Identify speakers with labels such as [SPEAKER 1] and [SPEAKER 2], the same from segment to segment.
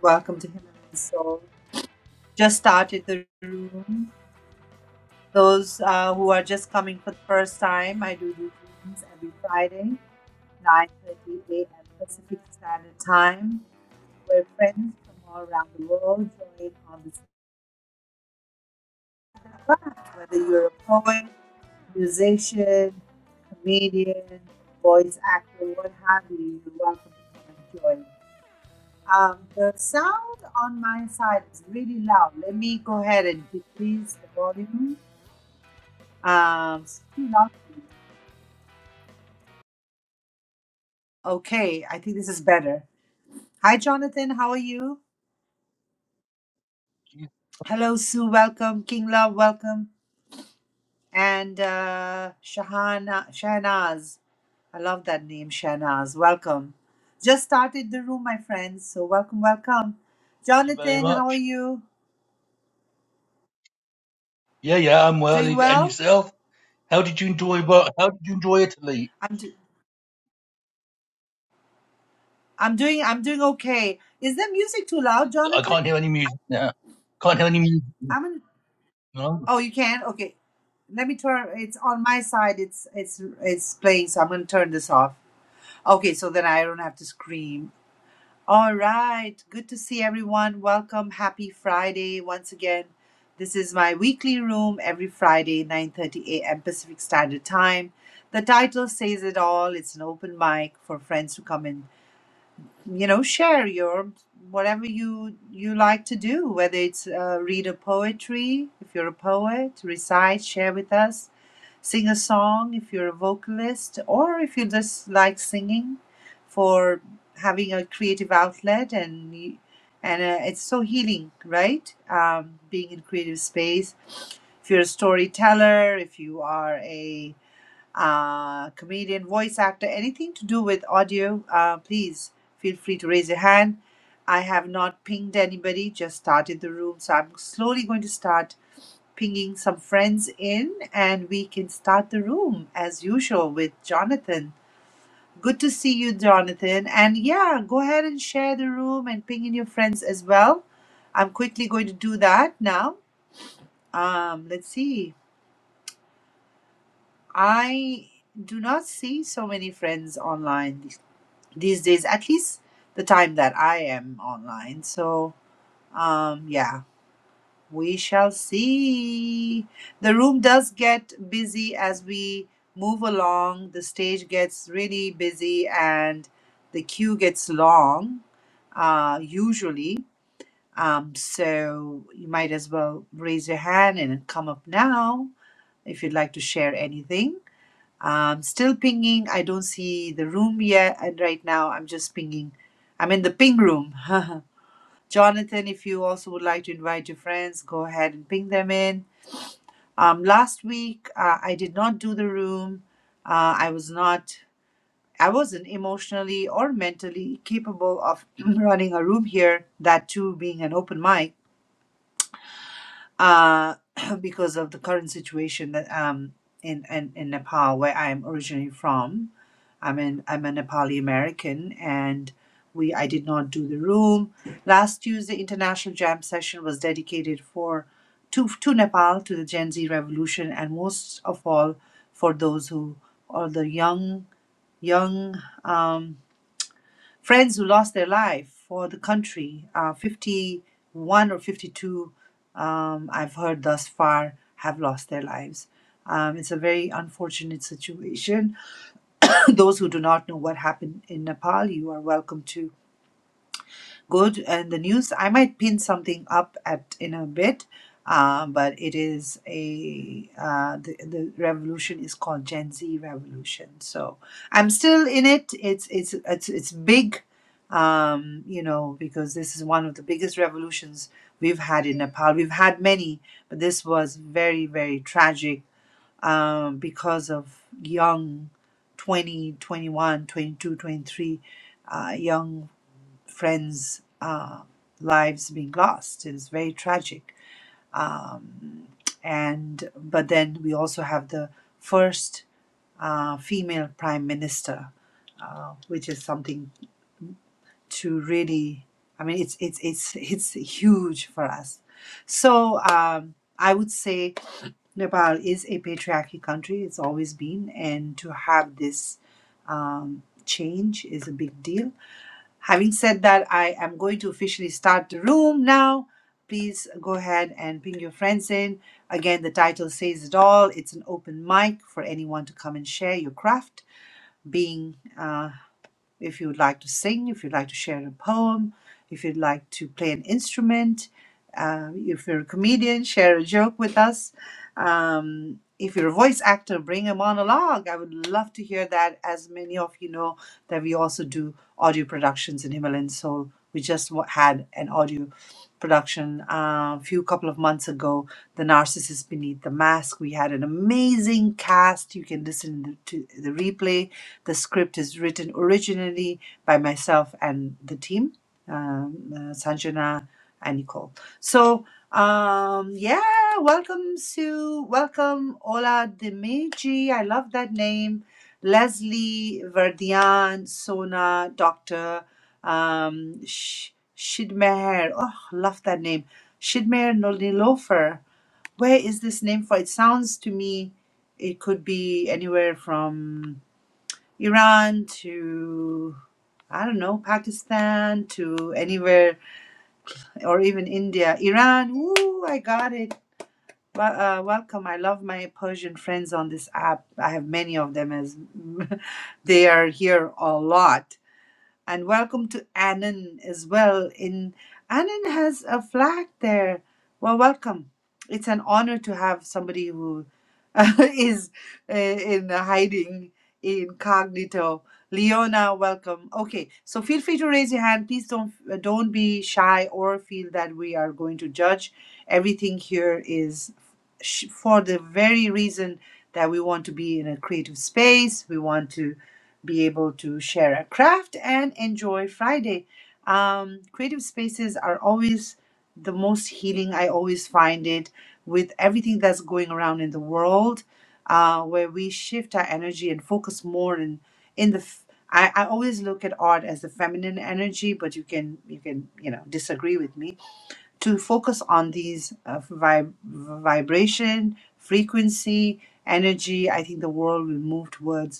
[SPEAKER 1] Welcome to Himalayan Soul. Just started the room. Those uh, who are just coming for the first time, I do these rooms every Friday, 9.30 a.m. Pacific Standard Time, where friends from all around the world join on this craft, whether you're a poet, musician, comedian, voice actor, what have you, you're welcome to come and join. Um, the sound on my side is really loud. Let me go ahead and decrease the volume. Um, it's too loud. Okay, I think this is better. Hi, Jonathan. How are you?
[SPEAKER 2] Yeah,
[SPEAKER 1] Hello, Sue. Welcome. King Love, welcome. And uh, Shahana, Shahnaz. I love that name, Shahnaz. Welcome. Just started the room, my friends. So welcome, welcome.
[SPEAKER 2] Thank you very
[SPEAKER 1] Jonathan, how are
[SPEAKER 2] much.
[SPEAKER 1] you?
[SPEAKER 2] Yeah, yeah, I'm well.
[SPEAKER 1] Doing
[SPEAKER 2] And
[SPEAKER 1] well?
[SPEAKER 2] yourself? How did you enjoy? Well, how did you enjoy Italy?
[SPEAKER 1] I'm, do- I'm doing. I'm doing okay. Is the music too loud,
[SPEAKER 2] I
[SPEAKER 1] Jonathan?
[SPEAKER 2] can't hear any music now. Can't hear any music.
[SPEAKER 1] I'm gonna.
[SPEAKER 2] No.
[SPEAKER 1] Oh, you can. Okay, let me turn. It's on my side. It's it's it's playing, so I'm gonna turn this off. Okay, so then I don't have to scream. All right. Good to see everyone. Welcome. Happy Friday once again. This is my weekly room every Friday, 9:30 a.m. Pacific Standard Time. The title says it all. It's an open mic for friends to come in you know share your whatever you you like to do whether it's uh, read a poetry if you're a poet recite share with us sing a song if you're a vocalist or if you just like singing for having a creative outlet and y- and uh, it's so healing right um, being in creative space if you're a storyteller if you are a uh, comedian, voice actor, anything to do with audio, uh, please feel free to raise your hand. I have not pinged anybody, just started the room. So I'm slowly going to start pinging some friends in and we can start the room as usual with Jonathan. Good to see you, Jonathan. And yeah, go ahead and share the room and ping in your friends as well. I'm quickly going to do that now. Um, let's see. I do not see so many friends online these days, at least the time that I am online. So, um, yeah, we shall see. The room does get busy as we move along, the stage gets really busy, and the queue gets long, uh, usually. Um, so, you might as well raise your hand and come up now if you'd like to share anything. I'm still pinging. I don't see the room yet. And right now, I'm just pinging. I'm in the ping room. Jonathan, if you also would like to invite your friends, go ahead and ping them in. Um, last week, uh, I did not do the room. Uh, I was not, I wasn't emotionally or mentally capable of running a room here, that too being an open mic, uh, because of the current situation that um, in, in, in Nepal, where I am originally from I'm an I'm a Nepali American and we I did not do the room. Last Tuesday international jam session was dedicated for to to Nepal to the Gen Z revolution and most of all for those who or the young young um, friends who lost their life for the country. Uh, 51 or 52 um, I've heard thus far have lost their lives. Um, it's a very unfortunate situation Those who do not know what happened in Nepal, you are welcome to go to, and the news. I might pin something up at in a bit, uh, but it is a uh, the the revolution is called Gen Z revolution. So I'm still in it. It's it's it's it's big, um, you know, because this is one of the biggest revolutions we've had in Nepal. We've had many, but this was very very tragic um, because of young 20, 21, 22, 23, uh, young friends' uh, lives being lost. It is very tragic. Um, and but then we also have the first uh, female prime minister, uh, which is something to really. I mean, it's it's it's it's huge for us. So um, I would say Nepal is a patriarchy country, it's always been, and to have this um, change is a big deal. Having said that, I am going to officially start the room now. Please go ahead and ping your friends in. Again, the title says it all. It's an open mic for anyone to come and share your craft, being uh, if you would like to sing, if you'd like to share a poem, if you'd like to play an instrument, uh, if you're a comedian, share a joke with us. Um, if you're a voice actor, bring a monologue. I would love to hear that. As many of you know, that we also do audio productions in Himalayan Soul. We just wa- had an audio production uh, a few couple of months ago the narcissist beneath the mask we had an amazing cast you can listen to the replay the script is written originally by myself and the team, um, uh, Sanjana and Nicole. So, um, yeah, welcome Sue, welcome Ola Dimeji. I love that name. Leslie, Verdian, Sona, Doctor, um, Sh- Shidmeher. Oh, love that name. Shidmeher Nolilofer. Where is this name for? It sounds to me it could be anywhere from Iran to I don't know Pakistan to anywhere or even India. Iran, woo! I got it. Well, uh, welcome. I love my Persian friends on this app. I have many of them as they are here a lot and welcome to Annan as well. In Annan has a flag there. Well, welcome. It's an honor to have somebody who is uh, in hiding incognito. Leona, welcome. Okay, so feel free to raise your hand. Please don't uh, don't be shy or feel that we are going to judge. Everything here is sh- for the very reason that we want to be in a creative space. We want to be able to share a craft and enjoy Friday. Um, creative spaces are always the most healing. I always find it with everything that's going around in the world, uh, where we shift our energy and focus more in in the. F- I, I always look at art as the feminine energy, but you can you can you know disagree with me to focus on these uh, vib- vibration, frequency, energy. I think the world will move towards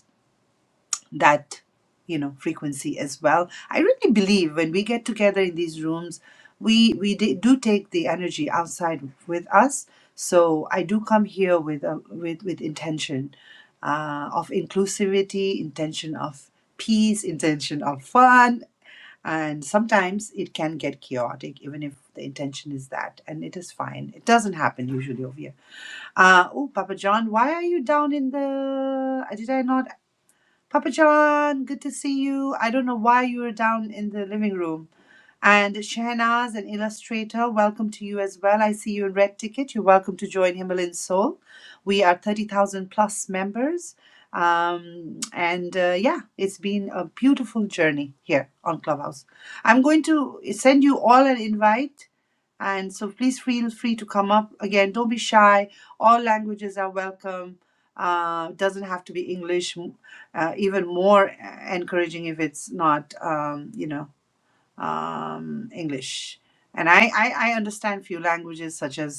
[SPEAKER 1] that you know frequency as well i really believe when we get together in these rooms we we d- do take the energy outside with us so i do come here with a, with with intention uh, of inclusivity intention of peace intention of fun and sometimes it can get chaotic even if the intention is that and it is fine it doesn't happen usually over here uh, oh papa john why are you down in the did i not Papa John, good to see you. I don't know why you were down in the living room. And Shehnaz, an illustrator, welcome to you as well. I see you in Red Ticket. You're welcome to join Himalayan Soul. We are 30,000 plus members. Um, and uh, yeah, it's been a beautiful journey here on Clubhouse. I'm going to send you all an invite and so please feel free to come up again. Don't be shy. All languages are welcome. Uh, doesn't have to be English. M- Uh, even more e-, encouraging if it's not, um, you know, um, English. And I, I, I understand few languages such as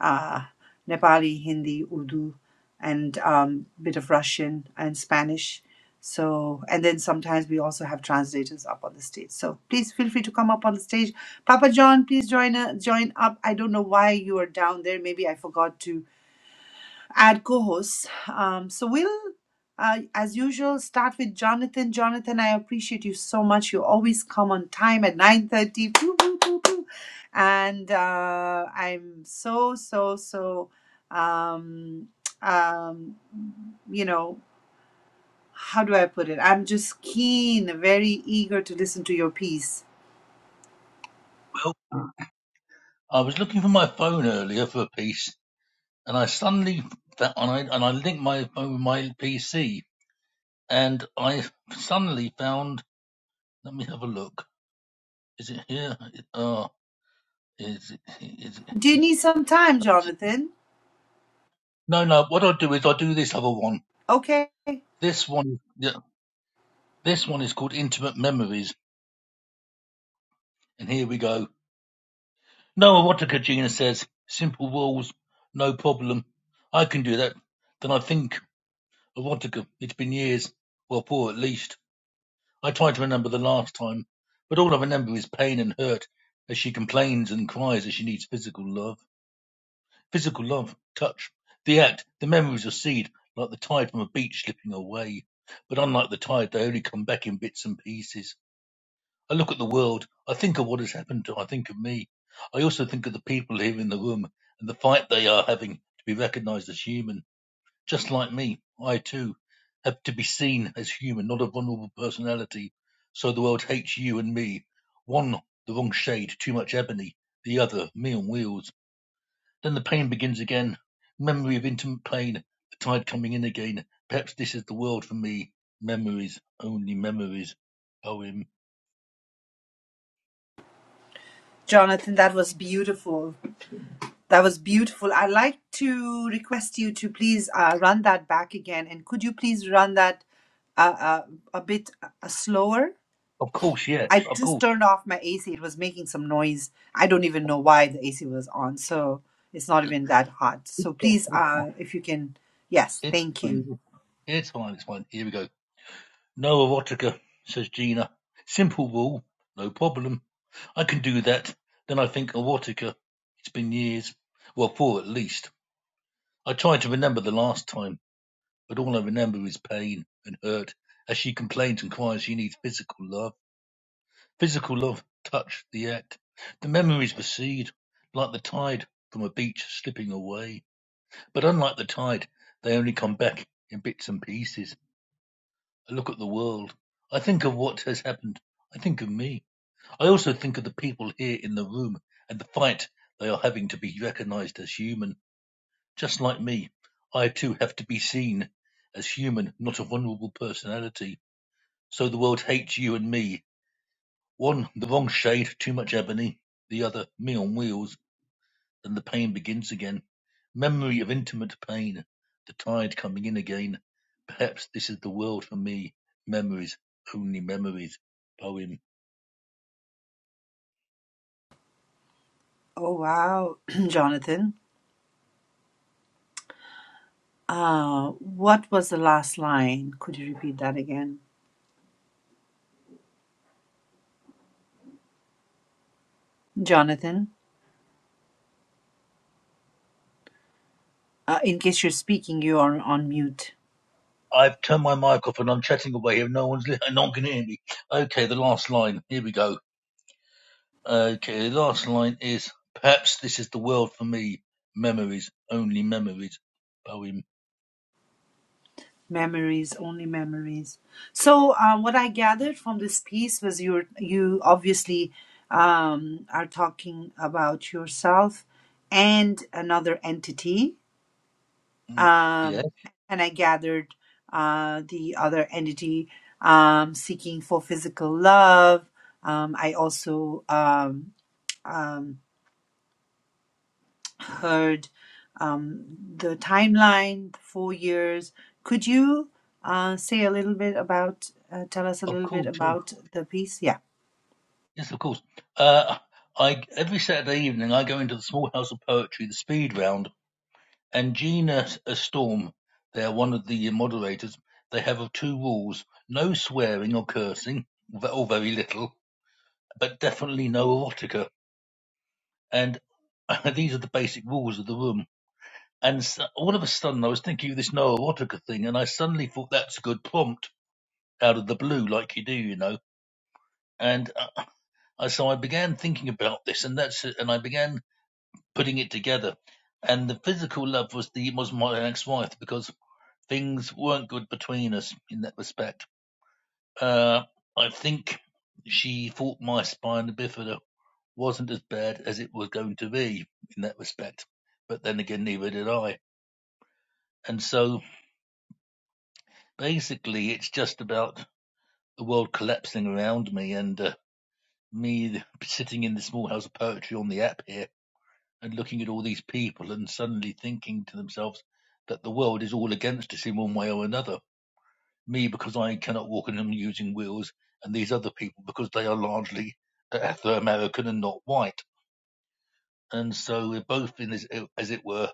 [SPEAKER 1] uh, Nepali, Hindi, Urdu, and um, bit of Russian and Spanish. So, and then sometimes we also have translators up on the stage. So please feel free to come up on the stage. Papa John, please join uh, join up. I don't know why you are down there. Maybe I forgot to add co-hosts. Um, so we'll, uh, as usual, start with Jonathan. Jonathan, I appreciate you so much. You always come on time at nine thirty. Pew, pew, pew, pew. And uh, I'm so so so, um, um, you know, how do I put it? I'm just keen, very eager to listen to your piece.
[SPEAKER 2] Well, I was looking for my phone earlier for a piece, and I suddenly found, and I and I linked my phone with my PC, and I suddenly found. Let me have a look. Is it here? It- Oh, is it? Is it
[SPEAKER 1] Do you
[SPEAKER 2] here?
[SPEAKER 1] need some time, Jonathan?
[SPEAKER 2] No, no. What I do is I do this other one.
[SPEAKER 1] Okay,
[SPEAKER 2] This one, yeah, this one is called Intimate Memories. And here we go. Noah what says. Simple walls, no problem. I can do that. Then I think of Wataka. It's been years, well, poor at least. I try to remember the last time, but all I remember is pain and hurt as she complains and cries as she needs physical love. Physical love, touch, the act, the memories recede like the tide from a beach slipping away. But unlike the tide, they only come back in bits and pieces. I look at the world. I think of what has happened to. I think of me. I also think of the people here in the room and the fight they are having to be recognized as human, just like me. I too have to be seen as human, not a vulnerable personality. So the world hates you and me. One, the wrong shade, too much ebony. The other, me on wheels. Then the pain begins again. Memory of intimate pain. The tide coming in again. Perhaps this is the world for me. Memories, only memories. Poem.
[SPEAKER 1] Jonathan, that was beautiful. That was beautiful. I'd like to request you to please uh, run that back again. And could you please run that uh, uh, a bit uh, slower?
[SPEAKER 2] Of course, yes.
[SPEAKER 1] I
[SPEAKER 2] Of
[SPEAKER 1] just
[SPEAKER 2] course.
[SPEAKER 1] turned off my AC. It was making some noise. I don't even know why the AC was on. So it's not even that hot.
[SPEAKER 2] It's
[SPEAKER 1] So
[SPEAKER 2] one.
[SPEAKER 1] please,
[SPEAKER 2] It's one.
[SPEAKER 1] uh, if you can. Yes,
[SPEAKER 2] It's
[SPEAKER 1] thank you.
[SPEAKER 2] one. It's fine, it's fine. Here we go. No erotica, says Gina. Simple rule, no problem. I can do that. Then I think erotica. It's been years. Well, four at least. I tried to remember the last time, but all I remember is pain and hurt as she complains and cries she needs physical love. Physical love, touch, the act. The memories recede, like the tide from a beach slipping away. But unlike the tide, they only come back in bits and pieces. I look at the world. I think of what has happened. I think of me. I also think of the people here in the room and the fight they are having to be recognized as human. Just like me, I too have to be seen as human, not a vulnerable personality. So the world hates you and me. One, the wrong shade, too much ebony. The other, me on wheels. Then the pain begins again. Memory of intimate pain. The tide coming in again. Perhaps this is the world for me. Memories, only memories. Poem.
[SPEAKER 1] Oh, wow, Jonathan. Uh, what was the last line? Could you repeat that again? Jonathan, uh, in case you're speaking, you are on mute.
[SPEAKER 2] I've turned my mic off and I'm chatting away here. No one's li- no one can hear me. Okay, the last line. Here we go. Okay, the last line is perhaps this is the world for me. Memories, only memories. Poem.
[SPEAKER 1] Memories, only memories. So, uh, what I gathered from this piece was you you obviously um, are talking about yourself and another entity,
[SPEAKER 2] Mm, Yeah,
[SPEAKER 1] um, and I gathered uh, the other entity um, seeking for physical love. Um, I also um, um, heard um, the timeline, the four years. Could you uh, say a little bit about, uh, tell us a
[SPEAKER 2] of
[SPEAKER 1] little bit
[SPEAKER 2] course. Yeah.
[SPEAKER 1] about the piece? Yeah.
[SPEAKER 2] Yes, of course. Uh, I every Saturday evening I go into the small house of poetry, the speed round And Gina Storm They are one of the moderators, they have two rules: no swearing or cursing, or very little, but definitely no erotica. And these are the basic rules of the room. And s all of a sudden, I was thinking of this no erotica thing, and I suddenly thought that's a good prompt out of the blue, like you do, you know. And uh, I, so I began thinking about this, and that's it. And I began putting it together. And the physical love was the was my ex-wife because things weren't good between us in that respect. Uh, I think she thought my spina bifida wasn't as bad as it was going to be in that respect. But then again, neither did I. And so basically, it's just about the world collapsing around me and uh, me sitting in the small house of poetry on the app here and looking at all these people and suddenly thinking to themselves that the world is all against us in one way or another me because I cannot walk and am using wheels, and these other people because they are largely uh, Afro-American and not white. And so we're both in, this, uh, as it were,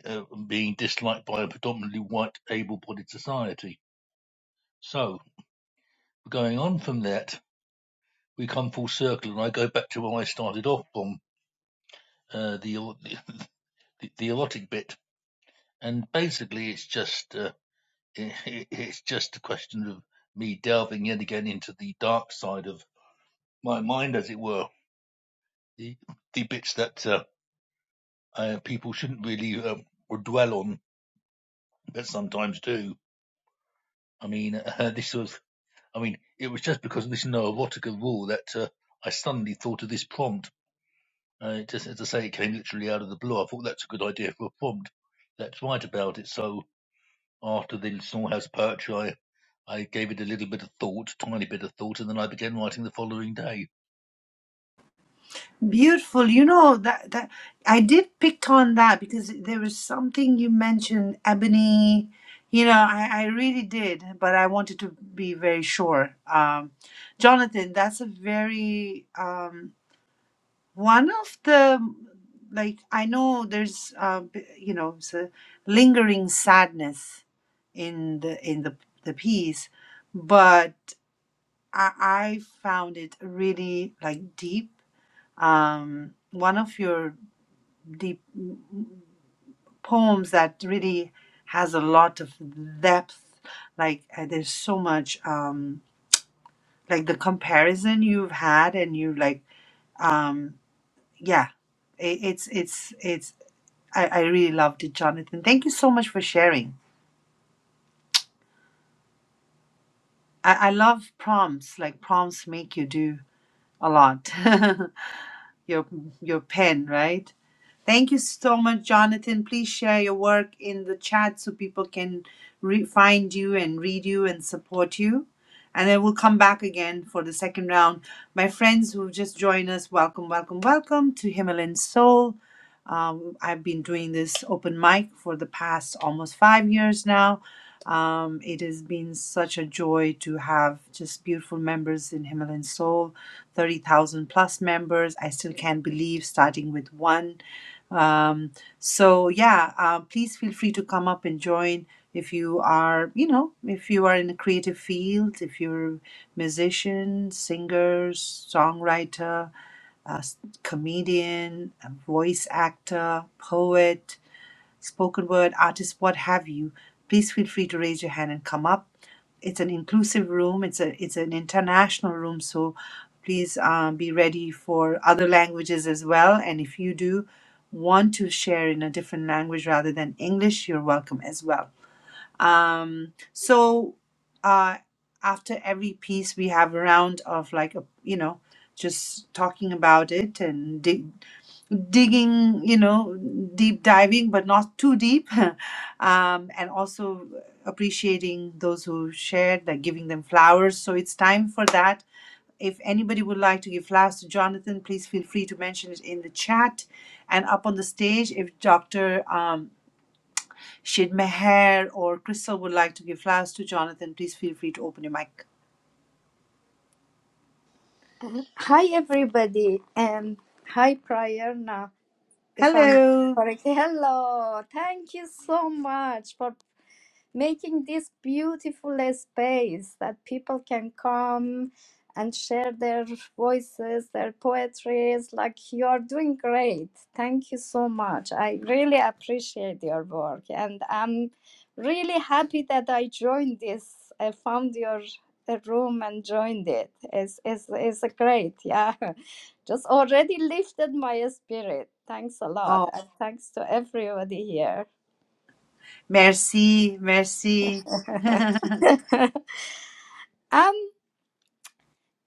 [SPEAKER 2] being disliked by a predominantly white, able-bodied society. So going on from that, we come full circle, and I go back to where I started off from uh, the, uh, the the erotic bit, and basically it's just uh, it, it's just a question of me delving yet again into the dark side of my mind, as it were the the bits that uh, uh, people shouldn't really uh, or dwell on, but sometimes do. I mean, uh, this was. I mean, it was just because of this no erotica rule that uh, I suddenly thought of this prompt. Uh, just as I say, it came literally out of the blue. I thought that's a good idea for a prompt. Let's write about it. So after the Small House Poetry, I, I gave it a little bit of thought, tiny bit of thought, and then I began writing the following day.
[SPEAKER 1] Beautiful. You know that that I did pick on that because there was something you mentioned, ebony. You know, I, I really did, but I wanted to be very sure. Um, Jonathan, that's a very um, One of the, like, I know there's, uh, b- you know, it's a lingering sadness in the in the the piece, but I, I found it really like deep. Um, one of your deep poems that really has a lot of depth. Like, uh, there's so much, um, like the comparison you've had, and you like, um, yeah, it, it's it's it's I, I really loved it, Jonathan. Thank you so much for sharing. I, I love prompts. Like prompts make you do a lot. your your pen, right? Thank you so much, Jonathan. Please share your work in the chat so people can re- find you and read you and support you. And I will come back again for the second round. My friends who just joined us, welcome, welcome, welcome to Himalayan Soul. Um, I've been doing this open mic for the past almost five years now. Um, it has been such a joy to have just beautiful members in Himalayan Soul, 30,000 plus members. I still can't believe starting with one um, so yeah, uh, please feel free to come up and join if you are, you know, if you are in a creative field, if you're musician, singer, songwriter, a s- comedian, a voice actor, poet, spoken word artist, what have you. Please feel free to raise your hand and come up it's an inclusive room. It's a it's an international room. So please um, be ready for other languages as well. And if you do want to share in a different language rather than English, you're welcome as well. Um, so uh, after every piece, we have a round of like a you know just talking about it and dig digging, you know, deep diving, but not too deep. um, and also appreciating those who shared, like giving them flowers. So it's time for that. If anybody would like to give flowers to Jonathan, please feel free to mention it in the chat and up on the stage. If Dr. Um, Shid Meher or Crystal would like to give flowers to Jonathan, please feel free to open your mic.
[SPEAKER 3] Hi everybody and hi Prayerna if I'm
[SPEAKER 1] Hello.
[SPEAKER 3] correct. Hello. Thank you so much for making this beautiful space that people can come and share their voices, their poetries. Like you are doing great. Thank you so much. I really appreciate your work, and I'm really happy that I joined this. I found your uh, room and joined it. It's it's, it's great. Yeah, just already lifted my spirit. Thanks a lot,
[SPEAKER 1] Oh,
[SPEAKER 3] and thanks to everybody here.
[SPEAKER 1] merci, merci. Go
[SPEAKER 3] Um,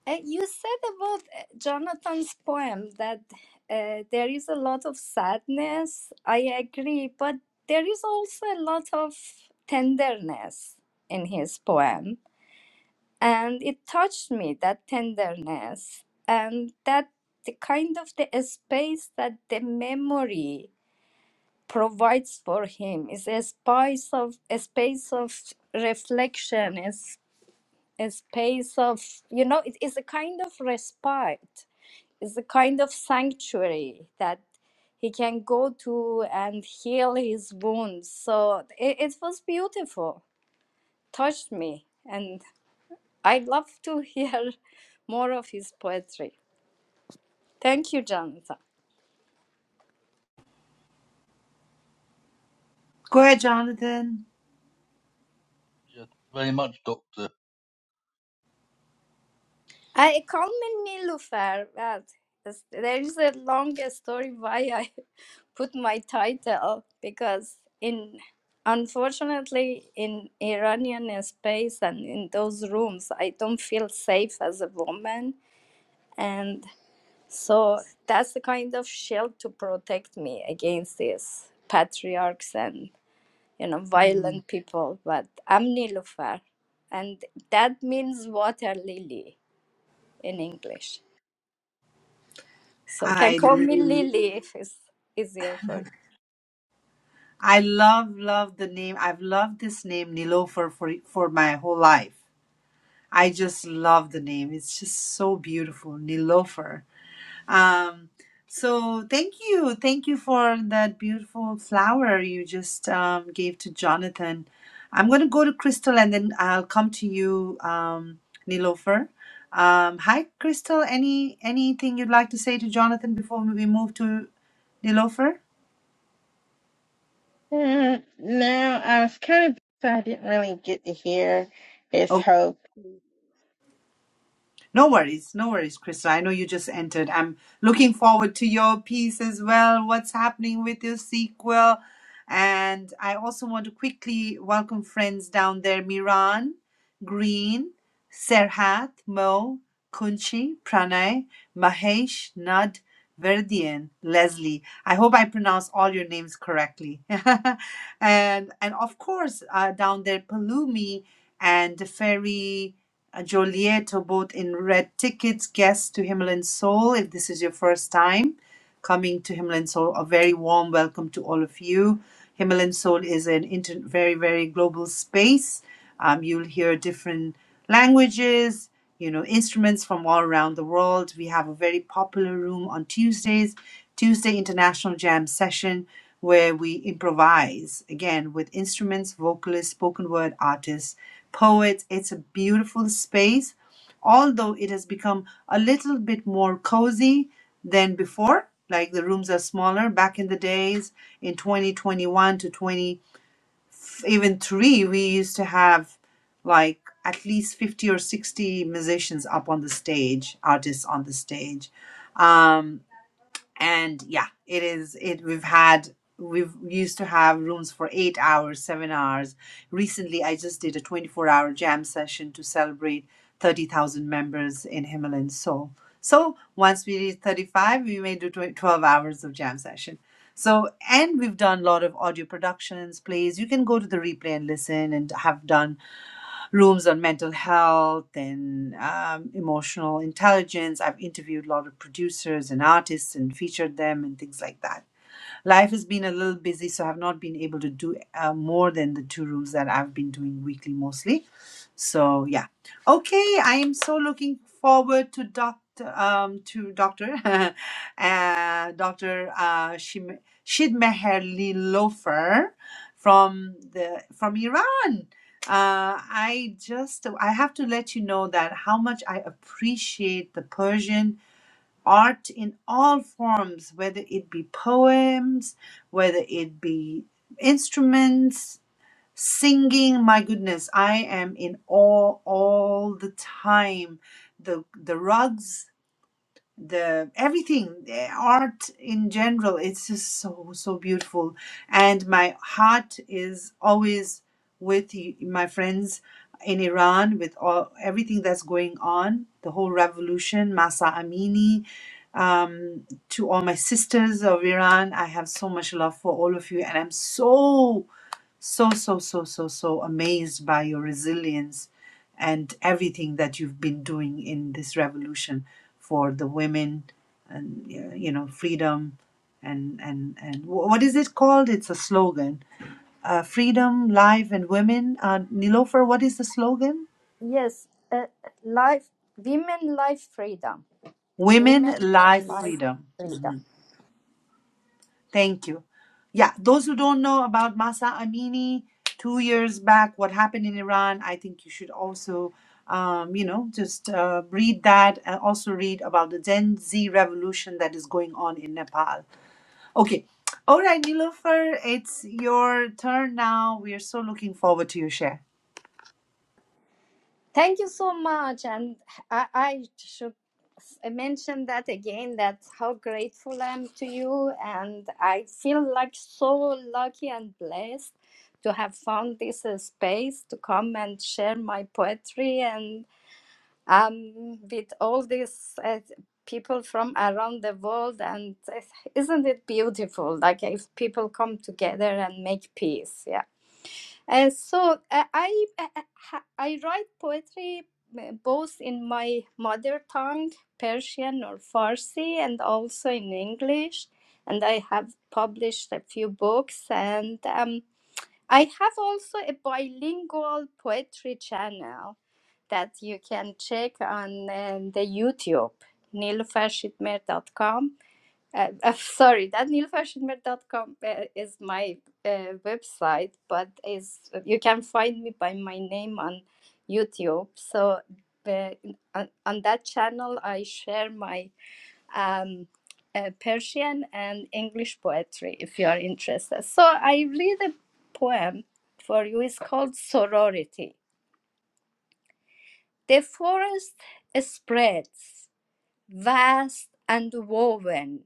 [SPEAKER 3] Uh, you said about uh, Jonathan's poem that uh, there is a lot of sadness. I agree, but there is also a lot of tenderness in his poem. And it touched me, that tenderness, and that the kind of the space that the memory provides for him is a space of a space of reflection, is a space of you know, it is a kind of respite is a kind of sanctuary that he can go to and heal his wounds. So it, it was beautiful, touched me, and I love to hear more of his poetry. Thank you, Jonathan.
[SPEAKER 1] ahead, Jonathan.
[SPEAKER 2] Yeah, thank you Very much, Doctor.
[SPEAKER 3] I call me Nilufer. But it's- there is a long story why I put my title because in unfortunately in Iranian space and in those rooms I don't feel safe as a woman and so that's the kind of shield to protect me against these patriarchs and you know violent people. But I'm Nilufer, and that means water lily in English. So you can call
[SPEAKER 1] I
[SPEAKER 3] me Lily if it's easier for
[SPEAKER 1] I love, love the name. I've loved this name Nilofer for for my whole life. I just love the name. It's just so beautiful, Nilofer. Um, so thank you, thank you for that beautiful flower you just um, gave to Jonathan. I'm gonna go to Crystal and then I'll come to you, um, Nilofer. Um, hi, Crystal. Any anything you'd like to say to Jonathan before we move to Nilofer?
[SPEAKER 4] Mm, No, I was kind of so I didn't really get to hear his hope.
[SPEAKER 1] No worries, no worries, Krista. I know you just entered. I'm looking forward to your piece as well. What's happening with your sequel? And I also want to quickly welcome friends down there Miran, Green, Serhat, Mo, Kunchi, Pranay, Mahesh, Nad, Verdian, Leslie. I hope I pronounce all your names correctly. and and of course, uh, down there, Palumi and Ferry. Joliet boat in red tickets. Guests to Himalayan Soul, if this is your first time coming to Himalayan Soul. A very warm welcome to all of you. Himalayan Soul is an inter- very, very global space. Um, you'll hear different languages, you know, instruments from all around the world. We have a very popular room on Tuesdays, Tuesday International Jam Session, where we improvise again with instruments, vocalists, spoken word artists, poets. It's a beautiful space although it has become a little bit more cozy than before like the rooms are smaller back in the days in 2021 to 20 even 3 we used to have like at least 50 or 60 musicians up on the stage artists on the stage Um, and yeah it is it we've had we've we used to have rooms for eight hours seven hours recently i just did a 24 hour jam session to celebrate 30000 members in himalayan soul so once we reach 35 we may do 20 12 hours of jam session so and we've done a lot of audio productions plays you can go to the replay and listen and have done rooms on mental health and um, emotional intelligence. I've interviewed a lot of producers and artists and featured them and things like that. Life has been a little busy, so I've not been able to do uh, more than the two rooms that I've been doing weekly mostly. So yeah, okay. I am so looking forward to doctor um to doctor uh, Doctor uh, Shim- Shid Meherli Lofer from the from Iran. Uh, I just I have to let you know that how much I appreciate the Persian art in all forms, whether it be poems, whether it be instruments, singing. My goodness, I am in awe all the time. The the rugs the everything the art in general it's just so so beautiful and my heart is always with y- my friends in Iran with all everything that's going on the whole revolution Masa Amini um, to all my sisters of Iran I have so much love for all of you and I'm so so so so so so amazed by your resilience and everything that you've been doing in this revolution for the women and uh, you know freedom and and and wh- what is it called it's a slogan uh, freedom life and women uh, nilofer what is the slogan
[SPEAKER 3] you. Yes, uh, life, women life freedom. Women
[SPEAKER 1] women
[SPEAKER 3] life,
[SPEAKER 1] life
[SPEAKER 3] life
[SPEAKER 1] freedom Mhm.
[SPEAKER 3] freedom.
[SPEAKER 1] Thank you. Yeah, those who don't know about Masa Amini, two years back, what happened in Iran, I think you should also, um, you know, just uh, read that and also read about the Gen Z revolution that is going on in Nepal. Okay. All right, Nilofer, it's your turn now. We are so looking forward to your share.
[SPEAKER 3] Thank you so much. And I, I should s- mention that again that how grateful I am to you. And I feel like so lucky and blessed to have found this uh, space to come and share my poetry. and. um, with all these uh, people from around the world. And isn't it beautiful? Like if people come together and make peace. Yeah. And so uh, I uh, uh, I write poetry uh, both in my mother tongue, Persian or Farsi, and also in English. And I have published a few books, and um, I have also a bilingual poetry channel that you can check on um, the YouTube, nilüfershitmer.com. Uh, uh, sorry, that nilüfershitmer.com uh, is my uh, website, but is you can find me by my name on YouTube. So uh, on, on that channel, I share my um, uh, Persian and English poetry if you are interested. So I read a poem for you. It's called Sorority the forest spreads, vast and woven,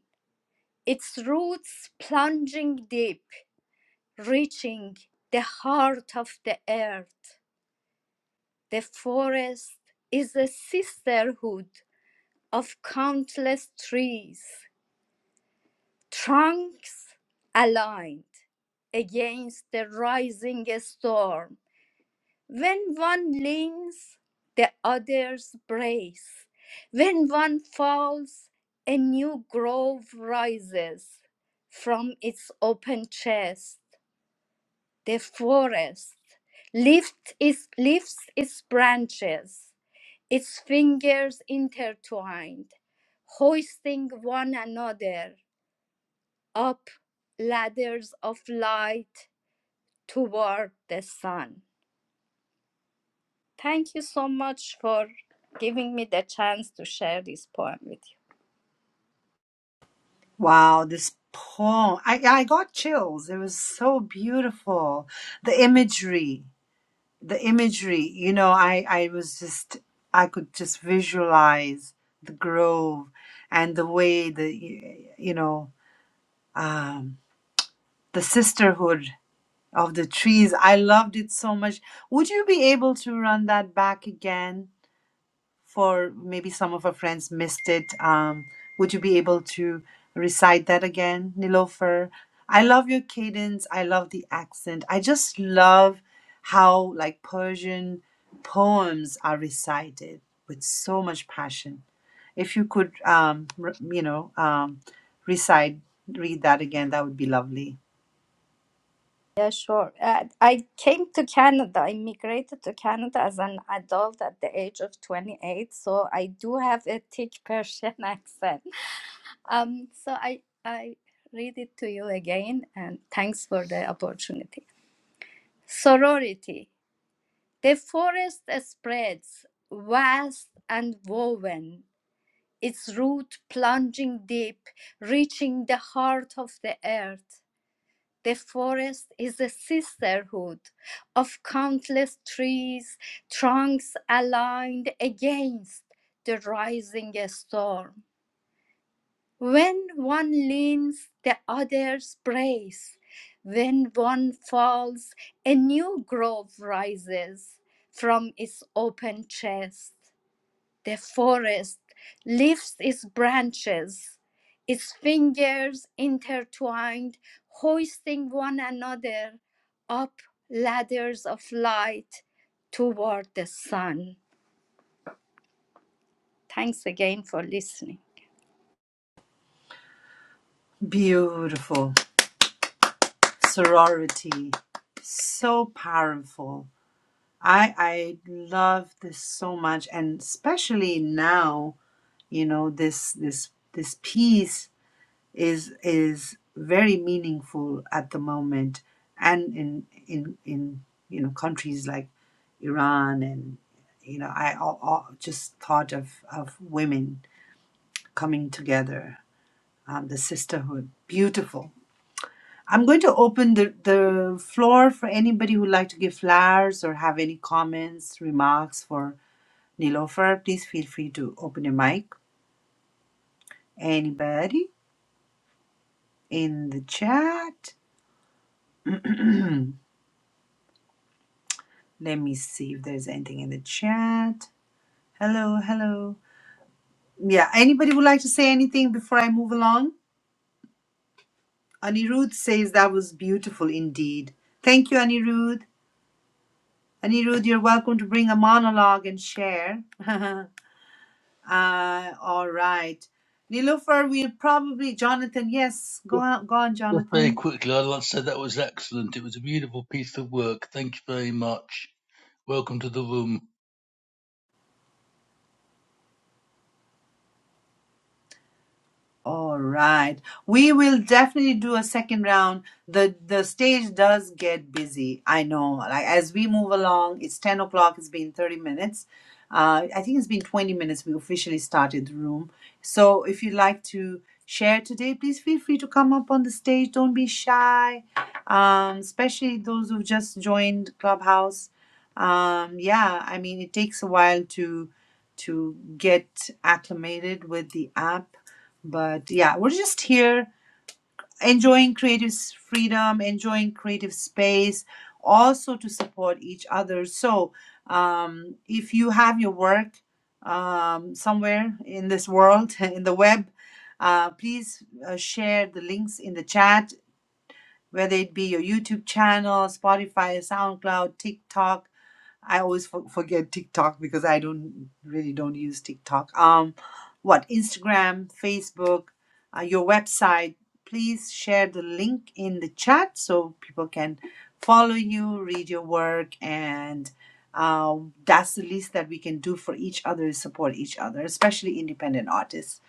[SPEAKER 3] its roots plunging deep, reaching the heart of the earth. The forest is a sisterhood of countless trees, trunks aligned against the rising storm. When one leans, the others brace. When one falls, a new grove rises from its open chest. The forest lift its, lifts its branches, its fingers intertwined, hoisting one another up ladders of light toward the sun. Thank you so much for giving me the chance to share this poem with you.
[SPEAKER 1] Wow, this poem. I, I got chills. It was so beautiful. The imagery. the imagery you know i i was just i could just visualize the grove and the way the you know um the sisterhood of the trees i loved it so much would you be able to run that back again for maybe some of our friends missed it. Um, would you be able to recite that again, Nilofer? I love your cadence. I love the accent. I just love how like Persian poems are recited with so much passion. If you could, um, r- you know, um, recite, read that again, that would be lovely.
[SPEAKER 3] Yeah, sure. Uh, I came to Canada. I migrated to Canada as an adult at the age of 28, so I do have a thick Persian accent. Um, so I, I read it to you again, and thanks for the opportunity. Sorority. The forest spreads, vast and woven, its root plunging deep, reaching the heart of the earth. The forest is a sisterhood of countless trees, trunks aligned against the rising storm. When one leans, the others brace. When one falls, a new grove rises from its open chest. The forest lifts its branches, its fingers intertwined, hoisting one another up ladders of light toward the sun. Thanks again for listening.
[SPEAKER 1] Beautiful. Sorority. So powerful I I love this so much, and especially now, you know, this this this piece is is very meaningful at the moment, and in in in you know countries like Iran and you know I all, all just thought of of women coming together, um, the sisterhood, beautiful. I'm going to open the, the floor for anybody who'd like to give flowers or have any comments, remarks for Nilofer, please feel free to open your mic. Anybody in the chat? Let me see if there's anything in the chat. Hello, hello. Yeah, anybody would like to say anything before I move along? Anirudh says that was beautiful indeed. Thank you, Anirudh. Anirudh, you're welcome to bring a monologue and share. uh, all right. Nilofer, we'll probably, Jonathan, yes, go on, go on,
[SPEAKER 2] Just very
[SPEAKER 1] Jonathan.
[SPEAKER 2] quickly, I'd like to say that was excellent. It was a beautiful piece of work. Thank you very much. Welcome to the room.
[SPEAKER 1] All right. We will definitely do a second round. The the stage does get busy. I know. Like as we move along, it's ten o'clock, it's been thirty minutes. Uh, I think it's been twenty minutes we officially started the room. So if you'd like to share today, please feel free to come up on the stage. Don't be shy. Um, especially those who've just joined Clubhouse. Um, yeah, I mean it takes a while to to get acclimated with the app but yeah we're just here enjoying creative s- freedom enjoying creative space also to support each other so um, if you have your work um, somewhere in this world in the web uh, please uh, share the links in the chat whether it be your youtube channel spotify soundcloud tiktok I always for forget TikTok because I don't really don't use TikTok. Um, what Instagram, Facebook, uh, your website. Please share the link in the chat so people can follow you, read your work, and um, that's the least that we can do for each other is support each other, especially independent artists.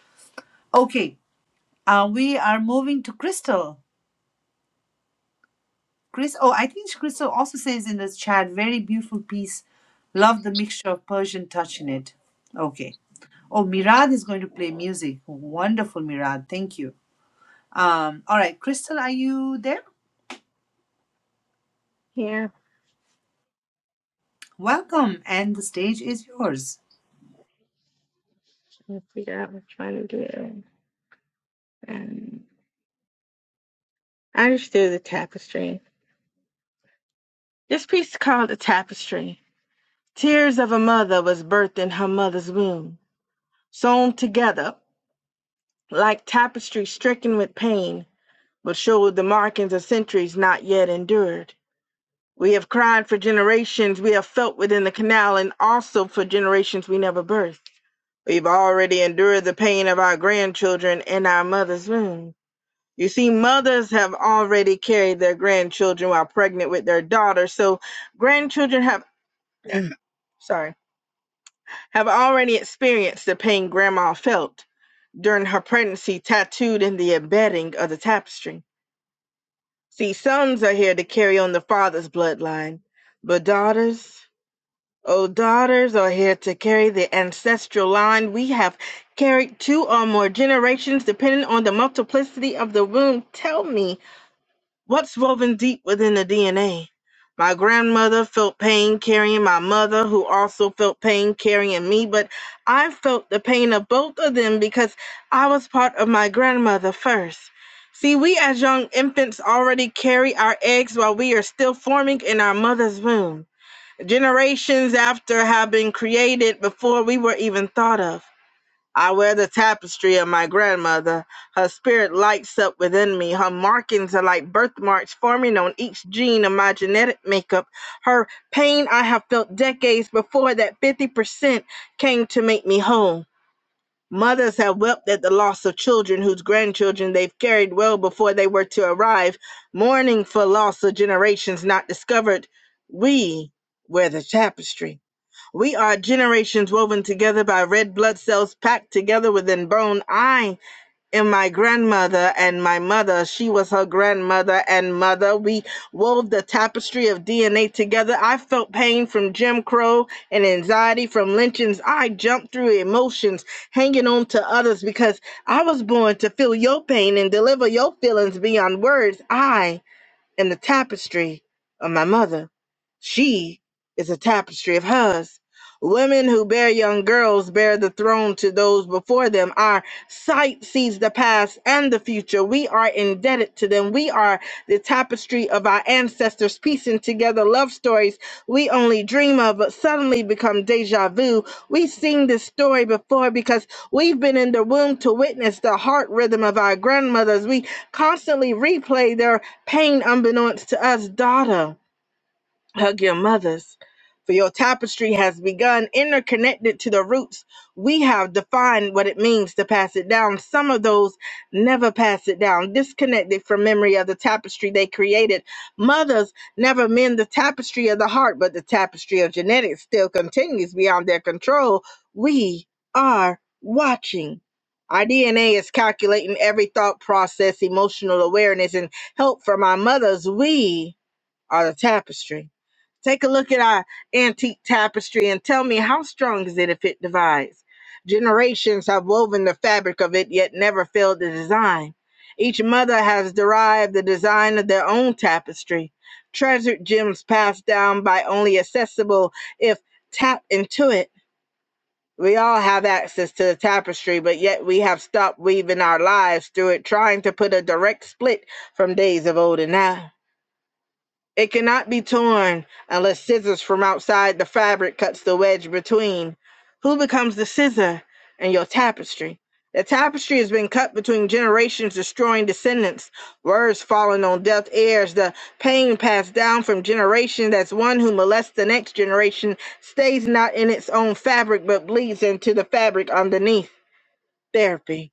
[SPEAKER 1] Okay, uh, we are moving to Crystal. Chris, oh, I think Crystal also says in the chat, very beautiful piece. Love the mixture of Persian touch in it. Okay. Oh, Mirad is going to play music. Wonderful, Mirad. Thank you. Um, all right, Crystal, are you there?
[SPEAKER 4] Yeah,
[SPEAKER 1] Welcome, and the stage is yours.
[SPEAKER 4] I figure out what I'm trying to do. And I just do the tapestry. This piece is called the tapestry. Tears of a mother was birthed in her mother's womb, sewn together like tapestry stricken with pain, but showed the markings of centuries not yet endured. We have cried for generations we have felt within the canal, and also for generations we never birthed. We've already endured the pain of our grandchildren in our mother's womb. You see, mothers have already carried their grandchildren while pregnant with their daughters, so grandchildren have sorry have already experienced the pain grandma felt during her pregnancy tattooed in the embedding of the tapestry. See, sons are here to carry on the father's bloodline, but daughters. Oh, daughters are here to carry the ancestral line. We have carried two or more generations, depending on the multiplicity of the womb. Tell me, what's woven deep within the DNA? My grandmother felt pain carrying my mother, who also felt pain carrying me, but I felt the pain of both of them because I was part of my grandmother first. See, we as young infants already carry our eggs while we are still forming in our mother's womb generations after have been created before we were even thought of. I wear the tapestry of my grandmother. Her spirit lights up within me. Her markings are like birthmarks forming on each gene of my genetic makeup. Her pain I have felt decades before that 50% came to make me whole. Mothers have wept at the loss of children whose grandchildren they've carried well before they were to arrive, mourning for loss of generations not discovered. We wear the tapestry. We are generations woven together by red blood cells packed together within bone. I and my grandmother and my mother. She was her grandmother and mother. We wove the tapestry of DNA together. I felt pain from Jim Crow and anxiety from lynchings. I jumped through emotions, hanging on to others because I was born to feel your pain and deliver your feelings beyond words. I and the tapestry of my mother. She is a tapestry of hers. Women who bear young girls bear the throne to those before them. Our sight sees the past and the future. We are indebted to them. We are the tapestry of our ancestors, piecing together love stories we only dream of, but suddenly become deja vu. We've seen this story before because we've been in the womb to witness the heart rhythm of our grandmothers. We constantly replay their Pain unbeknownst to us, daughter. Hug your mothers, for your tapestry has begun, interconnected to the roots. We have defined what it means to pass it down. Some of those never pass it down, disconnected from memory of the tapestry they created. Mothers never mend the tapestry of the heart, but the tapestry of genetics still continues beyond their control. We are watching. Our DNA is calculating every thought process, emotional awareness, and help from our mothers. We are the tapestry. Take a look at our antique tapestry and tell me how strong is it if it divides? Generations have woven the fabric of it, yet never failed the design. Each mother has derived the design of their own tapestry, treasured gems passed down by only accessible if tapped into it. We all have access to the tapestry, but yet we have stopped weaving our lives through it, trying to put a direct split from days of old and now. It cannot be torn unless scissors from outside the fabric cuts the wedge between. Who becomes the scissor in your tapestry? The tapestry has been cut between generations, destroying descendants, words falling on deaf ears, the pain passed down from generation as one who molests the next generation, stays not in its own fabric but bleeds into the fabric underneath. Therapy.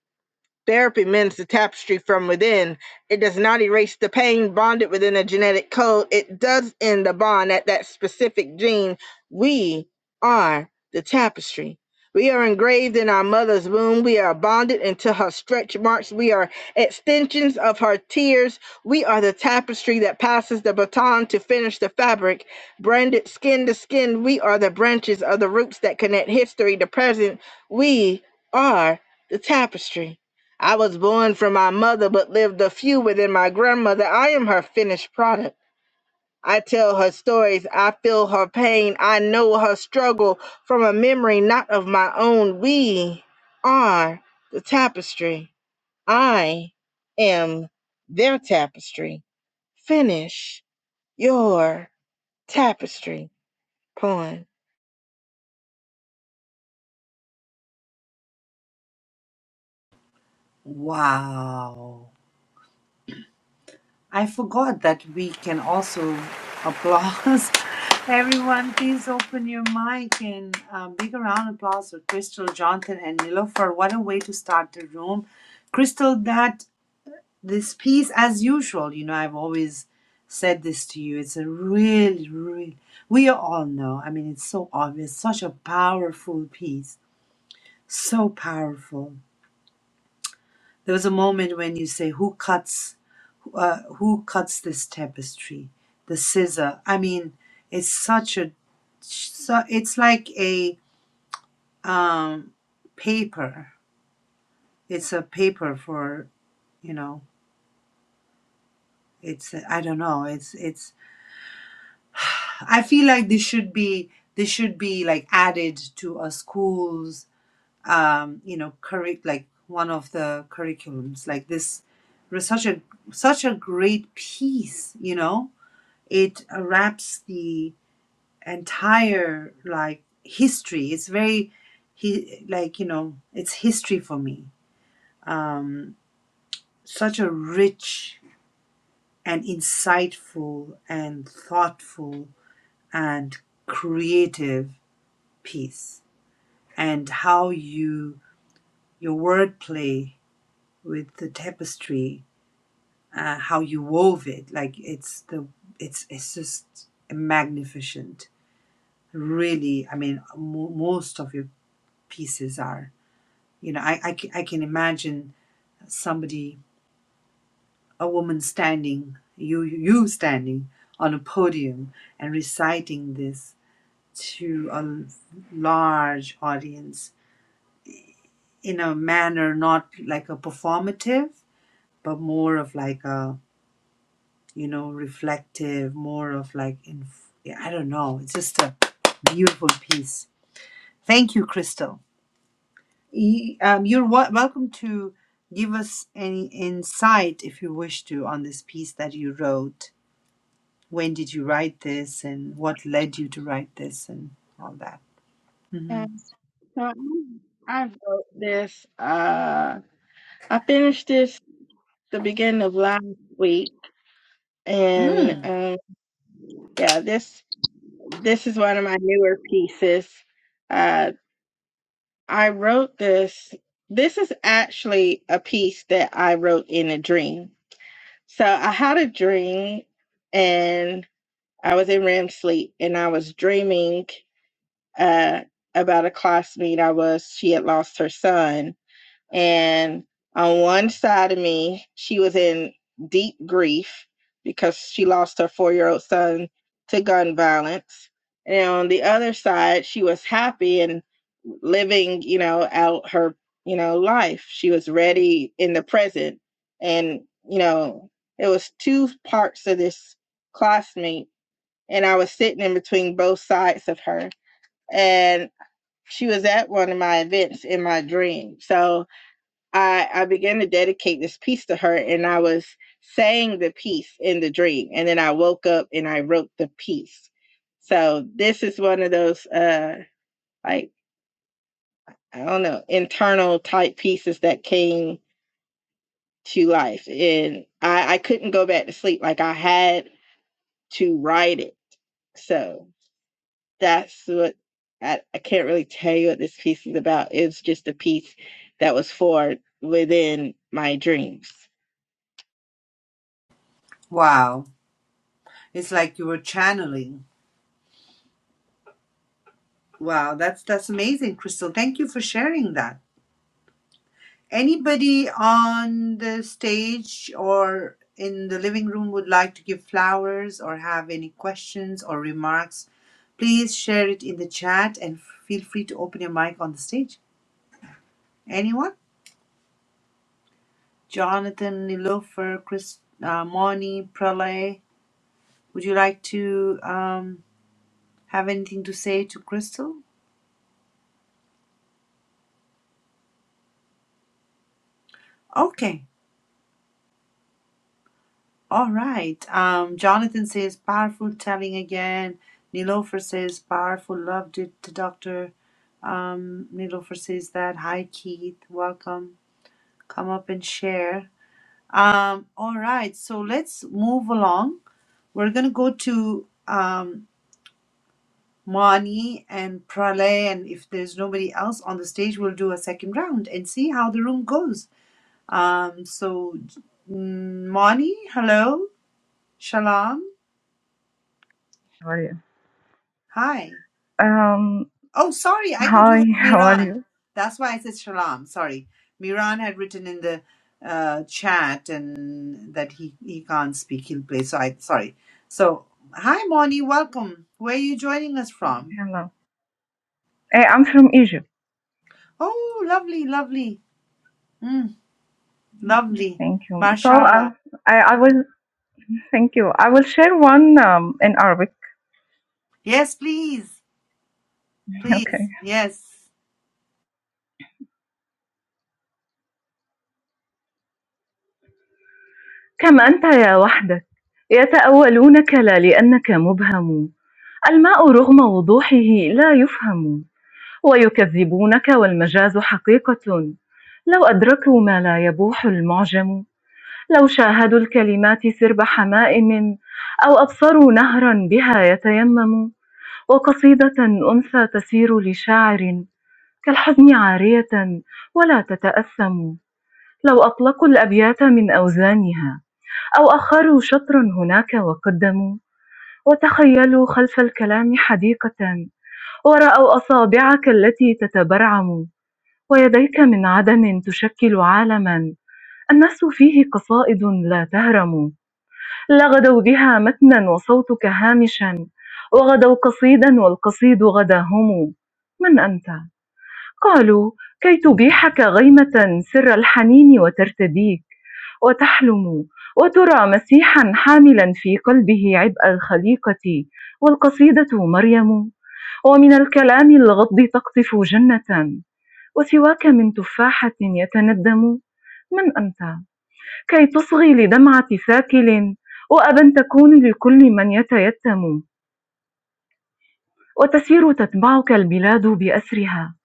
[SPEAKER 4] Therapy mends the tapestry from within. It does not erase the pain bonded within a genetic code. It does end the bond at that specific gene. We are the tapestry. We are engraved in our mother's womb. We are bonded into her stretch marks. We are extensions of her tears. We are the tapestry that passes the baton to finish the fabric. Branded skin to skin, we are the branches of the roots that connect history to present. We are the tapestry. I was born from my mother, but lived a few within my grandmother. I am her finished product. I tell her stories. I feel her pain. I know her struggle from a memory not of my own. We are the tapestry. I am their tapestry. Finish your tapestry. Poem.
[SPEAKER 1] Wow. I forgot that we can also applause. Everyone, please open your mic and a big round of applause for Crystal, Jonathan, and Nilofer. What a way to start the room. Crystal, that this piece, as usual, you know, I've always said this to you. It's a really, really, we all know. I mean, it's so obvious, such a powerful piece. So powerful. There was a moment when you say, Who cuts? uh, who cuts this tapestry the scissor i mean it's such a so it's like a um paper it's a paper for you know it's i don't know it's it's i feel like this should be this should be like added to a school's um you know curric like one of the curriculums like this was such a such a great piece you know it wraps the entire like history. It's very he like you know it's history for me. Um, such a rich and insightful and thoughtful and creative piece, and how you your wordplay with the tapestry, uh, how you wove it. Like it's the it's it's just magnificent. Really, I mean, mo- most of your pieces are. You know, I, I, I can imagine somebody, a woman standing, you, you standing on a podium and reciting this to a large audience in a manner not like a performative, but more of like a, you know, reflective, more of like, inf- yeah, I don't know. It's just a beautiful piece. Thank you, Crystal. Y- um, You're wel- welcome to give us any insight if you wish to on this piece that you wrote. When did you write this and what led you to write this and all that? hmm
[SPEAKER 4] So I wrote this. Uh, I finished this the beginning of last week, and
[SPEAKER 1] Mm.
[SPEAKER 4] um, Yeah, this this is one of my newer pieces. Uh, I wrote this. This is actually a piece that I wrote in a dream. So I had a dream, and I was in REM sleep, and I was dreaming uh, about a classmate I was. She had lost her son, and on one side of me, she was in deep grief because she lost her four year old son to gun violence. And on the other side, she was happy and living, you know, out her, you know, life. She was ready in the present. And, you know, it was two parts of this classmate. And I was sitting in between both sides of her. And she was at one of my events in my dream. So I, I began to dedicate this piece to her, and I was saying the piece in the dream. And then I woke up and I wrote the piece. So this is one of those, uh, like, I don't know, internal type pieces that came to life. And I, I couldn't go back to sleep. Like, I had to write it. So that's what I, I can't really tell you what this piece is about. It's just a piece that was for within my dreams.
[SPEAKER 1] Wow. It's like you were channeling. Wow, that's that's amazing, Crystal. Thank you for sharing that. Anybody on the stage or in the living room would like to give flowers or have any questions or remarks, please share it in the chat and feel free to open your mic on the stage. Anyone? Jonathan, Nilofer, Chris, uh, Moni, Pralay, would you like to um, have anything to say to Crystal? Okay. All right. Um, Jonathan says powerful telling again. Nilofer says powerful loved it. The doctor um, Nilofer says that. Hi Keith, welcome. Come up and share. Um, all right. So let's move along. We're gonna go to um, Mani and Pralay, and if there's nobody else on the stage, we'll do a second round and see how the room goes. Um, so mm, Mani, hello, shalom,
[SPEAKER 5] How are you?
[SPEAKER 1] hi.
[SPEAKER 5] Um,
[SPEAKER 1] Oh, sorry. I thought you
[SPEAKER 5] hi,
[SPEAKER 1] were
[SPEAKER 5] how are
[SPEAKER 1] Miran.
[SPEAKER 5] you?
[SPEAKER 1] That's why I said Shalom. Sorry. Miran had written in the uh, chat and that he, he can't speak. He'll play. So I sorry. So hi, Moni. Welcome. Where are you joining us from?
[SPEAKER 5] Hello. Hey, I'm from Egypt.
[SPEAKER 1] Oh, lovely, lovely, mm, lovely.
[SPEAKER 5] Thank you. So
[SPEAKER 1] Mashallah.
[SPEAKER 5] uh, I, I will, thank you. I will share one um, in Arabic.
[SPEAKER 1] Yes, please,
[SPEAKER 5] Okay.
[SPEAKER 1] please. Yes.
[SPEAKER 5] كم أنت يا وحدك يتأولونك لا لأنك مبهم الماء رغم وضوحه لا يفهم ويكذبونك والمجاز حقيقة لو أدركوا ما لا يبوح المعجم لو شاهدوا الكلمات سرب حمائم أو أبصروا نهرا بها يتيمم وقصيدة أنثى تسير لشاعر كالحزن عارية ولا تتأثم لو أطلقوا الأبيات من أوزانها أو أخروا شطرا هناك وقدموا وتخيلوا خلف الكلام حديقة ورأوا أصابعك التي تتبرعم ويديك من عدم تشكل عالما الناس فيه قصائد لا تهرم لغدوا بها متنا وصوتك هامشا وغدوا قصيدا والقصيد غداهم من أنت؟ قالوا كي تبيحك غيمة سر الحنين وترتديك وتحلم وترى مسيحا حاملا في قلبه عبء الخليقة والقصيدة مريم ومن الكلام الغض تقطف جنة وسواك من تفاحة يتندم من أنت كَيْ تُصْغِي لدمعة ساكل وأبًا تكون لكل من يتيتم وتسير تتبعك البلاد بأسرها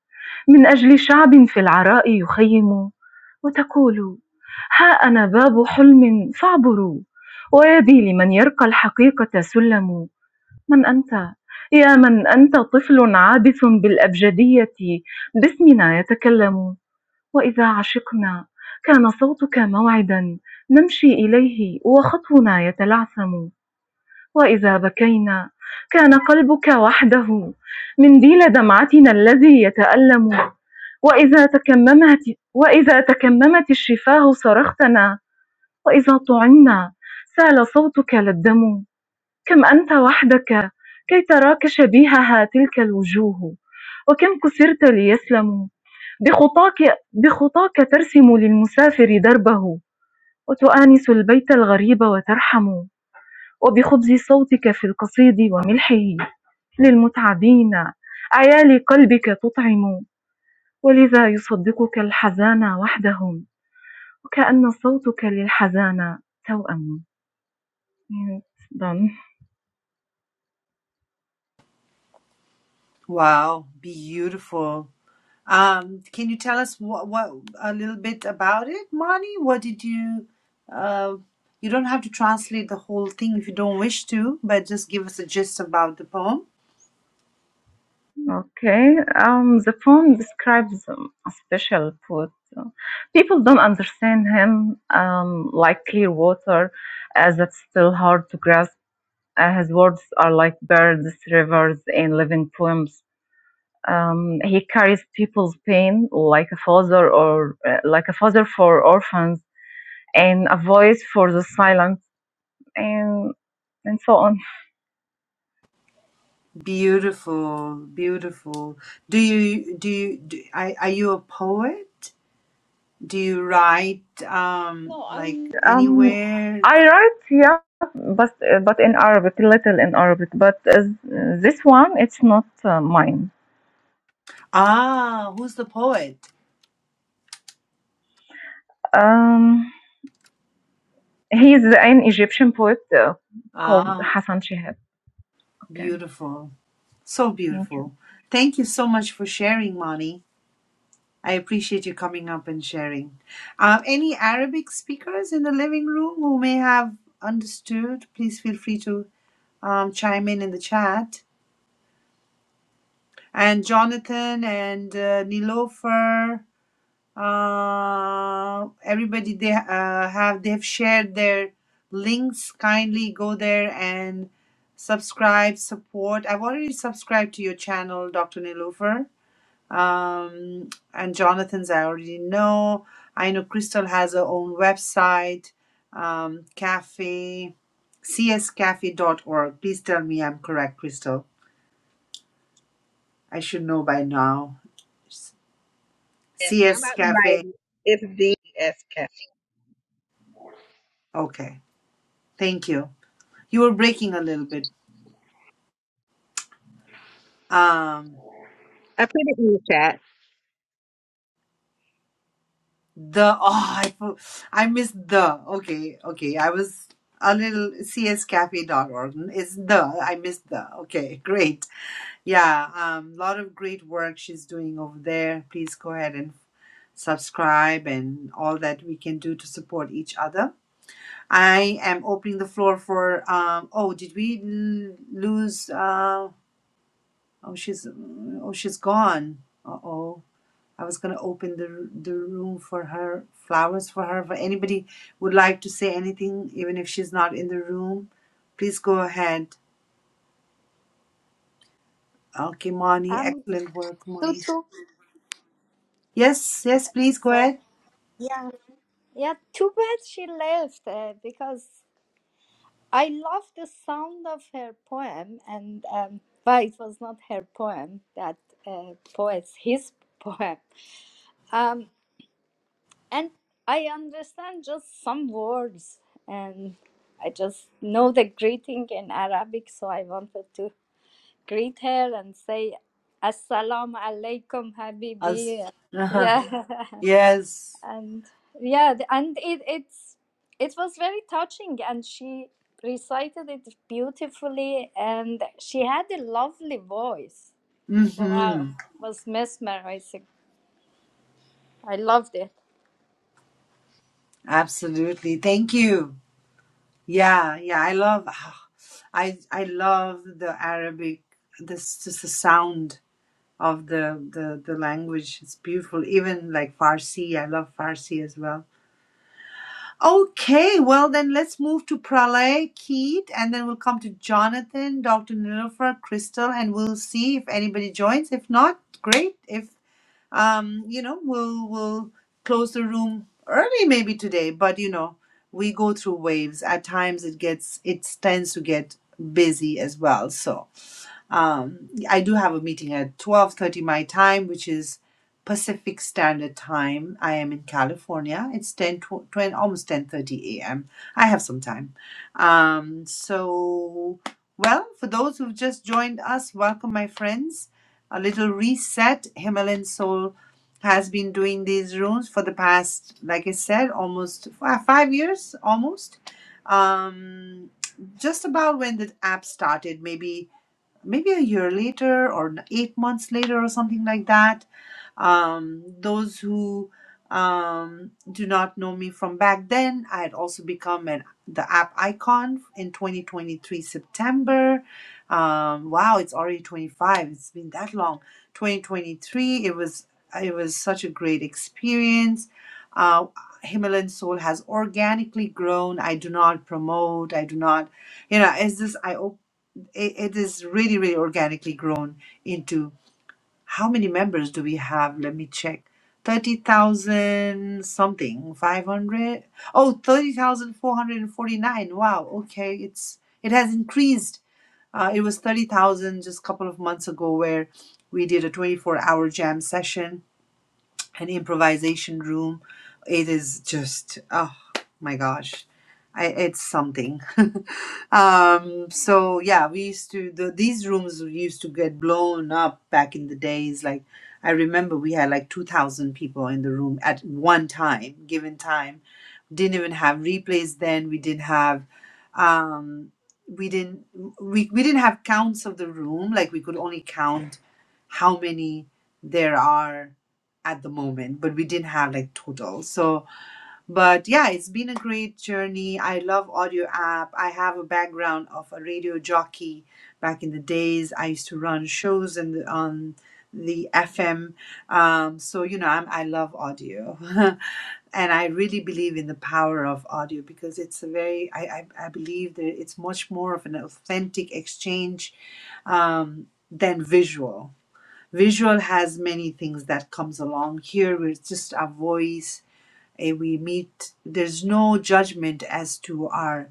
[SPEAKER 5] من أجل شعب في العراء يخيم وتقول ها أنا باب حلم فاعبروا ويدي لمن يرقى الحقيقة سلم من أنت يا من أنت طفل عابث بالأبجدية باسمنا يتكلم وإذا عشقنا كان صوتك موعدا نمشي إليه وخطونا يتلعثم وإذا بكينا كان قلبك وحده منديل دمعتنا الذي يتألم وإذا تكممت وإذا تكممت الشفاه صرختنا وإذا طعنا سال صوتك للدم كم أنت وحدك كي تراك شبيهها تلك الوجوه وكم كسرت ليسلموا بخطاك, بخطاك ترسم للمسافر دربه وتؤانس البيت الغريب وترحم وبخبز صوتك في القصيد وملحه للمتعبين أيالي قلبك تطعم ولذا يصدقك الحزان وحدهم وكأن صوتك للحزان توأم It's done.
[SPEAKER 1] Wow, beautiful. Um, can you tell us what, what a little bit about it, Mani? What did you? Uh, you don't have to translate the whole thing if you don't wish to, but just give us a gist about the poem.
[SPEAKER 5] Okay, um, the poem describes um, a special poet. Uh, People don't understand him, um, like clear water, as it's still hard to grasp. Uh, his words are like birds, rivers, and living poems. Um, he carries people's pain like a father, or uh, like a father for orphans, and a voice for the silent, and and so on.
[SPEAKER 1] Beautiful, beautiful. Do you do you do, are, are you a poet? Do you write um like
[SPEAKER 5] Um,
[SPEAKER 1] anywhere?
[SPEAKER 5] I write, yeah, but uh, but in Arabic, little in Arabic. But as, this one, it's not uh, mine.
[SPEAKER 1] Ah, who's the poet?
[SPEAKER 5] Um, he's an Egyptian poet uh, called
[SPEAKER 1] Ah,
[SPEAKER 5] Hassan Shihab. Okay,
[SPEAKER 1] beautiful. So
[SPEAKER 5] thank you.
[SPEAKER 1] beautiful. Thank you so much for sharing, Mani. I appreciate you coming up and sharing. Um, any Arabic speakers in the living room who may have understood, please feel free to um, chime in in the chat. And Jonathan and uh, Nilofer, uh, everybody they uh, have they've shared their links. Kindly go there and subscribe, support. I've already subscribed to your channel, Dr. Nilofer Um, and Jonathan's, I already know. I know Crystal has her own website, um, cafe, c s cafe dot org. Please tell me I'm correct, Crystal. I should know by now.
[SPEAKER 4] Yes, I'm
[SPEAKER 1] CS
[SPEAKER 4] about to write.
[SPEAKER 1] Cafe.
[SPEAKER 4] It's D S K. I
[SPEAKER 1] Okay, thank you. You were breaking a little bit. Um,
[SPEAKER 4] put it in the chat.
[SPEAKER 1] the oh, I fo- I missed the. Okay, okay. I was a little CS Cafe dot org. It's the. I missed the. Okay, great. Yeah, um, lot of great work she's doing over there. Please go ahead and subscribe and all that we can do to support each other. I am opening the floor for. Um, oh, did we l- lose? Uh, oh, she's oh she's gone. Uh oh. I was gonna open the the room for her flowers for her. If anybody would like to say anything, even if she's not in the room, please go ahead. Okay, Moni,
[SPEAKER 3] Um,
[SPEAKER 1] excellent work,
[SPEAKER 3] Tutu.
[SPEAKER 1] Moni. Yes, yes, please go
[SPEAKER 3] So,
[SPEAKER 1] ahead.
[SPEAKER 3] yeah, yeah. Too bad she left uh, because I love the sound of her poem, and um, but it was not her poem. That uh, poet's his poem. Um, and I understand just some words and I just know the greeting in Arabic so I wanted to greet her and say Assalamu alaikum
[SPEAKER 1] Us.
[SPEAKER 3] habibi
[SPEAKER 1] Uh-huh.
[SPEAKER 3] yeah
[SPEAKER 1] Yes.
[SPEAKER 3] and yeah th- and it it's it was very touching and she recited it beautifully and she had a lovely voice wow
[SPEAKER 1] Mm-hmm.
[SPEAKER 3] was mesmerizing I loved it
[SPEAKER 1] Absolutely. Thank you. Yeah, yeah. I love I I love the Arabic this just the sound of the, the the language. It's beautiful. Even like Farsi. I love Farsi as well. Okay, well then let's move to Pralay, Keith, and then we'll come to Jonathan, Dr. Nilofer, Crystal, and we'll see if anybody joins. If not, great. If um, you know, we'll we'll close the room early maybe today, but you know, we go through waves. At times it gets it tends to get busy as well. So um, I do have a meeting at 12:30 my time, which is Pacific Standard Time. I am in California. It's 10 tw- 20, almost 10:30 a.m. I have some time. Um, so well, for those who've just joined us, welcome my friends. A little reset. Himalayan Soul has been doing these rooms for the past, like I said, almost fi- five years, almost. Um, just about when the app started, maybe maybe a year later or eight months later or something like that. Um, those who um, do not know me from back then, I had also become an the app icon in 2023 September. Um, wow, it's already 25. It's been that long. 2023. It was it was such a great experience. Uh, Himalayan Soul has organically grown. I do not promote. I do not you know it's just i open it, it is really really organically grown into how many members do we have let me check 30,000 something 500 oh 30,449 wow okay it's it has increased uh, it was 30,000 just a couple of months ago where we did a 24 hour jam session an improvisation room. It is just oh my gosh, I, it's something. um, so yeah, we used to the, these rooms used to get blown up back in the days. Like I remember we had like two thousand people in the room at one time, given time. Didn't even have replays then. We didn't have. Um, we didn't we, we didn't have counts of the room like we could only count how many there are at the moment, but we didn't have like total. So, but yeah, it's been a great journey. I love audio app. I have a background of a radio jockey back in the days. I used to run shows and the, on the FM. Um, so you know, I'm, I love audio, and I really believe in the power of audio because it's a very. I I, I believe that it's much more of an authentic exchange um, than visual visual has many things that comes along here we're just a voice eh, we meet there's no judgment as to our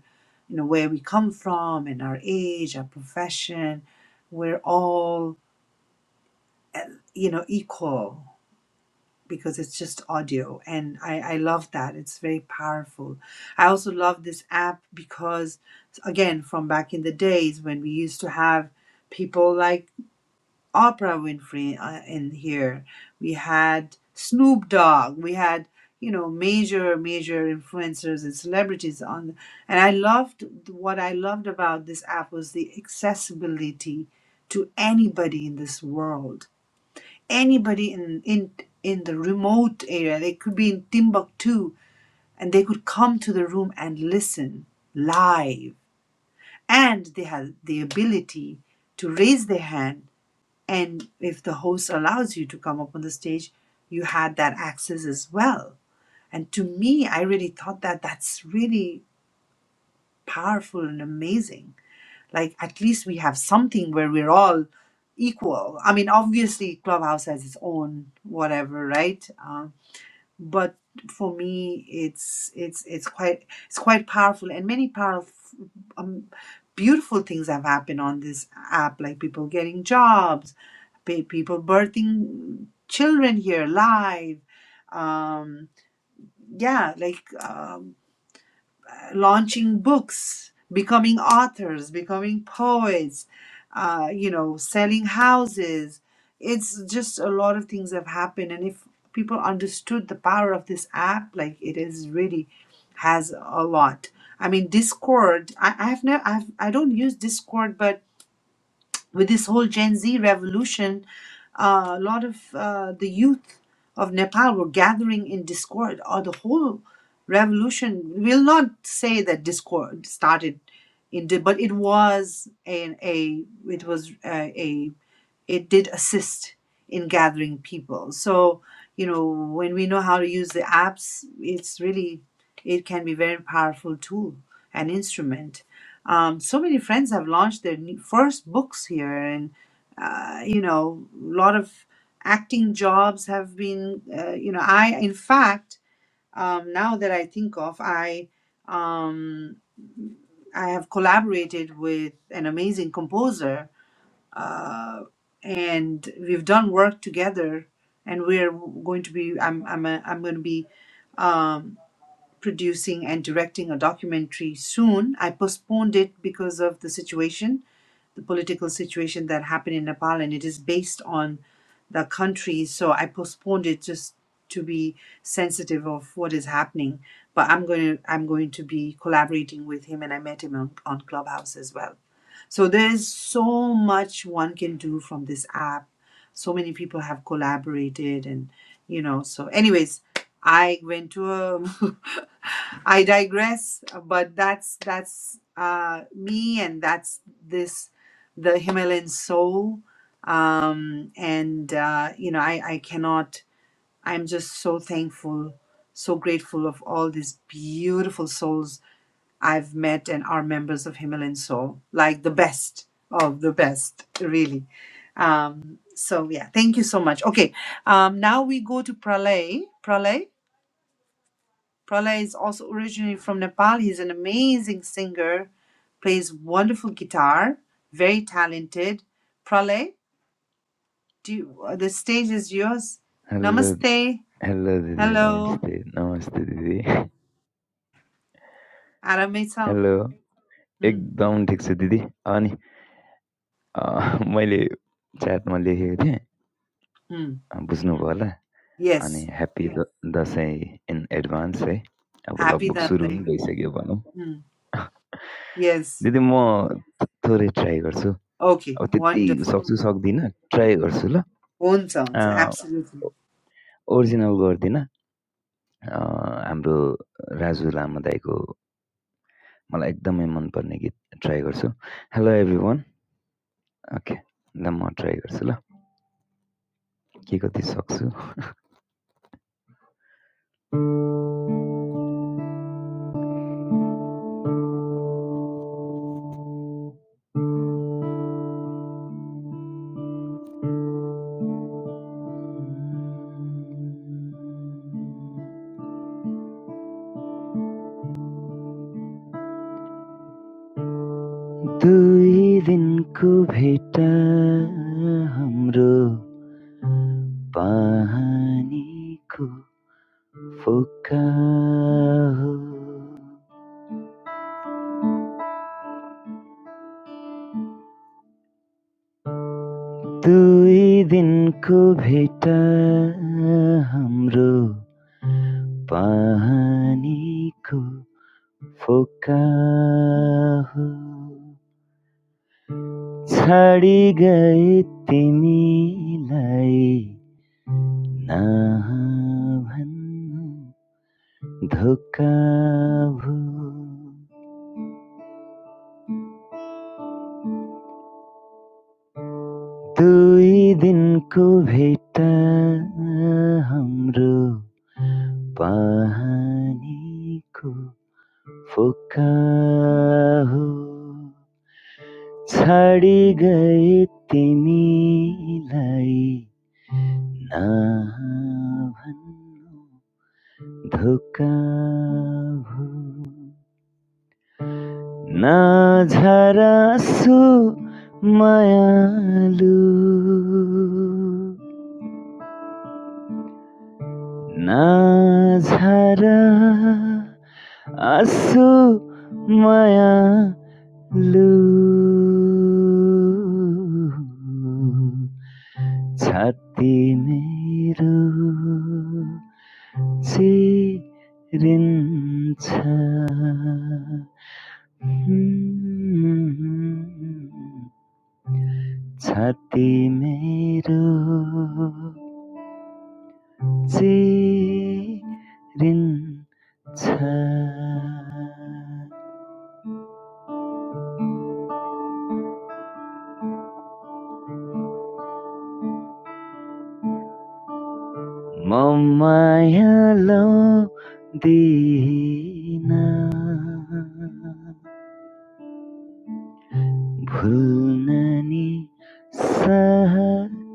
[SPEAKER 1] you know where we come from and our age our profession we're all you know equal because it's just audio and I, I love that it's very powerful i also love this app because again from back in the days when we used to have people like Oprah Winfrey uh, in here. We had Snoop Dogg. We had you know major major influencers and celebrities on. And I loved what I loved about this app was the accessibility to anybody in this world, anybody in in in the remote area. They could be in Timbuktu, and they could come to the room and listen live. And they had the ability to raise their hand and if the host allows you to come up on the stage, you had that access as well. And to me, I really thought that that's really powerful and amazing. Like, at least we have something where we're all equal. I mean, obviously, Clubhouse has its own whatever, right? Um, but for me it's it's it's quite it's quite powerful and many powerful um, beautiful things have happened on this app like people getting jobs pe- people birthing children here live um yeah like uh, launching books, becoming authors, becoming poets, uh, you know, selling houses. It's just a lot of things have happened. And if people understood the power of this app, like it is really has a lot. I mean, Discord, I, I've never, I've, I don't use Discord, but with this whole Gen Z revolution, uh, a lot of uh, the youth of Nepal were gathering in discord, or the whole revolution. We'll not say that discord started in, di- but it was a, a it was a, a it did assist in gathering people. So, you know, when we know how to use the apps, it's really, it can be very powerful tool and instrument. Um, so many friends have launched their new- first books here, and uh, you know, a lot of acting jobs have been. Uh, you know, I in fact, um, now that I think of, I um, I have collaborated with an amazing composer uh, and we've done work together and we're going to be i'm i'm a, i'm going to be um, producing and directing a documentary soon i postponed it because of the situation the political situation that happened in Nepal, and it is based on the country. So I postponed it just to be sensitive of what is happening. But I'm going to I'm going to be collaborating with him, and I met him on, on Clubhouse as well. So there's so much one can do from this app. So many people have collaborated, and you know. So, anyways, I went to a. I digress, but that's that's uh, me, and that's this the Himalayan soul. Um, and, uh, you know, I, I cannot, I'm just so thankful, so grateful of all these beautiful souls I've met and are members of Himalayan soul, like the best of the best, really. Um, so, yeah, thank you so much. Okay, um, now we go to Pralay. Pralay. Pralay is also originally from Nepal. He's an amazing singer, plays wonderful guitar, very talented. Pralay, Do you, uh, the stage is yours.
[SPEAKER 6] Hello
[SPEAKER 1] Namaste.
[SPEAKER 6] Hello दिदी
[SPEAKER 1] Hello.
[SPEAKER 6] नमस्ते नमस्ते दिदी
[SPEAKER 1] Mm. Arame-san.
[SPEAKER 6] Hello
[SPEAKER 1] Mm.
[SPEAKER 6] एकदम ठिक छु दिदी अनि अ, मैले च्याटमा लेखेको थिएँ
[SPEAKER 1] Mm.
[SPEAKER 6] अ, बुझ्नुभयो होला अनि
[SPEAKER 1] Yes.
[SPEAKER 6] ह्याप्पी द- दसैँ इन एडभान्स है अब
[SPEAKER 1] Happy
[SPEAKER 6] लगभग
[SPEAKER 1] that
[SPEAKER 6] सुरु
[SPEAKER 1] day.
[SPEAKER 6] पनि भइसक्यो भनौँ
[SPEAKER 1] Mm. Yes.
[SPEAKER 6] दिदी म थोरै ट्राई गर्छु
[SPEAKER 1] Okay.
[SPEAKER 6] अब त्यति
[SPEAKER 1] Wonderful.
[SPEAKER 6] सक्छु सक्दिनँ ट्राई गर्छु ल
[SPEAKER 1] Own
[SPEAKER 6] अ,
[SPEAKER 1] sounds. Absolutely.
[SPEAKER 6] ओरिजिनल गर्दिनँ अ, हाम्रो राजु लामा दाईको मलाई एकदमै मनपर्ने गीत ट्राई गर्छु हेलो एभ्री वान ओके ल म ट्राई गर्छु ल के कति सक्छु दुई दिनको भेटा हाम्रो पानीको फोका हो दुई दिनको भेटा हाम्रो पानीको फोका हो छाडी गए तिमीलाई नभन्नु धोका भयो दुई दिनको भेट हाम्रो पानीको फोका हो छाडी गए तिमीलाई नभन्नु धोका भयो ना झरा आँसु मायालु ना झरा आँसु मायालु छाती मेरो चिरिन्छ छाती मेरो चिरिन छ म माया लाउँदिन भुल्न नि सक्दिन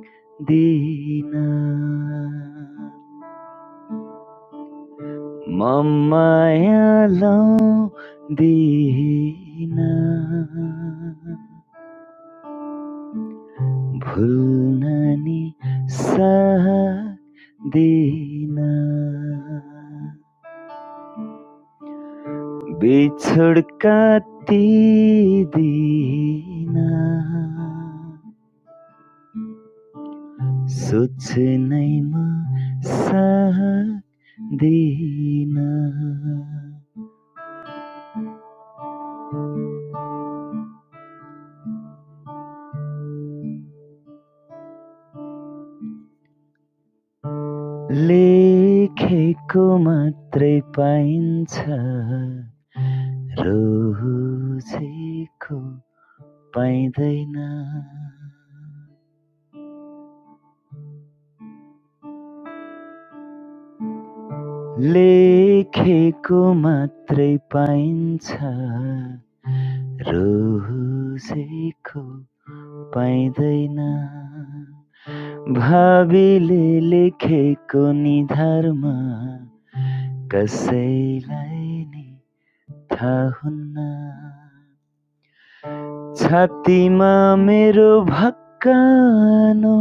[SPEAKER 6] म माया लाउँदिन भुल्न साथ दिन बिछोड काटिदिन सोच्नैमा साथ देना लेखेको मात्रै पाइन्छ रोजेको पाइँदैन लेखेको मात्रै पाइन्छ रोजेको पाइँदैन भावीले लेखेको निधारमा कसैलाई नै थाहा हुन्न छातीमा मेरो भक्कानो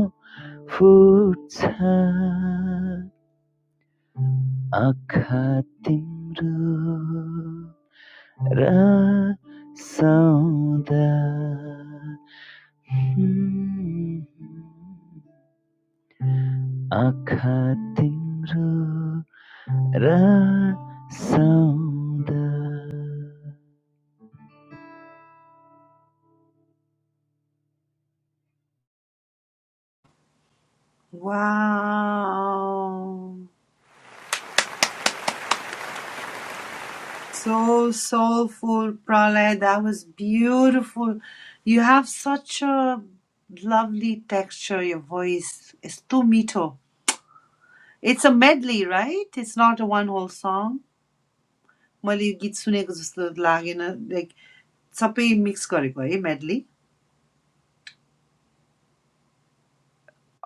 [SPEAKER 6] फुट्छ आँखा तिम्रो र सौदा आँखा तिम्रो र सौदा
[SPEAKER 1] Wow. So soulful, Pralay. That was beautiful. You have such a lovely texture, your voice. It's too mito. It's a medley, right? It's not a one whole song. मैले यो गीत सुनेको जस्तो लागेन लाइक सबै मिक्स गरेको है मेडली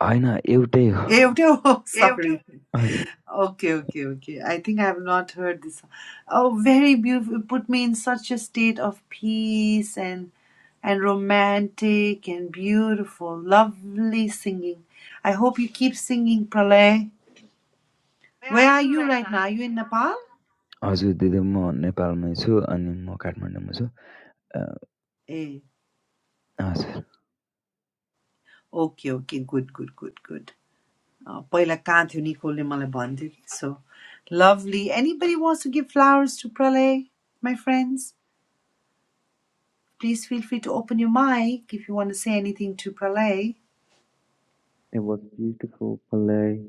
[SPEAKER 6] होइन एउटै हो
[SPEAKER 1] ए एउटै हो सरी
[SPEAKER 6] हजुर
[SPEAKER 1] okay okay okay I think I have not heard this oh very beautiful put me in such a state of peace and and romantic and beautiful lovely singing i hope you keep singing pralay where are you right now are you in nepal
[SPEAKER 6] हजुर दिदी म नेपालमै छु अनि म काठमाडौँमा छु
[SPEAKER 1] eh
[SPEAKER 6] हजुर
[SPEAKER 1] okay okay good good good good Oh, पहिला कहाँ थियो निकोले मलाई भन्थ्यो कि so lovely anybody wants to give flowers to Pralay my friends please feel free to open you mic if you want say anything to Pralay
[SPEAKER 7] It was beautiful play.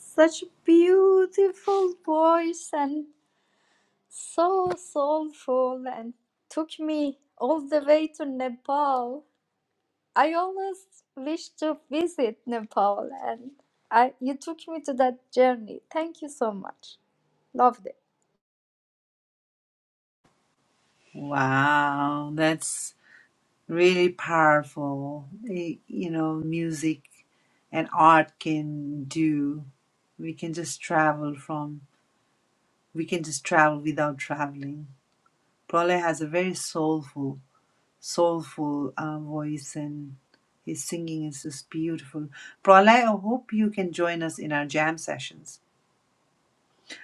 [SPEAKER 3] Such beautiful voice and so soulful and took me all the way to Nepal. I always wish to visit Nepal and I you took me to that journey. Thank you so much. Loved it.
[SPEAKER 1] Wow, that's really powerful. eh, You know, music and art can do. We can just travel from, we can just travel without traveling. Prole has a very soulful soulful uh, voice and his singing is just beautiful. Pralay, I hope you can join us in our jam sessions.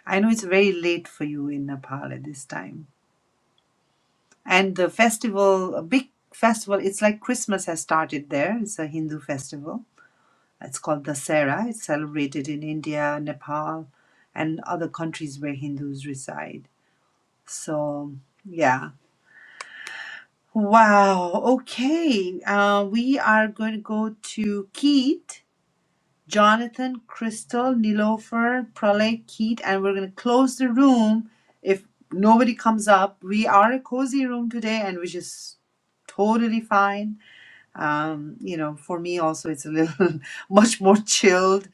[SPEAKER 1] I know it's very late for you in Nepal at this time. And the festival, a big festival, it's like Christmas has started there. It's a Hindu festival. It's called Dasera. It's celebrated in India, Nepal, and other countries where Hindus reside. So, yeah. Wow. Okay. Uh, we are going to go to Keith. Jonathan, Crystal, Nilofer, Pralay, Keith, and we're going to close the room if nobody comes up. We are a cozy room today, and which is totally fine. Um, you know, for me also, it's a little much more chilled.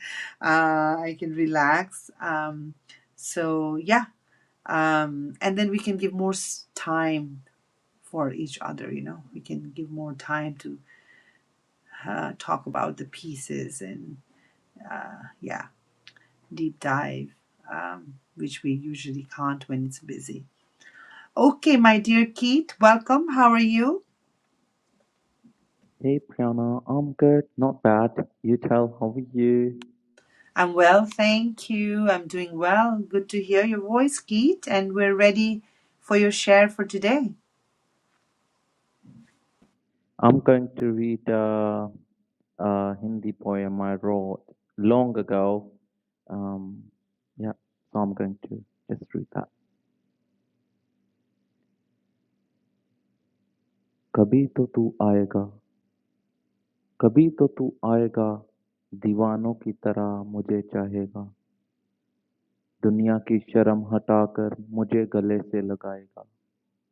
[SPEAKER 1] Uh, I can relax. Um, so yeah, um, and then we can give more s- time for each other. You know, we can give more time to uh, talk about the pieces and yeah deep dive, um, which we usually can't when it's busy. Okay, my dear Keith, welcome. How are you?
[SPEAKER 7] Hey Priyana, I'm good, not bad. You tell, how are you?
[SPEAKER 1] I'm well, thank you. I'm doing well. Good to hear your voice, Keith, and we're ready for your share for today.
[SPEAKER 7] I'm going to read a, a Hindi poem I wrote long ago. Um, yeah, so I'm going to just read that. कभी तो तू आएगा कभी तो तू आएगा दीवानों की तरह मुझे चाहेगा दुनिया की शर्म हटाकर मुझे गले से लगाएगा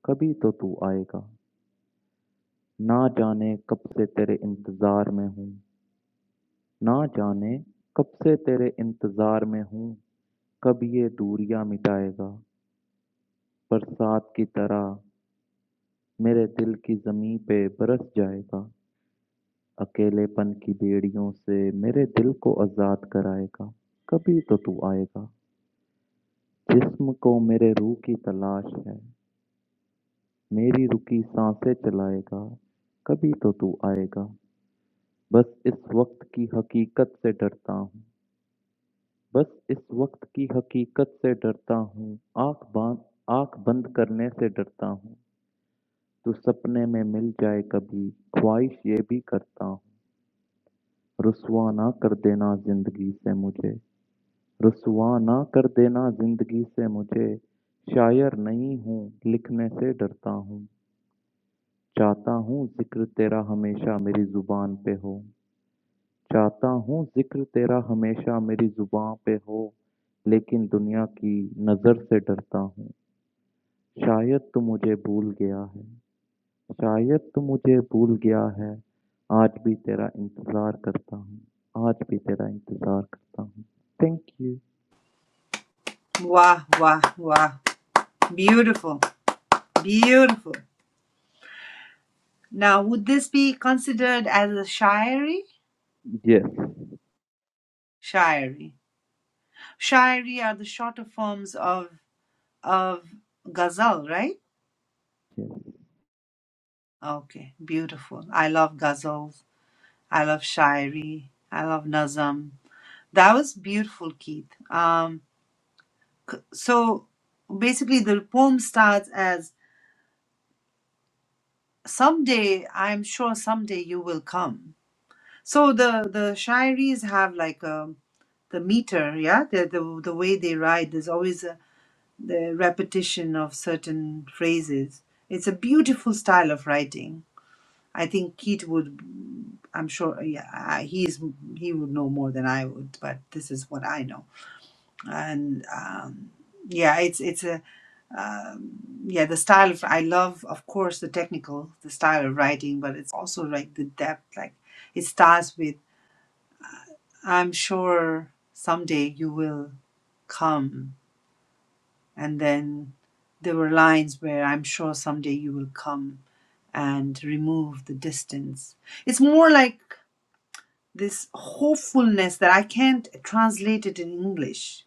[SPEAKER 7] कभी तो तू आएगा ना जाने कब से तेरे इंतज़ार में हूँ ना जाने कब से तेरे इंतज़ार में हूँ कब ये दूरियां मिटाएगा बरसात की तरह मेरे दिल की ज़मीं पे बरस जाएगा अकेलेपन की बेड़ियों से मेरे दिल को आज़ाद कराएगा कभी तो तू आएगा जिस्म को मेरे रूह की तलाश है मेरी रुकी सांसें चलाएगा कभी तो तू आएगा बस इस वक्त की हकीकत से डरता हूँ बस इस वक्त की हकीकत से डरता हूँ आँख बांध आँख बंद करने से डरता हूँ। तो तू सपने में मिल जाए कभी ख्वाहिश ये भी करता हूँ रुसवा ना कर देना जिंदगी से मुझे रुसवा ना कर देना जिंदगी से मुझे शायर नहीं हूँ लिखने से डरता हूँ चाहता हूँ जिक्र तेरा हमेशा मेरी जुबान पे हो चाहता हूँ जिक्र तेरा हमेशा मेरी जुबान पे हो लेकिन दुनिया की नज़र से डरता हूँ शायद तू मुझे भूल गया है शायद तू मुझे भूल गया है आज भी तेरा इंतज़ार करता हूँ आज भी तेरा इंतज़ार करता हूँ thank you
[SPEAKER 1] Wow, wow, wow. Beautiful, beautiful. Now, would this be considered as a shiry?
[SPEAKER 7] yes
[SPEAKER 1] Shiry. Shiry are the shorter forms of of ghazal, right?
[SPEAKER 7] yes
[SPEAKER 1] Okay, beautiful. I love ghazals. I love Shairi. I love Nazam. That was beautiful, Keith. Um, c- so basically, the poem starts as "Someday, I'm sure someday you will come." So the the Shairis have like um the meter, yeah, the, the the way they write. There's always a the repetition of certain phrases. It's a beautiful style of writing. I think Keith would, I'm sure, yeah, I- he's he would know more than I would, but this is what I know. and um, yeah, it's it's a um, yeah the style of I love of course the technical the style of writing, but it's also like the depth. Like it starts with I'm sure someday you will come, and then there were lines where I'm sure someday you will come and remove the distance. It's more like this hopefulness that I can't translate it in English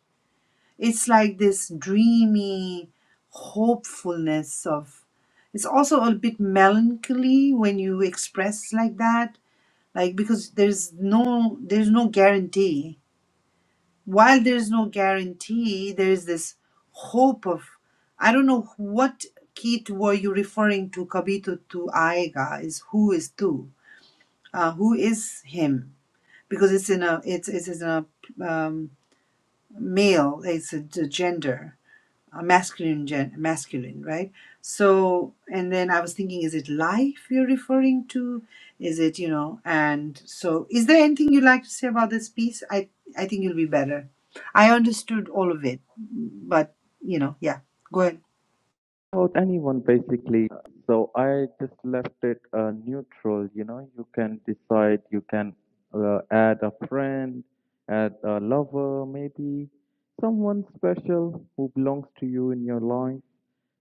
[SPEAKER 1] It's like this dreamy hopefulness of it's also a bit melancholy when you express like that like because there's no there's no guarantee while there's no guarantee there's this hope of i don't know what Keith were you referring to kabito to aega is who is tu uh, who is him because it's in a it's it's in a um, male it's a, a gender uh, masculine gen- masculine right so and then i was thinking is it life you're referring to is it you know and so is there anything you'd like to say about this piece i i think you'll be better i understood all of it but you know yeah go ahead
[SPEAKER 7] Without anyone basically so i just left it uh, neutral you know you can decide you can uh, add a friend add a lover maybe someone special who belongs to you in your life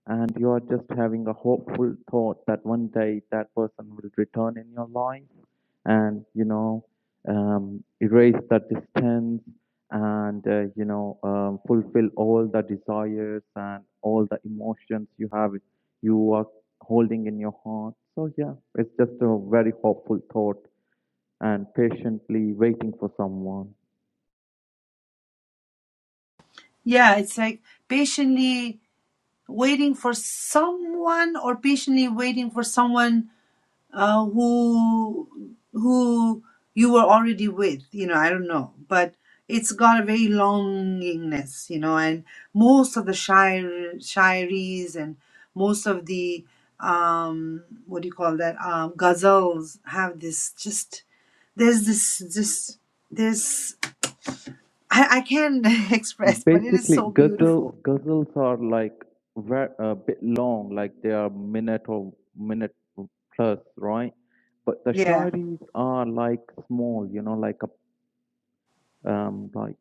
[SPEAKER 7] and you are just having a hopeful thought that one day that person will return in your life and you know um, erase that distance and uh, you know um, fulfill all the desires and all the emotions you have you are holding in your heart so yeah it's just a very hopeful thought and patiently waiting for someone
[SPEAKER 1] yeah it's like patiently waiting for someone or patiently waiting for someone uh, who who you were already with you know i don't know but it's got a very longingness you know and most of the shire shiries and most of the um what do you call that um ghazals have this just there's this this there's i, I can't express but it is
[SPEAKER 7] Basically,
[SPEAKER 1] so
[SPEAKER 7] gazelles
[SPEAKER 1] beautiful
[SPEAKER 7] gazelles are like very a bit long, like they are minute or minute plus, right? But the
[SPEAKER 1] yeah
[SPEAKER 7] shorties are like small, you know, like a um like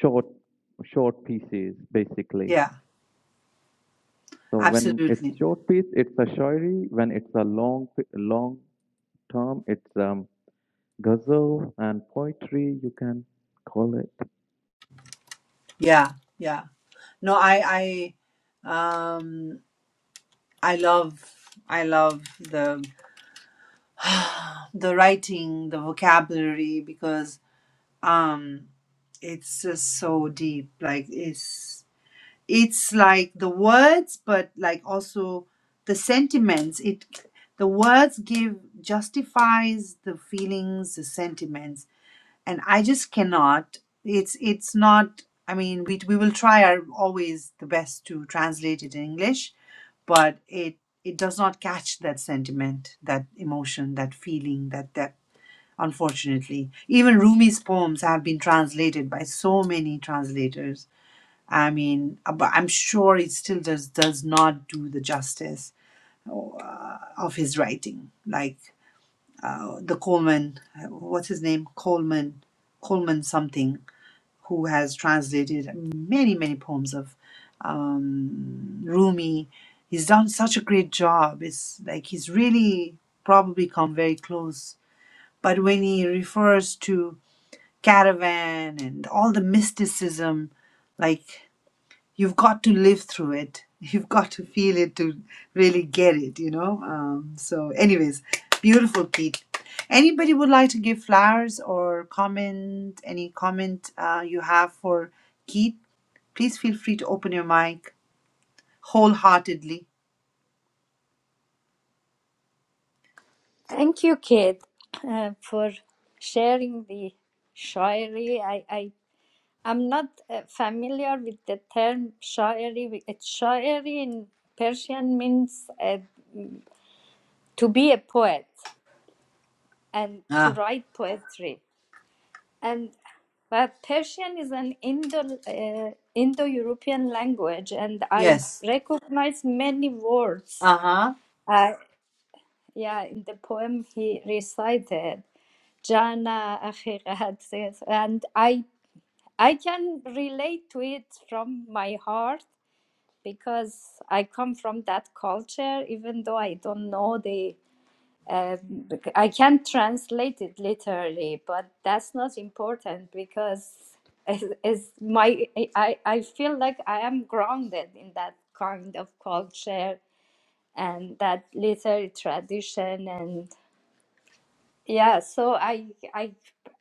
[SPEAKER 7] short short pieces basically.
[SPEAKER 1] yeah
[SPEAKER 7] So when it's
[SPEAKER 1] absolutely
[SPEAKER 7] short piece, it's a shorty. When it's a long pi- long term, it's um ghazal and poetry. You can call it.
[SPEAKER 1] yeah yeah no i i um I love I love the the writing, the vocabulary because um it's just so deep. Like it's it's like the words but like also the sentiments. It the words give justifies the feelings, the sentiments and i just cannot it's it's not i mean we we will try our always the best to translate it in english but it it does not catch that sentiment that emotion that feeling that that unfortunately even rumi's poems have been translated by so many translators i mean uh, but i'm sure it still does does not do the justice uh, of his writing like uh, the coleman uh, what's his name coleman coleman something who has translated many, many poems of um, Rumi. He's done such a great job. It's like he's really probably come very close. But when he refers to caravan and all the mysticism, like you've got to live through it. You've got to feel it to really get it, you know? Um, so, anyways, beautiful, Pete. Anybody would like to give flowers or comment? Any comment uh, you have for Keith? Please feel free to open your mic wholeheartedly.
[SPEAKER 3] Thank you, Kate, uh, for sharing the shairi. I, I I'm not uh, familiar with the term shairi. It's shairi in Persian means a to be a poet and to
[SPEAKER 1] Ah,
[SPEAKER 3] write poetry. And but Persian is an Indo uh, Indo European language, and I
[SPEAKER 1] yes.
[SPEAKER 3] recognize many words.
[SPEAKER 1] Uh huh.
[SPEAKER 3] Uh, yeah, in the poem he recited, Jana Akhirat, and I I can relate to it from my heart because I come from that culture, even though I don't know the Um, I can translate it literally, but that's not important because it's, it's my I, I feel like I am grounded in that kind of culture and that literary tradition and yeah, so I I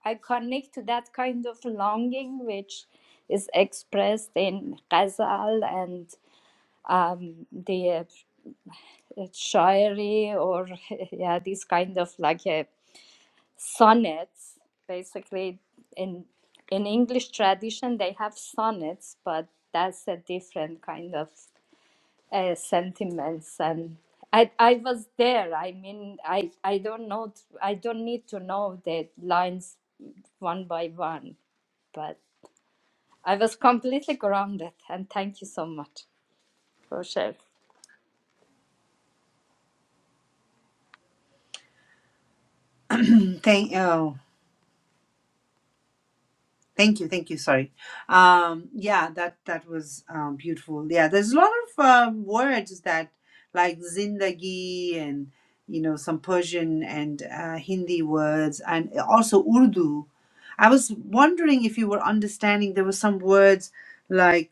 [SPEAKER 3] I connect to that kind of longing which is expressed in ghazal and um, the uh, shairi or yeah, this kind of like a sonnets basically in in english tradition they have sonnets but that's a different kind of uh, sentiments and I, I was there i mean i i don't know i don't need to know the lines one by one but i was completely grounded and thank you so much for sharing
[SPEAKER 1] Thank you. Thank you, thank you. Sorry. Um, yeah, that that was um, beautiful. Yeah, there's a lot of um, words that like zindagi and you know some Persian and uh, Hindi words and also Urdu. I was wondering if you were understanding. There were some words like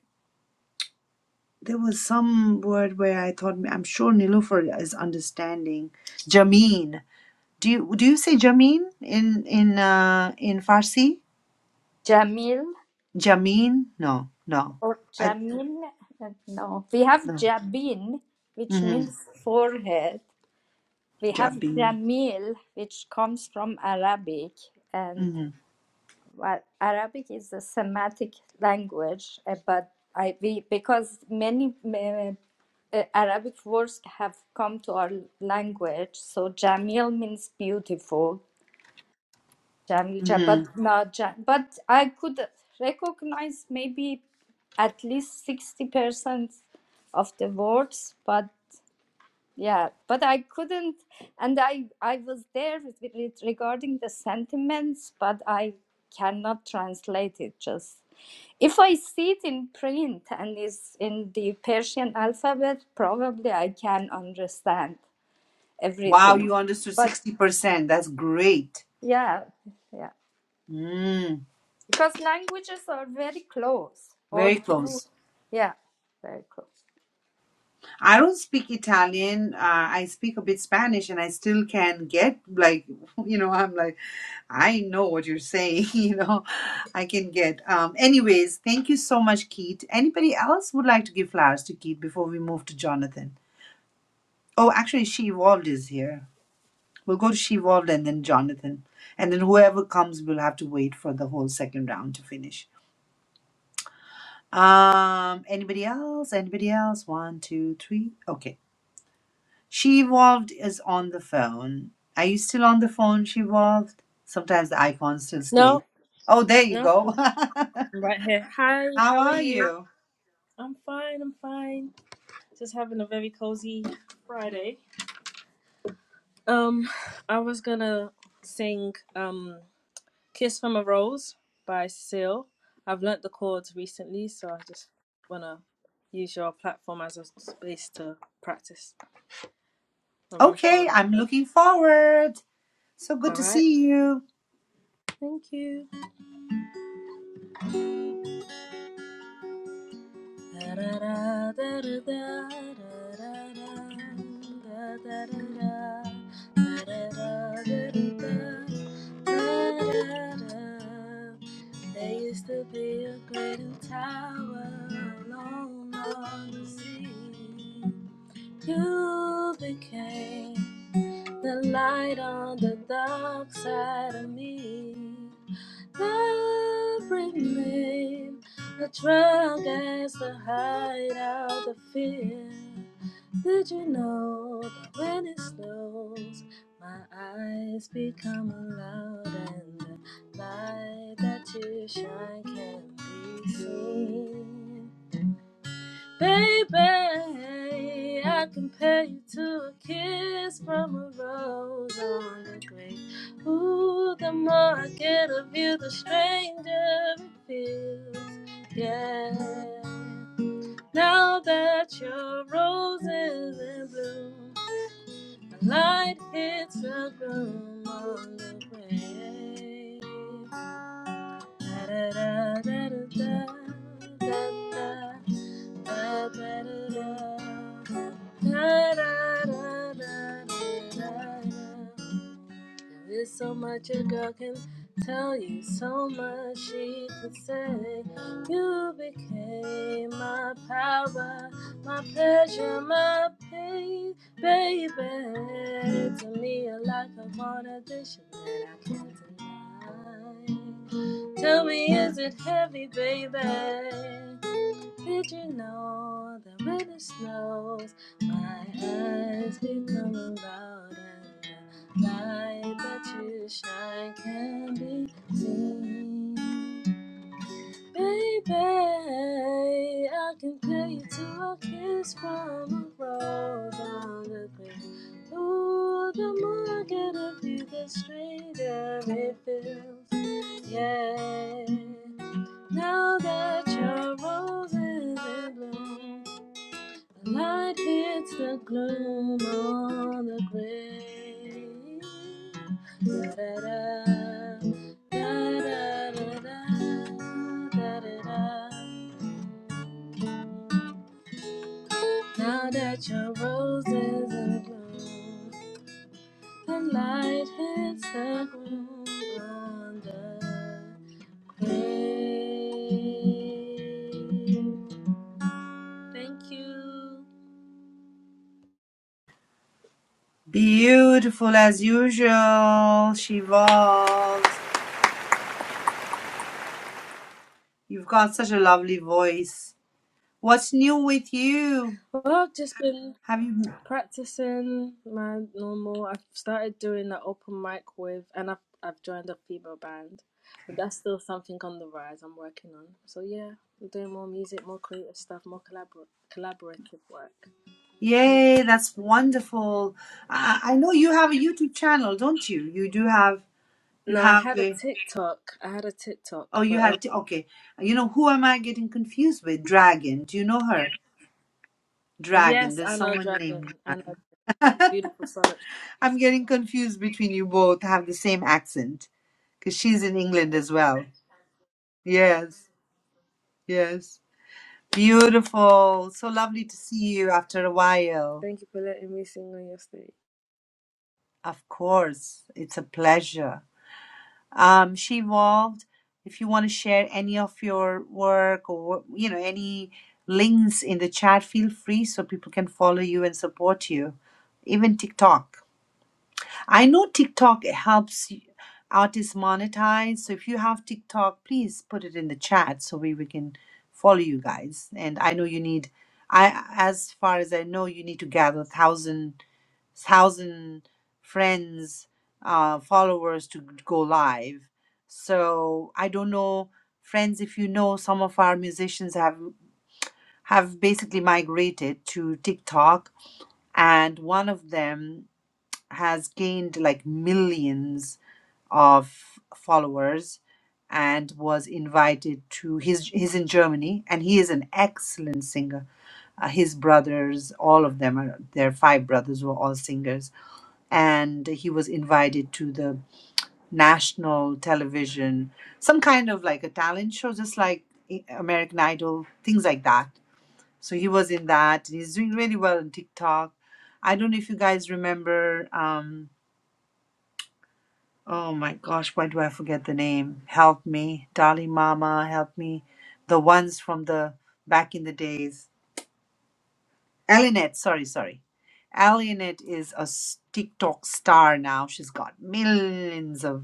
[SPEAKER 1] there was some word where I thought I'm sure Nilufer is understanding. Jameen. Do you do you say Jameen in in uh, in Farsi?
[SPEAKER 3] jamil
[SPEAKER 1] Jameen? No, no.
[SPEAKER 3] or jamil uh, no we have jabin which
[SPEAKER 1] Mm-hmm.
[SPEAKER 3] means forehead We have
[SPEAKER 1] Job being.
[SPEAKER 3] Jamil, which comes from Arabic, and
[SPEAKER 1] Mm-hmm.
[SPEAKER 3] well, Arabic is a Semitic language, uh, but I we, because many uh, uh, Arabic words have come to our language, so Jamil means beautiful. Jamil, Ja-
[SPEAKER 1] Mm-hmm.
[SPEAKER 3] but no, Ja- but I could recognize maybe at least sixty percent of the words, but yeah but i couldn't and i i was there with, with regarding the sentiments but i cannot translate it just if i see it in print and is in the persian alphabet probably i can understand
[SPEAKER 1] Wow,
[SPEAKER 3] everything
[SPEAKER 1] you understood
[SPEAKER 3] but
[SPEAKER 1] 60%. That's great.
[SPEAKER 3] yeah yeah
[SPEAKER 1] Mm,
[SPEAKER 3] because languages are very close or
[SPEAKER 1] very
[SPEAKER 3] to
[SPEAKER 1] close.
[SPEAKER 3] yeah very close
[SPEAKER 1] I don't speak Italian. Uh, I speak a bit Spanish and I still can get, like, you know, I'm like, I know what you're saying, you know, I can get. Um, anyways, thank you so much, Keith. Anybody else would like to give flowers to Keith before we move to Jonathan? Oh, actually, She Evolved is here. We'll go to She-Wolf and then Jonathan. And then whoever comes, we'll have to wait for the whole second round to finish. Um, anybody else? Anybody else? One, two, three. Okay. She-Wolf is on the phone. Are you still on the phone, She-Wolf? Sometimes the icon still stays.
[SPEAKER 8] No,
[SPEAKER 1] Oh, there you
[SPEAKER 8] no,
[SPEAKER 1] go.
[SPEAKER 8] I'm right here. Hi,
[SPEAKER 1] How
[SPEAKER 8] how are
[SPEAKER 1] are
[SPEAKER 8] you?
[SPEAKER 1] you?
[SPEAKER 8] I'm fine, I'm fine. Just having a very cozy Friday. Um, I was gonna sing um Kiss from a Rose by Seal. I've learnt the chords recently, so I just wanna use your platform as a space to practice or run through
[SPEAKER 1] Okay,
[SPEAKER 8] what I've
[SPEAKER 1] I'm
[SPEAKER 8] heard.
[SPEAKER 1] looking forward. So good
[SPEAKER 8] All
[SPEAKER 1] to
[SPEAKER 8] right,
[SPEAKER 1] see you.
[SPEAKER 8] thank you. There used to be a great tower alone on the sea. You became the light on the dark side of me. Every name, a drug as the hideout of fear. Did you know that when it snows, my eyes become loud and the light that you shine can be seen? Baby, I compare you to a kiss from a rose on the grave. Ooh, the more I get of you, the stranger it feels. Yeah. Now that your rose is in bloom, the light hits the groom on the grave. Da da da da da da da da da da da da da da da da da da. There's so much a girl can tell you, so much she could say. You became my power, my pleasure, my pain, baby. To me, you're like a one addition that I can't deny. Tell me, is it heavy, baby? Did you know that when it snows, my eyes become a loud and light that you shine can be seen. Baby, I compare you to a kiss from a rose on the green. Ooh, the more I get of you, the stranger it feels. Yeah, now that your rose is in bloom. The Light hits the gloom on the grave. Da-da-da, da-da-da-da, da-da-da. Now that your rose is in bloom, the light hits the gloom on the grave. Thank you.
[SPEAKER 1] Beautiful as usual, She-Wolf. You've got such a lovely voice. What's new with you?
[SPEAKER 8] Well, just been
[SPEAKER 1] Have you?
[SPEAKER 8] Practicing my normal. I've started doing the open mic with, and I've I've joined a female band, so that's still something on the rise. I'm working on. So yeah, I'm doing more music, more creative stuff, more collabor- collaborative work. Mm.
[SPEAKER 1] Yay, that's wonderful. I, I know you have a YouTube channel, don't you? You do have, you
[SPEAKER 8] No, I
[SPEAKER 1] have
[SPEAKER 8] had a
[SPEAKER 1] a,
[SPEAKER 8] TikTok. I had a TikTok,
[SPEAKER 1] oh, you
[SPEAKER 8] but um,
[SPEAKER 1] had, okay. You know, who am I getting confused with? Dragon. Do you know her? Dragon.
[SPEAKER 8] yes,
[SPEAKER 1] There's
[SPEAKER 8] I know
[SPEAKER 1] someone
[SPEAKER 8] Dragon.
[SPEAKER 1] named.
[SPEAKER 8] I know beautiful solid.
[SPEAKER 1] I'm getting confused between you both, have the same accent, because she's in England as well. Yes, yes. Beautiful. So lovely to see you after a while.
[SPEAKER 8] Thank you for letting me sing on your stage.
[SPEAKER 1] Of course, it's a pleasure. Um, she evolved. If you want to share any of your work or you know any links in the chat, feel free so people can follow you and support you. Even TikTok. I know TikTok helps y- artists monetize. So if you have TikTok, please put it in the chat so we, we can follow you guys. And I know you need. I as far as I know, you need to gather thousand thousand friends, uh, followers to go live. So I don't know, friends, if you know, some of our musicians have have basically migrated to TikTok, and one of them has gained like millions of followers and was invited to his he's in Germany and he is an excellent singer. Uh, his brothers, all of them are their five brothers were all singers and he was invited to the national television, some kind of like a talent show, just like I- American Idol, things like that. So he was in that. He's doing really well on TikTok. I don't know if you guys remember. Um, oh my gosh, why do I forget the name? Help me, Dolly Mama, help me. The ones from the back in the days. Elinette, sorry, sorry. Elinette is a s- TikTok star now. She's got millions of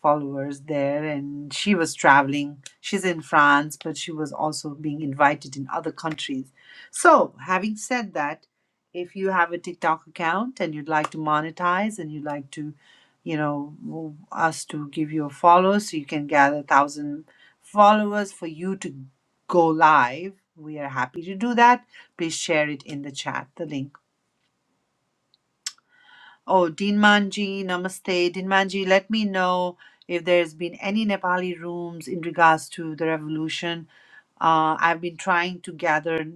[SPEAKER 1] followers there and she was traveling she's in france but she was also being invited in other countries so having said that if you have a tiktok account and you'd like to monetize and you'd like to you know move us to give you a follow so you can gather a thousand followers for you to go live we are happy to do that please share it in the chat the link Oh, Dinmanji, namaste. Dinmanji, let me know if there's been any Nepali rooms in regards to the revolution. Uh, I've been trying to gather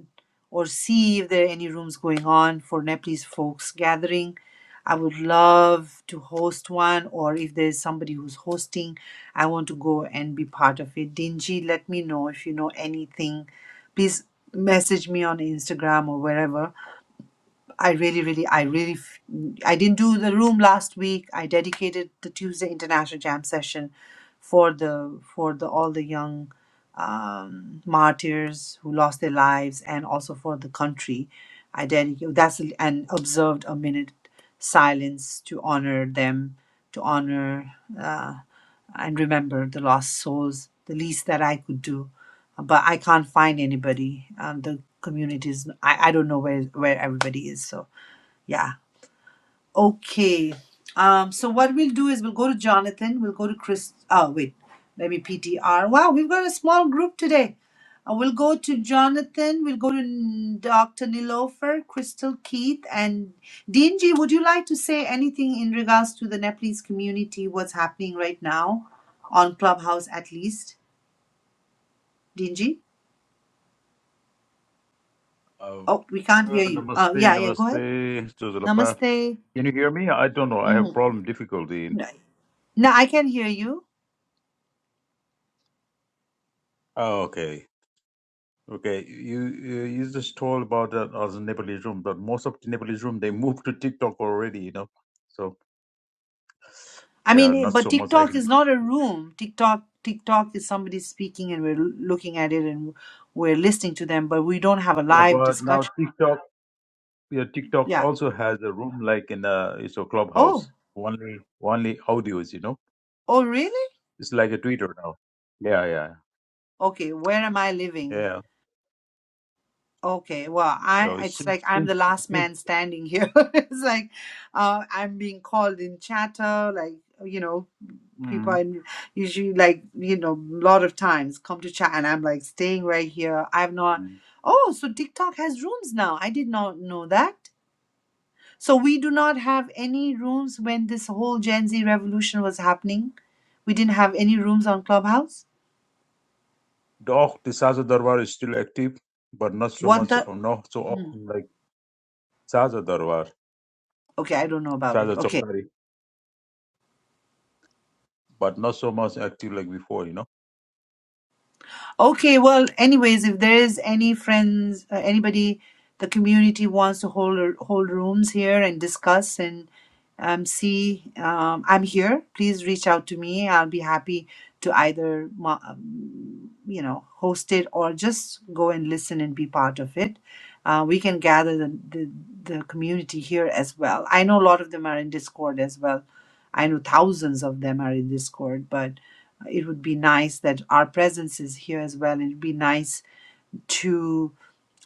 [SPEAKER 1] or see if there are any rooms going on for Nepalese folks gathering. I would love to host one, or if there's somebody who's hosting, I want to go and be part of it. Dinji, let me know if you know anything. Please message me on Instagram or wherever I really, really, I really, f- I didn't do the room last week. I dedicated the Tuesday International Jam session for the for the all the young um, martyrs who lost their lives, and also for the country. I dedicated that's and observed a minute silence to honor them, to honor uh, and remember the lost souls. The least that I could do but I can't find anybody. Um, the community is I, I don't know where where everybody is. So yeah, okay. Um, so what we'll do is we'll go to Jonathan. We'll go to Chris. Oh wait, let me PTR. Wow, we've got a small group today. Uh, we'll go to Jonathan. We'll go to Dr. Nilofer, Crystal Keith, and Dingy. Would you like to say anything in regards to the Nepalese community? What's happening right now on Clubhouse, at least, Dingy?
[SPEAKER 9] Uh,
[SPEAKER 1] Oh, we can't hear
[SPEAKER 9] uh,
[SPEAKER 1] you. Uh,
[SPEAKER 9] namaste,
[SPEAKER 1] yeah, yeah, go ahead.
[SPEAKER 9] namaste to
[SPEAKER 1] Namaste.
[SPEAKER 9] Can you hear me? I don't know. I have
[SPEAKER 1] Mm-hmm.
[SPEAKER 9] problem difficulty.
[SPEAKER 1] No, I can hear you.
[SPEAKER 9] Oh, okay. Okay. You you you just told about that as a Nepalese room, but most of the Nepalese room they moved to TikTok already, you know. So
[SPEAKER 1] I
[SPEAKER 9] they
[SPEAKER 1] mean,
[SPEAKER 9] are
[SPEAKER 1] eh,
[SPEAKER 9] not
[SPEAKER 1] but
[SPEAKER 9] so much
[SPEAKER 1] TikTok
[SPEAKER 9] active.
[SPEAKER 1] is not a room. TikTok, TikTok is somebody speaking, and we're l- looking at it and we're listening to them, but we don't have a
[SPEAKER 9] Yeah,
[SPEAKER 1] live
[SPEAKER 9] but now
[SPEAKER 1] discussion.
[SPEAKER 9] TikTok yeah, TikTok
[SPEAKER 1] Yeah.
[SPEAKER 9] also has a room like in a it's a
[SPEAKER 1] Oh.
[SPEAKER 9] clubhouse. Only only audios, you know.
[SPEAKER 1] Oh, really?
[SPEAKER 9] It's like a Twitter now. Yeah, yeah.
[SPEAKER 1] Okay. Where am I living?
[SPEAKER 9] Yeah.
[SPEAKER 1] Okay. Well,
[SPEAKER 9] You
[SPEAKER 1] I
[SPEAKER 9] know,
[SPEAKER 1] it's
[SPEAKER 9] since
[SPEAKER 1] like I'm the
[SPEAKER 9] since
[SPEAKER 1] last
[SPEAKER 9] since
[SPEAKER 1] man standing here. it's like uh, I'm being called in chatter, like you know, people I
[SPEAKER 9] mm.
[SPEAKER 1] usually like, you know, a lot of times come to chat and I'm like staying right here. I've not, oh, so TikTok has rooms now. I did not know that. So we do not have any rooms when this whole Gen Z revolution was happening. We didn't have any rooms on Clubhouse.
[SPEAKER 9] Doch, the Saza Darbar is still active, but not so
[SPEAKER 1] What
[SPEAKER 9] much
[SPEAKER 1] the?
[SPEAKER 9] or not so
[SPEAKER 1] Hmm.
[SPEAKER 9] often like Saza Darbar,
[SPEAKER 1] Okay, I don't know about it.
[SPEAKER 9] Saza
[SPEAKER 1] Okay.
[SPEAKER 9] Chowdhury, but not so much active like before, you know.
[SPEAKER 1] Okay, well, anyways, if there is any friends, uh, anybody, the community wants to hold hold rooms here and discuss and um, see, um, I'm here. Please reach out to me. I'll be happy to either, mo- um, you know, host it or just go and listen and be part of it. Uh, we can gather the, the the community here as well. I know a lot of them are in Discord as well. I know thousands of them are in Discord, but it would be nice that our presence is here as well. It would be nice to,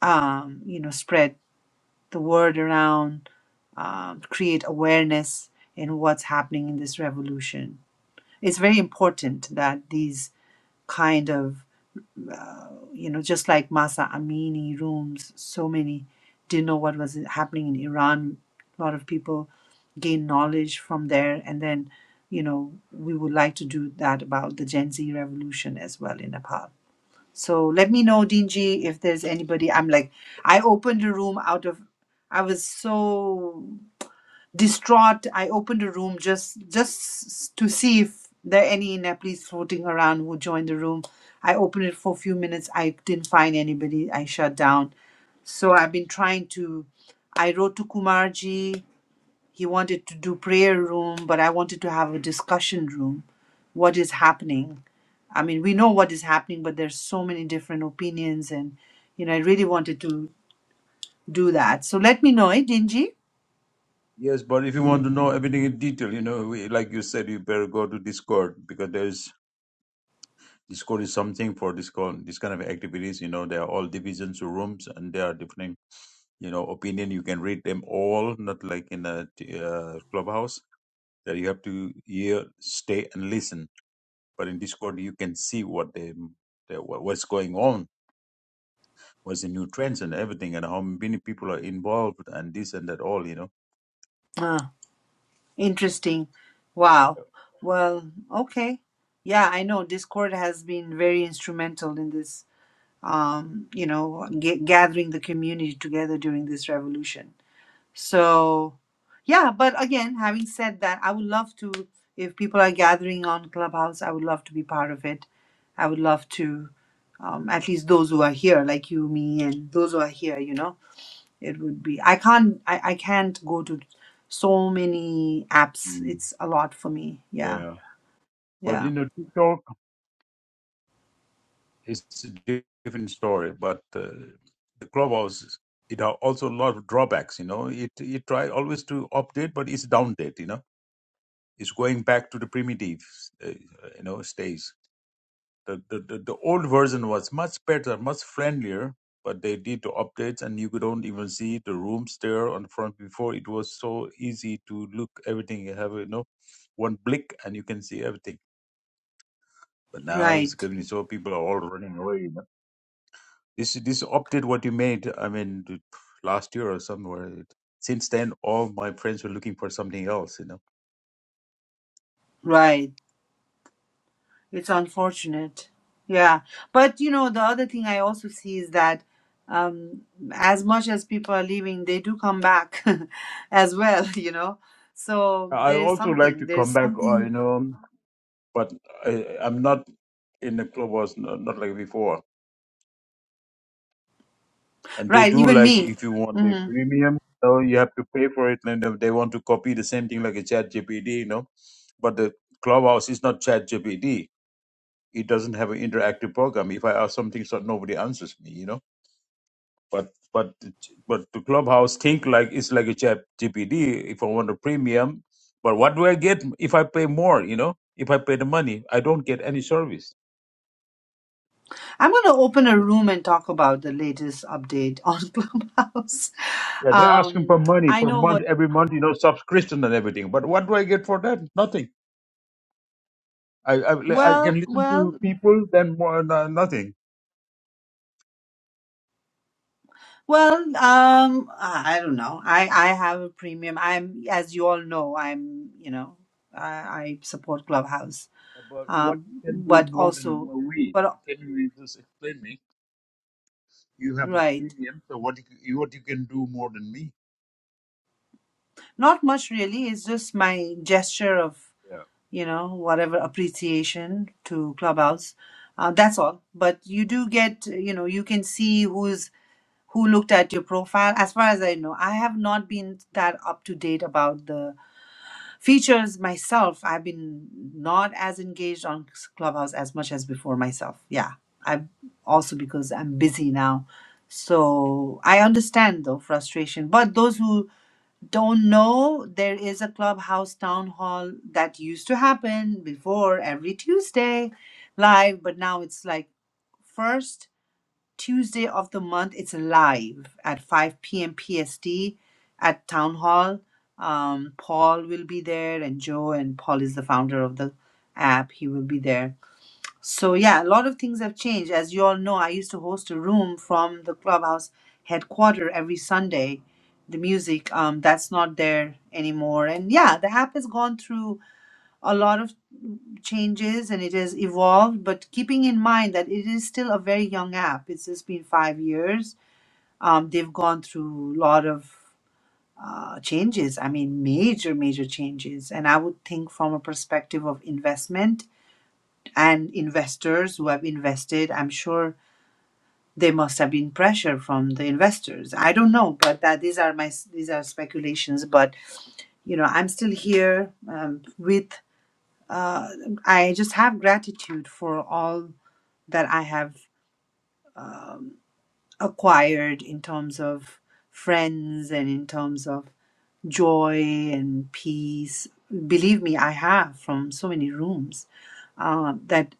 [SPEAKER 1] um, you know, spread the word around, um, create awareness in what's happening in this revolution. It's very important that these kind of, uh, you know, just like Masa Amini rooms, so many didn't know what was happening in Iran. A lot of people gain knowledge from there and then you know we would like to do that about the gen z revolution as well in nepal So let me know, Dingy, if there's anybody. I'm like, I opened a room out of, I was so distraught. I opened a room just just to see if there are any Nepalese floating around who joined the room. I opened it for a few minutes. I didn't find anybody. I shut down. So I've been trying to. I wrote to Kumarji. He wanted to do prayer room, but I wanted to have a discussion room. What is happening? I mean, we know what is happening, but there's so many different opinions, and you know, I really wanted to do that. So let me know, eh, Dingy?
[SPEAKER 9] Yes, but if you want to know everything in detail, you know, we, like you said, you better go to Discord because there's Discord is something for this con this kind of activities. You know, there are all divisions of rooms and there are different, you know, opinion. You can read them all, not like in a t- uh, clubhouse that you have to hear, stay, and listen but in discord you can see what the, the what- what's going on what's the new trends and everything and how many people are involved and this and that all you know
[SPEAKER 1] Ah, interesting. Wow. Well, okay. Yeah, I know Discord has been very instrumental in this, um, you know, g- gathering the community together during this revolution. So, yeah, but again, having said that, I would love to, if people are gathering on Clubhouse, I would love to be part of it. I would love to, um, at least those who are here, like you, me, and those who are here, you know, it would be. I can't, I, I can't go to so many apps.
[SPEAKER 9] Mm,
[SPEAKER 1] It's a lot for me. Yeah,
[SPEAKER 9] yeah but you
[SPEAKER 1] yeah,
[SPEAKER 9] know tiktok is a di- different story but uh, the clubhouse is- it are also a lot of drawbacks you know it it try always to update but it's down date you know Is going back to the primitive, uh, you know, stage. The, the the the old version was much better, much friendlier, but they did the updates, and you could don't even see the rooms there on the front. Before it was so easy to look everything. You have you know, one blick and you can see everything. But now it's
[SPEAKER 1] right,
[SPEAKER 9] getting so people are all running away. You know? This this update what you made. I mean, the- last year or somewhere. It, Since then, all my friends were looking for something else. You know.
[SPEAKER 1] right. It's unfortunate. Yeah. But you know, the other thing I also see is that um as much as people are leaving, they do come back as well, you know. So
[SPEAKER 9] I
[SPEAKER 1] there's
[SPEAKER 9] also like
[SPEAKER 1] something,
[SPEAKER 9] to come
[SPEAKER 1] there's
[SPEAKER 9] back. Uh, you
[SPEAKER 1] something
[SPEAKER 9] know. but I, I'm not in the clubhouse, no- not like before. And they
[SPEAKER 1] right,
[SPEAKER 9] do
[SPEAKER 1] even
[SPEAKER 9] like
[SPEAKER 1] me.
[SPEAKER 9] if you want the
[SPEAKER 1] hmm
[SPEAKER 9] premium, so you have to pay for it, and if they want to copy the same thing like a Chat GPD, you know. But the clubhouse is not Chat GPD. It doesn't have an interactive program. If I ask something, so nobody answers me, you know. But but the ch- but the clubhouse think like it's like a Chat GPD. If I want a premium, but what do I get if I pay more? You know, if I pay the money, I don't get any service.
[SPEAKER 1] I'm gonna open a room and talk about the latest update on Clubhouse.
[SPEAKER 9] Yeah, they're asking for
[SPEAKER 1] Um
[SPEAKER 9] money
[SPEAKER 1] I
[SPEAKER 9] per
[SPEAKER 1] know
[SPEAKER 9] month,
[SPEAKER 1] what
[SPEAKER 9] every month, you know, subscription and everything. But what do I get for that? Nothing. I I, I
[SPEAKER 1] well,
[SPEAKER 9] can listen to
[SPEAKER 1] well,
[SPEAKER 9] people, then more no, nothing.
[SPEAKER 1] Well, um, I I don't know. I, I have a premium. I'm, as you all know, I'm, you know, I, I support Clubhouse.
[SPEAKER 9] But what
[SPEAKER 1] Um,
[SPEAKER 9] you can do
[SPEAKER 1] but
[SPEAKER 9] more than
[SPEAKER 1] also,
[SPEAKER 9] we?
[SPEAKER 1] but
[SPEAKER 9] Can you just explain me? You have a
[SPEAKER 1] right,
[SPEAKER 9] premium, so what you, c- you- what you can do more than me?
[SPEAKER 1] not much really. It's just my gesture of,
[SPEAKER 9] Yeah,
[SPEAKER 1] you know, whatever appreciation to Clubhouse. Uh, that's all. But you do get, you know, you can see who's who looked at your profile. As far as I know, I have not been that up to date about the. features myself i've been not as engaged on clubhouse as much as before myself yeah i'm also because i'm busy now so i understand though frustration but those who don't know there is a clubhouse town hall that used to happen before every tuesday live but now it's like first Tuesday of the month. It's live at 5 p.m. PST at Town Hall. Um, Paul will be there, and Joe, and Paul is the founder of the app. He will be there. So, yeah, a lot of things have changed. As you all know, I used to host a room from the clubhouse headquarter every Sunday. The music, um, that's not there anymore. And yeah, the app has gone through a lot of changes and it has evolved, but keeping in mind that it is still a very young app. It's just been five years. Um, they've gone through a lot of uh, changes. I mean, major, major changes. And I would think from a perspective of investment and investors who have invested, I'm sure there must have been pressure from the investors. I don't know, but that these are my these are speculations. But you know, I'm still here um, with. Uh, I just have gratitude for all that I have acquired in terms of friends and in terms of joy and peace. Believe me, I have from so many rooms um, that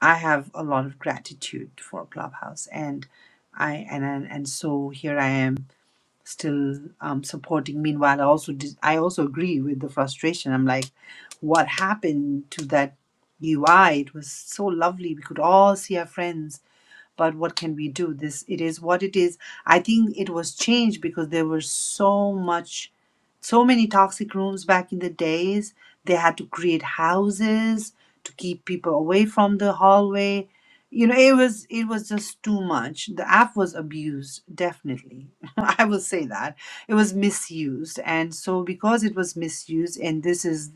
[SPEAKER 1] I have a lot of gratitude for Clubhouse, and I and and, and so here I am still um, supporting. Meanwhile, I also dis- I also agree with the frustration. I'm like, what happened to that UI? It was so lovely. We could all see our friends but what can we do this it is what it is i think it was changed because there were so much so many toxic rooms back in the days they had to create houses to keep people away from the hallway you know it was it was just too much the app was abused definitely i will say that it was misused and so because it was misused and this is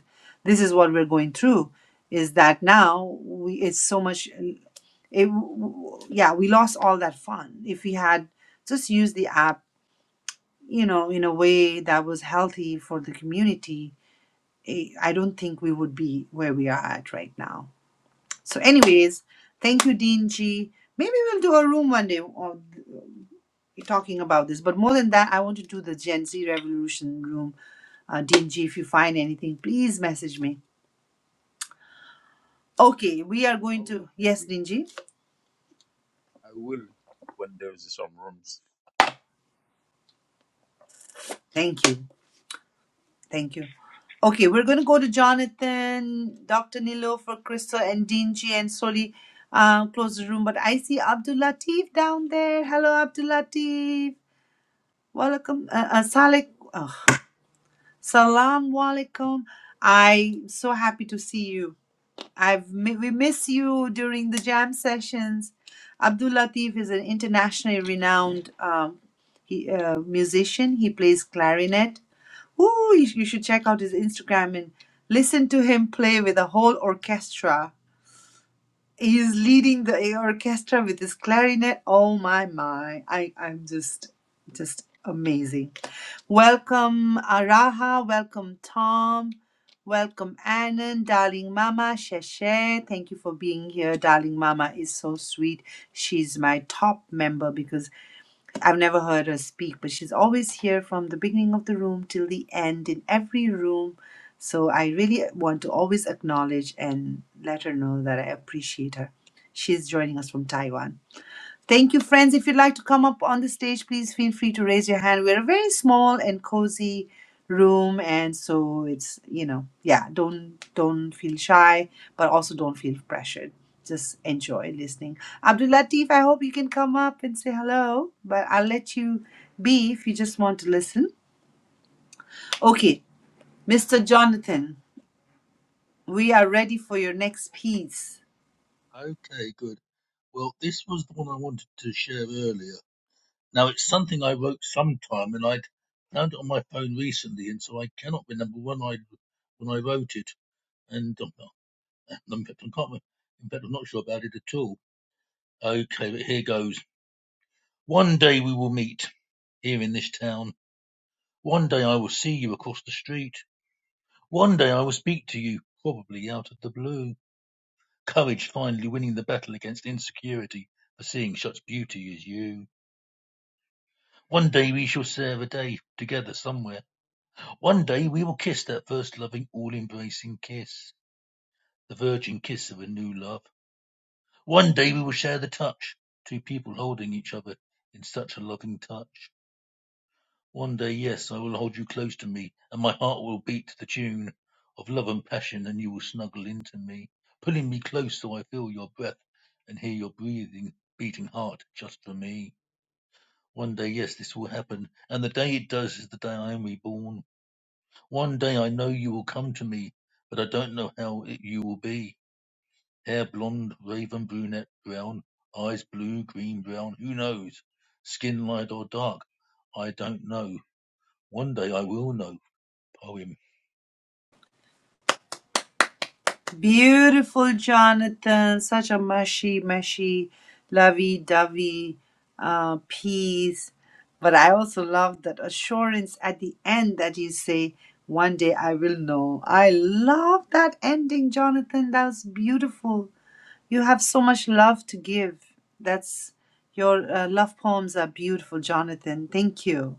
[SPEAKER 1] this is what we're going through is that now we it's so much it w- w- yeah we lost all that fun if we had just used the app you know in a way that was healthy for the community eh, i don't think we would be where we are at right now so anyways thank you dean g maybe we'll do a room one day on talking about this but more than that i want to do the gen z revolution room uh, dean g if you find anything please message me okay we are
[SPEAKER 9] I
[SPEAKER 1] going
[SPEAKER 9] will.
[SPEAKER 1] to
[SPEAKER 9] Thank
[SPEAKER 1] yes
[SPEAKER 9] you.
[SPEAKER 1] dean g
[SPEAKER 9] I will when there's some rooms.
[SPEAKER 1] thank you Thank you. Okay, we're going to go to Jonathan, Dr. Nilo for Crystal and Dingy and Soli. Uh, close the room, but I see Abdul Latif down there. Hello, Abdul Latif. Welcome. Uh, uh, Salek. Oh, Salam Walaikum. I'm so happy to see you. I've mi- we miss you during the jam sessions. Abdul Latif is an internationally renowned um, he, uh, musician. He plays clarinet. Ooh, you, sh- you should check out his Instagram and listen to him play with a whole orchestra he is leading the orchestra with his clarinet. Oh my my! I I'm just just amazing. Welcome Araha, welcome Tom, welcome Annan, darling Mama, Sheshe. Thank you for being here, darling Mama is so sweet. She's my top member because I've never heard her speak, but she's always here from the beginning of the room till the end in every room. So I really want to always acknowledge and let her know that I appreciate her. She's joining us from Taiwan. Thank you, friends. If you'd like to come up on the stage, please feel free to raise your hand. We're a very small and cozy room, and so it's you know, yeah, don't don't feel shy, but also don't feel pressured. Just enjoy listening. Abdul Latif, I hope you can come up and say hello, but I'll let you be if you just want to listen. Okay, Mr. Jonathan, we are ready for your next piece.
[SPEAKER 2] Okay, good. Well, this was the one I wanted to share earlier. Now, it's something I wrote sometime, and I'd found it on my phone recently, and so I cannot remember when I when I wrote it. And I'm not, in fact, I can't. re- In fact, I'm not sure about it at all. Okay, but here goes. One day we will meet here in this town. One day I will see you across the street. One day I will speak to you, probably out of the blue. Courage finally winning the battle against insecurity for seeing such beauty as you. One day we shall serve a day together somewhere. One day we will kiss that first loving, all embracing kiss, the virgin kiss of a new love. One day we will share the touch, two people holding each other in such a loving touch. One day, yes, I will hold you close to me, and my heart will beat to the tune of love and passion, and you will snuggle into me, pulling me close so I feel your breath and hear your breathing, beating heart just for me. One day, yes, this will happen, and the day it does is the day I am reborn. One day I know you will come to me, but I don't know how it you will be. Hair blonde, raven brunette, brown, eyes blue, green, brown, who knows? Skin light or dark, I don't know. One day I will know owe him
[SPEAKER 1] Beautiful, Jonathan. Such a mushy, mushy, lovey dovey uh, piece. But I also love that assurance at the end that you say, One day I will know. I love that ending, Jonathan. That was beautiful. You have so much love to give. That's your uh, love poems are beautiful, Jonathan. Thank you.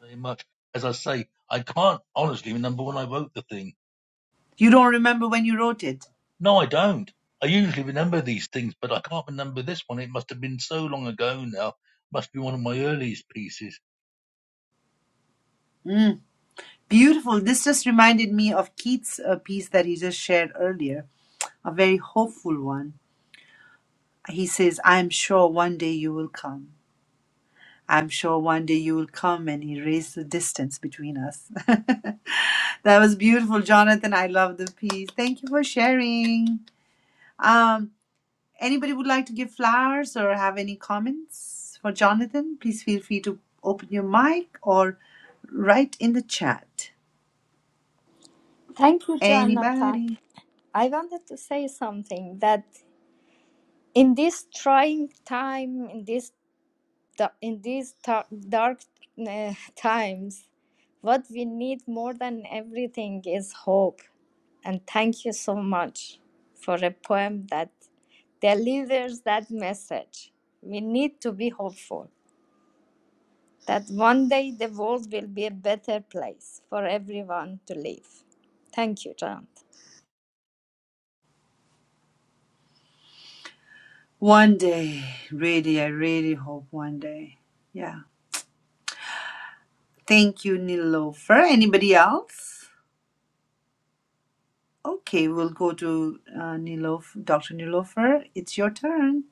[SPEAKER 2] very much. As I say, I can't honestly remember when I wrote the thing.
[SPEAKER 1] You don't remember when you wrote it.
[SPEAKER 2] No, I don't. I usually remember these things, but I can't remember this one. It must have been so long ago now. It Must be one of my earliest pieces.
[SPEAKER 1] Mm. Beautiful. This just reminded me of Keith's uh, piece that he just shared earlier a very hopeful one. He says, I'm sure one day you will come. I'm sure one day you will come and erase the distance between us. that was beautiful, Jonathan. I love the piece. Thank you for sharing. Um, anybody would like to give flowers or have any comments for Jonathan? Please feel free to open your mic or write in the chat.
[SPEAKER 3] thank you jonathan
[SPEAKER 1] Anybody?
[SPEAKER 3] i wanted to say something that in this trying time in this da- in these ta- dark uh, times what we need more than everything is hope and thank you so much for a poem that delivers that message we need to be hopeful that one day the world will be a better place for everyone to live thank you john
[SPEAKER 1] One day, really, I really hope one day. Yeah. Thank you, Nilofer. Anybody else? Okay, we'll go to uh, Nilof, Dr. Nilofer. It's your turn.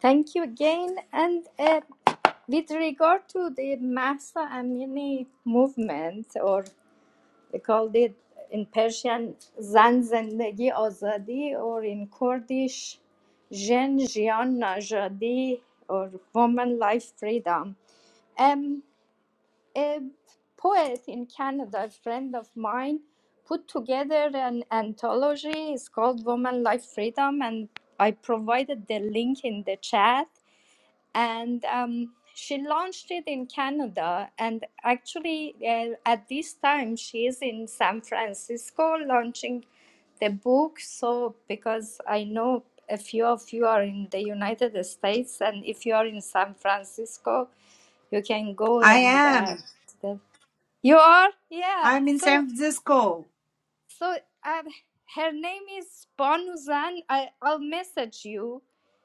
[SPEAKER 3] Thank you again. And uh, with regard to the Mahsa Amini movement, or they called it in Persian Zan Zendegi Azadi, or in Kurdish Jen Jian Najadi, or Woman Life Freedom. Um, a poet in Canada, a friend of mine, put together an anthology. It's called Woman Life Freedom, and I provided the link in the chat and um, she launched it in Canada. And actually, uh, at this time, she is in San Francisco launching the book. So, because I know a few of you are in the United States, and if you are in San Francisco, you can go
[SPEAKER 1] I
[SPEAKER 3] and uh,
[SPEAKER 1] am.
[SPEAKER 3] the- you are, yeah.
[SPEAKER 1] I'm in
[SPEAKER 3] So,
[SPEAKER 1] San Francisco.
[SPEAKER 3] so um, her name is Bonuzan. I I'll message you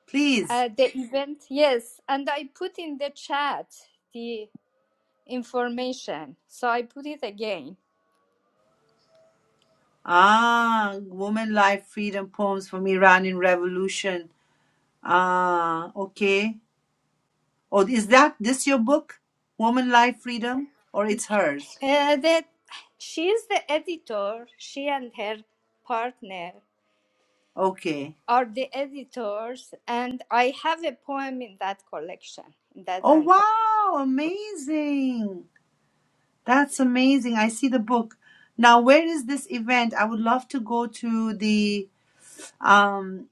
[SPEAKER 1] Please.
[SPEAKER 3] uh, the event, yes. And I put in the chat the information. So I put it again.
[SPEAKER 1] Ah, Woman, Life, Freedom Poems from Iranian Revolution. Ah, okay. Oh, is that this your book? Woman, Life, Freedom? Or it's hers?
[SPEAKER 3] Uh, that she is the editor, she and her partner
[SPEAKER 1] Okay.
[SPEAKER 3] are the editors, and I have a poem in that collection, in that
[SPEAKER 1] Oh,
[SPEAKER 3] anthology.
[SPEAKER 1] wow. Amazing. That's amazing. I see the book. Now, where is this event? I would love to go to the um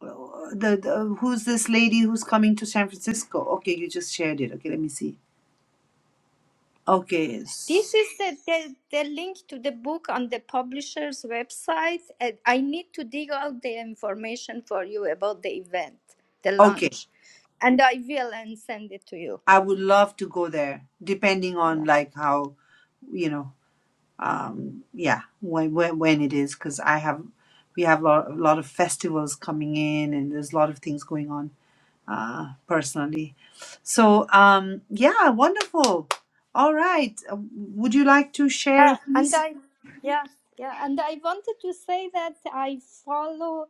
[SPEAKER 1] the, the who's this lady who's coming to San Francisco? Okay, you just shared it. Okay, let me see. Okay.
[SPEAKER 3] This
[SPEAKER 1] s-
[SPEAKER 3] is the, the, the link to the book on the publisher's website. And I need to dig out the information for you about the event, the
[SPEAKER 1] Okay.
[SPEAKER 3] launch, and I will and send it to you.
[SPEAKER 1] I would love to go there depending on
[SPEAKER 3] yeah
[SPEAKER 1] like how, you know, um yeah, when when, when it is cuz I have we have a lot, a lot of festivals coming in and there's a lot of things going on. uh, personally. So, um, yeah, wonderful. All right. Uh, Would you like to share a
[SPEAKER 3] uh, and
[SPEAKER 1] piece?
[SPEAKER 3] i yeah yeah and i wanted to say that i follow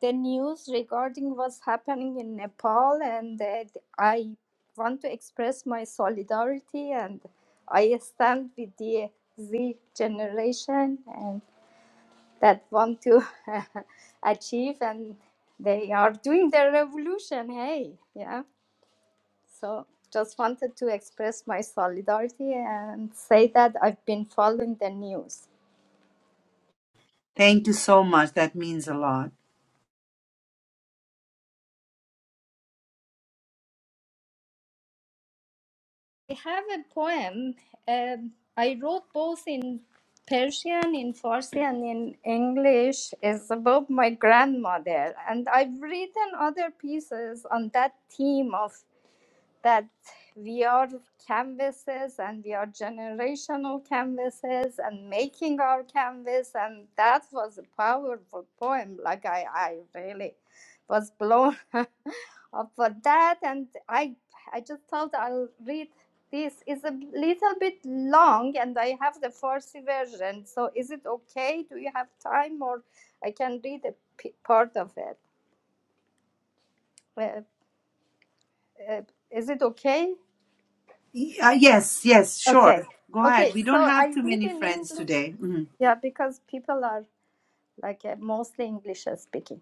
[SPEAKER 3] the news regarding what's happening in nepal and that i want to express my solidarity and i stand with the z generation and that want to achieve and they are doing their revolution hey yeah So, just wanted to express my solidarity and say that I've been following the news.
[SPEAKER 1] Thank you so much. That means a lot.
[SPEAKER 3] I have a poem um, I wrote both in Persian, in Farsi, and in English. It's about my grandmother, and I've written other pieces on that theme of that we are canvases and we are generational canvases and making our canvas and that was a powerful poem like i, I really was blown up for that and i i just thought i'll read this It's a little bit long and i have the farsi version so is it okay do you have time or i can read a p- part of it Uh, uh, is it okay
[SPEAKER 1] Y- Uh, yes, yes,
[SPEAKER 3] Okay.
[SPEAKER 1] sure. Go
[SPEAKER 3] Okay.
[SPEAKER 1] ahead. We
[SPEAKER 3] So
[SPEAKER 1] don't have
[SPEAKER 3] I
[SPEAKER 1] too
[SPEAKER 3] read
[SPEAKER 1] many
[SPEAKER 3] in
[SPEAKER 1] friends
[SPEAKER 3] English.
[SPEAKER 1] today. Mhm.
[SPEAKER 3] Yeah, because people are like uh, mostly English speaking.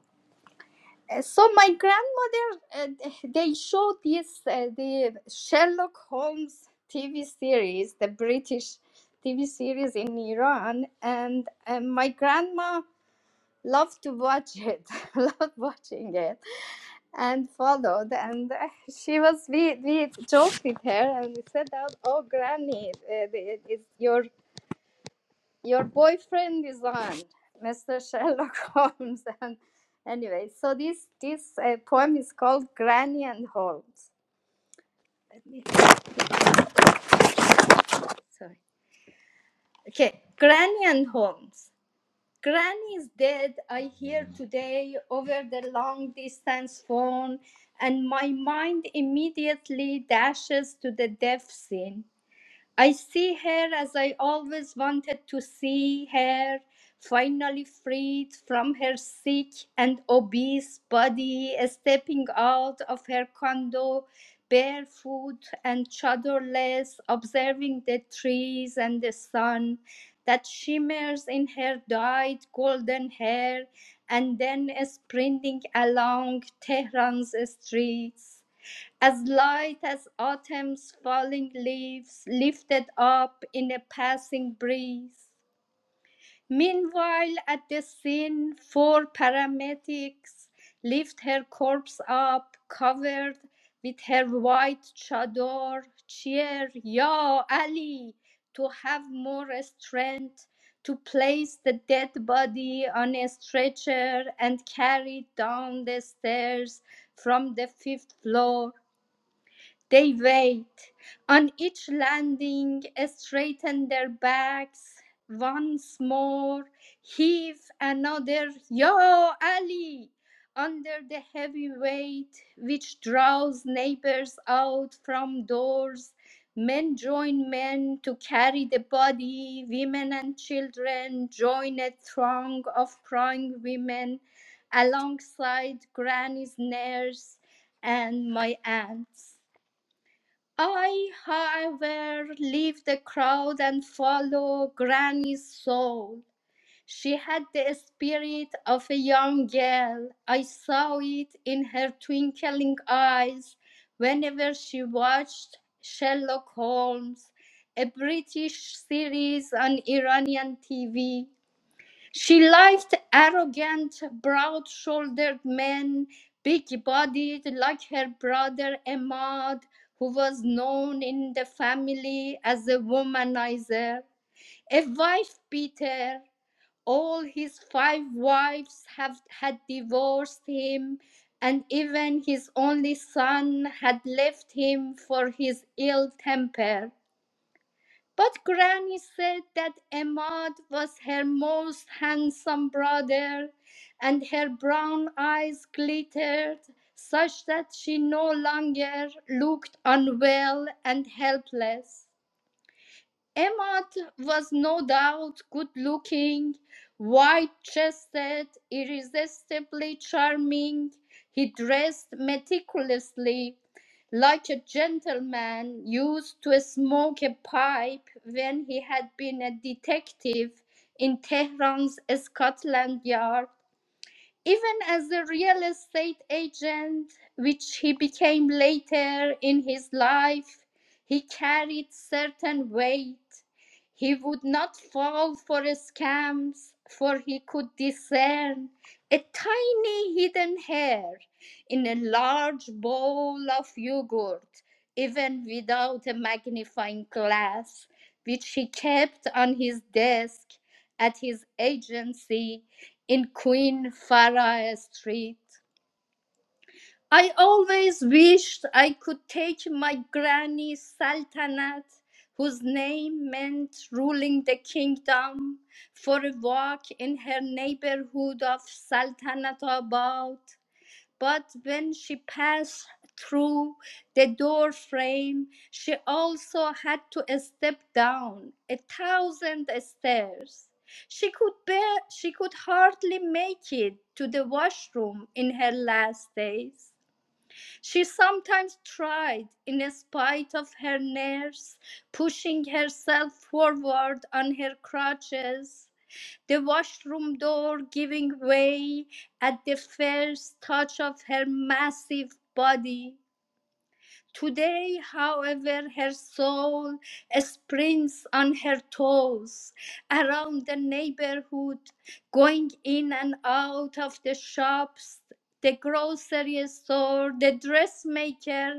[SPEAKER 3] Uh, So my grand, uh, they showed this uh, the Sherlock Holmes TV series, the British TV series in Iran, and uh, my grandma loved to watch it, loved watching it, and followed. And uh, she was we we joked with her and we said out, "Oh, Granny, uh, the- it's your your boyfriend is on mr sherlock holmes and anyway so this this uh, poem is called granny and holmes Let me- sorry okay granny and holmes granny is dead i hear today over the long distance phone and my mind immediately dashes to the death scene I see her as I always wanted to see her, finally freed from her sick and obese body, stepping out of her condo barefoot and chadorless, observing the trees and the sun that shimmers in her dyed golden hair, and then sprinting along Tehran's streets as light as autumn's falling leaves lifted up in a passing breeze. Meanwhile, at the scene, four paramedics lift her corpse up, covered with her white chador. Cheer, Ya Ali, to have more strength to place the dead body on a stretcher and carry it down the stairs from the fifth floor they wait. On each landing, straighten their backs once more, heave another Yo Ali under the heavy weight which draws neighbors out from doors. Men join men to carry the body, women and children join a throng of crying women alongside granny's nurse and my aunts. I, however, leave the crowd and follow Granny's soul. She had the spirit of a young girl. I saw it in her twinkling eyes whenever she watched Sherlock Holmes, a British series on Iranian TV. She liked arrogant, broad shouldered men, big bodied like her brother Ahmad, who was known in the family as a womanizer, a wife beater. All his five wives have, had divorced him, and even his only son had left him for his ill temper. But Granny said that Ahmad was her most handsome brother, and her brown eyes glittered such that she no longer looked unwell and helpless. Emad was no doubt good looking, wide chested, irresistibly charming. He dressed meticulously, like a gentleman used to smoke a pipe when he had been a detective in Tehran's Scotland Yard even as a real estate agent, which he became later in his life, he carried certain weight. He would not fall for scams, for he could discern a tiny hidden hair in a large bowl of yogurt, even without a magnifying glass, which he kept on his desk at his agency in Queen Farah Street. I always wished I could take my granny Sultanat, whose name meant ruling the kingdom, for a walk in her neighborhood of Sultanat Abad. But when she passed through the door frame, she also had to step down a thousand stairs. She could bear, she could hardly make it to the washroom in her last days. She sometimes tried, in spite of her nerves, pushing herself forward on her crutches the washroom door giving way at the first touch of her massive body. Today, however, her soul sprints on her toes around the neighborhood, going in and out of the shops, the grocery store, the dressmaker,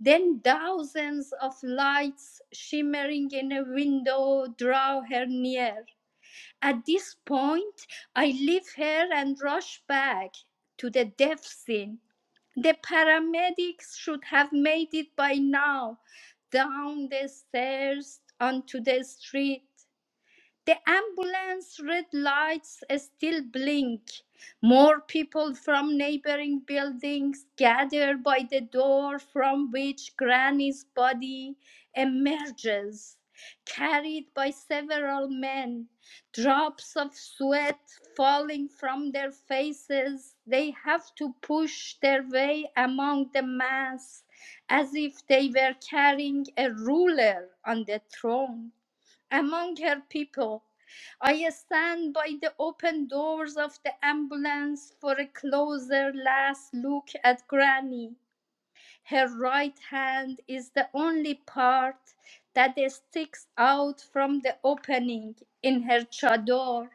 [SPEAKER 3] then thousands of lights shimmering in a window draw her near at this point, I leave her and rush back to the death scene. The paramedics should have made it by now, down the stairs onto the street. The ambulance red lights still blink. More people from neighboring buildings gather by the door from which Granny's body emerges, carried by several men. Drops of sweat falling from their faces, they have to push their way among the mass as if they were carrying a ruler on the throne among her people. I stand by the open doors of the ambulance for a closer last look at Granny. Her right hand is the only part that sticks out from the opening in her chador.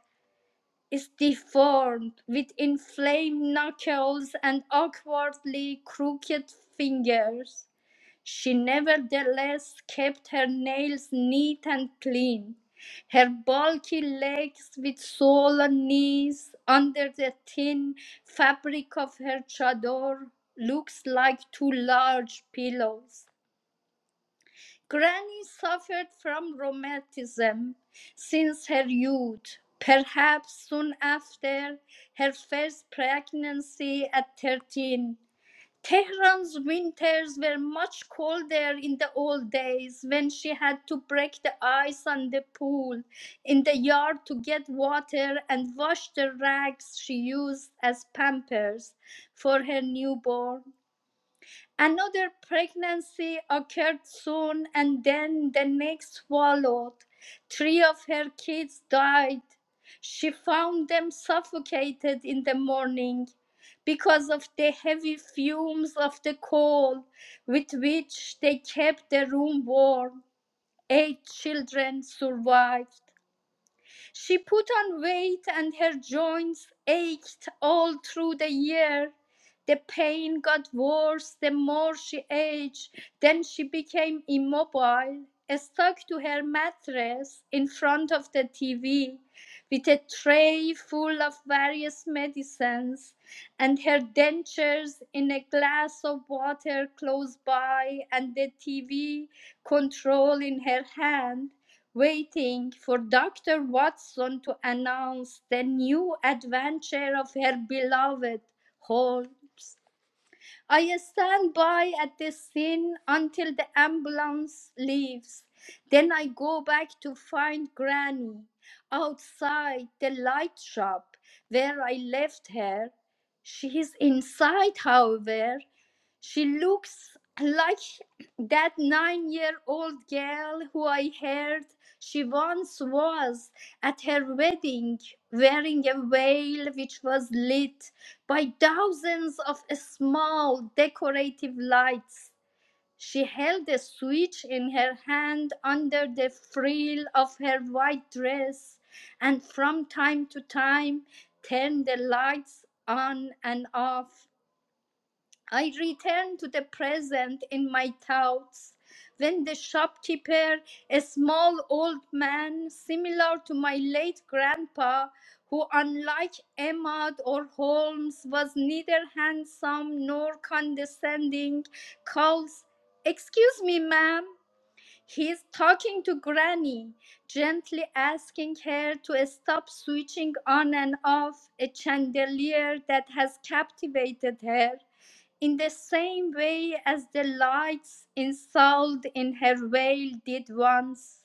[SPEAKER 3] Is deformed with inflamed knuckles and awkwardly crooked fingers. She nevertheless kept her nails neat and clean, her bulky legs with swollen knees under the thin fabric of her chador looks like two large pillows. Granny suffered from rheumatism since her youth. Perhaps soon after her first pregnancy at 13, Tehran's winters were much colder in the old days when she had to break the ice on the pool in the yard to get water and wash the rags she used as pampers for her newborn. Another pregnancy occurred soon, and then the next followed. Three of her kids died. She found them suffocated in the morning because of the heavy fumes of the coal with which they kept the room warm. Eight children survived. She put on weight and her joints ached all through the year. The pain got worse the more she aged. Then she became immobile, stuck to her mattress in front of the TV with a tray full of various medicines and her dentures in a glass of water close by and the TV control in her hand waiting for Dr. Watson to announce the new adventure of her beloved Holmes. I stand by at the scene until the ambulance leaves. Then I go back to find Granny outside the light shop where I left her. She is inside, however. She looks like that nine year old girl who I heard she once was at her wedding, wearing a veil which was lit. By thousands of small decorative lights, she held a switch in her hand under the frill of her white dress, and from time to time turned the lights on and off I return to the present in my thoughts. When the shopkeeper, a small old man similar to my late grandpa, who, unlike Emma or Holmes, was neither handsome nor condescending, calls, Excuse me, ma'am, He's talking to Granny, gently asking her to stop switching on and off a chandelier that has captivated her in the same way as the lights installed in her veil did once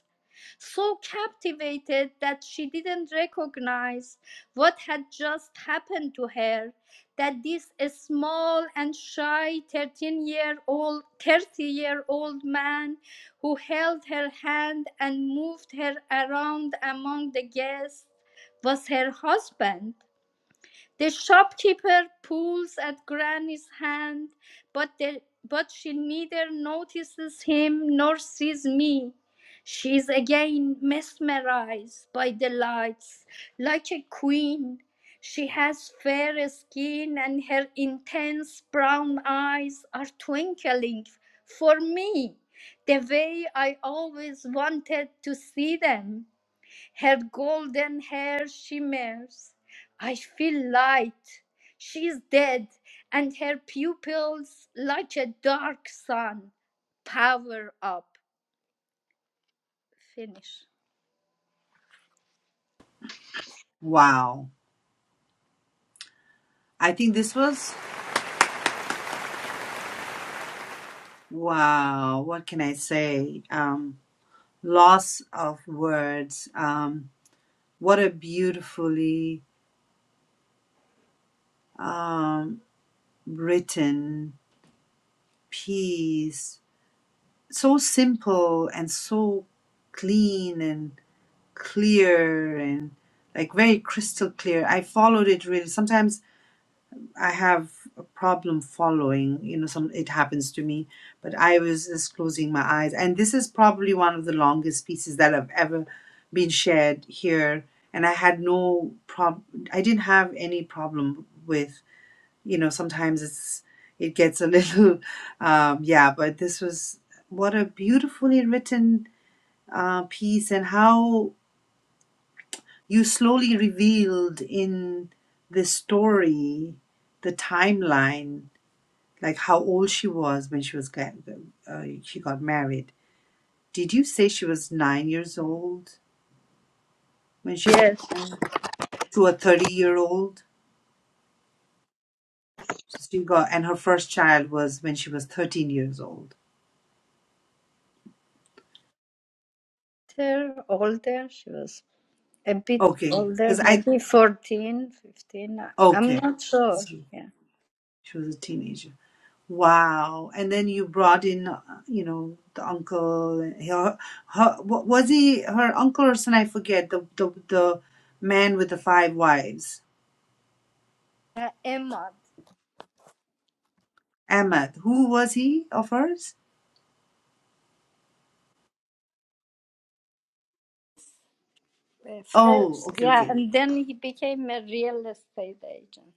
[SPEAKER 3] so captivated that she didn't recognize what had just happened to her that this small and shy 13 year old 30 year old man who held her hand and moved her around among the guests was her husband the shopkeeper pulls at Granny's hand, but, the, but she neither notices him nor sees me. She is again mesmerized by the lights, like a queen. She has fair skin, and her intense brown eyes are twinkling for me the way I always wanted to see them. Her golden hair shimmers. I feel light. She is dead, and her pupils, like a dark sun, power up. Finish.
[SPEAKER 1] Wow. I think this was, wow, what can I say? Um, loss of words. Um, what a beautifully um, written piece so simple and so clean and clear and like very crystal clear i followed it really sometimes i have a problem following you know some it happens to me but i was just closing my eyes and this is probably one of the longest pieces that have ever been shared here and i had no prob i didn't have any problem with you know sometimes it's it gets a little um, yeah but this was what a beautifully written uh, piece and how you slowly revealed in the story the timeline like how old she was when she was got, uh, she got married did you say she was nine years old when she got
[SPEAKER 3] Yes,
[SPEAKER 1] married to a 30 year old so she got and her first child was when she was 13 years old
[SPEAKER 3] her older. She was a bit
[SPEAKER 1] Okay,
[SPEAKER 3] older,
[SPEAKER 1] because I
[SPEAKER 3] maybe fourteen, fifteen. I- I'm
[SPEAKER 1] Okay.
[SPEAKER 3] not sure.
[SPEAKER 1] She
[SPEAKER 3] Yeah.
[SPEAKER 1] was a teenager. Wow. And then you brought in, uh, you know, the uncle. Her, her, wa- was he her uncle or son? I forget. The, the, the man with the five wives.
[SPEAKER 3] Uh, Emma.
[SPEAKER 1] Ahmad. Who was he of hers?
[SPEAKER 3] uh,
[SPEAKER 1] Oh,
[SPEAKER 3] first,
[SPEAKER 1] okay,
[SPEAKER 3] Yeah,
[SPEAKER 1] okay.
[SPEAKER 3] and then he became a real estate agent.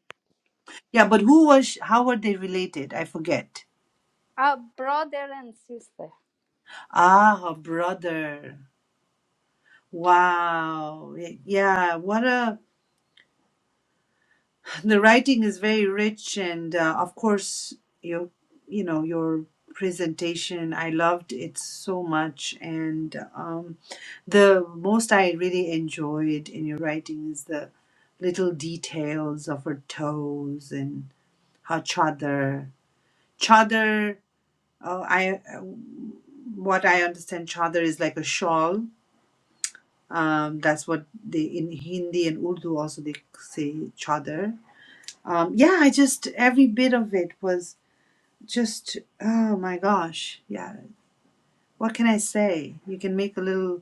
[SPEAKER 1] Yeah, but who was, sh- how were they related? I forget.
[SPEAKER 3] A brother and sister.
[SPEAKER 1] Ah, her brother. Wow. Yeah, yeah, what a the writing is very rich and uh, of course you you know your presentation i loved it so much and um, the most i really enjoyed in your writing is the little details of her toes and her chadar chadar oh, i what i understand chadar is like a shawl um, that's what they in hindi and urdu also they say chadar um, yeah i just every bit of it was just oh my gosh yeah what can i say you can make a little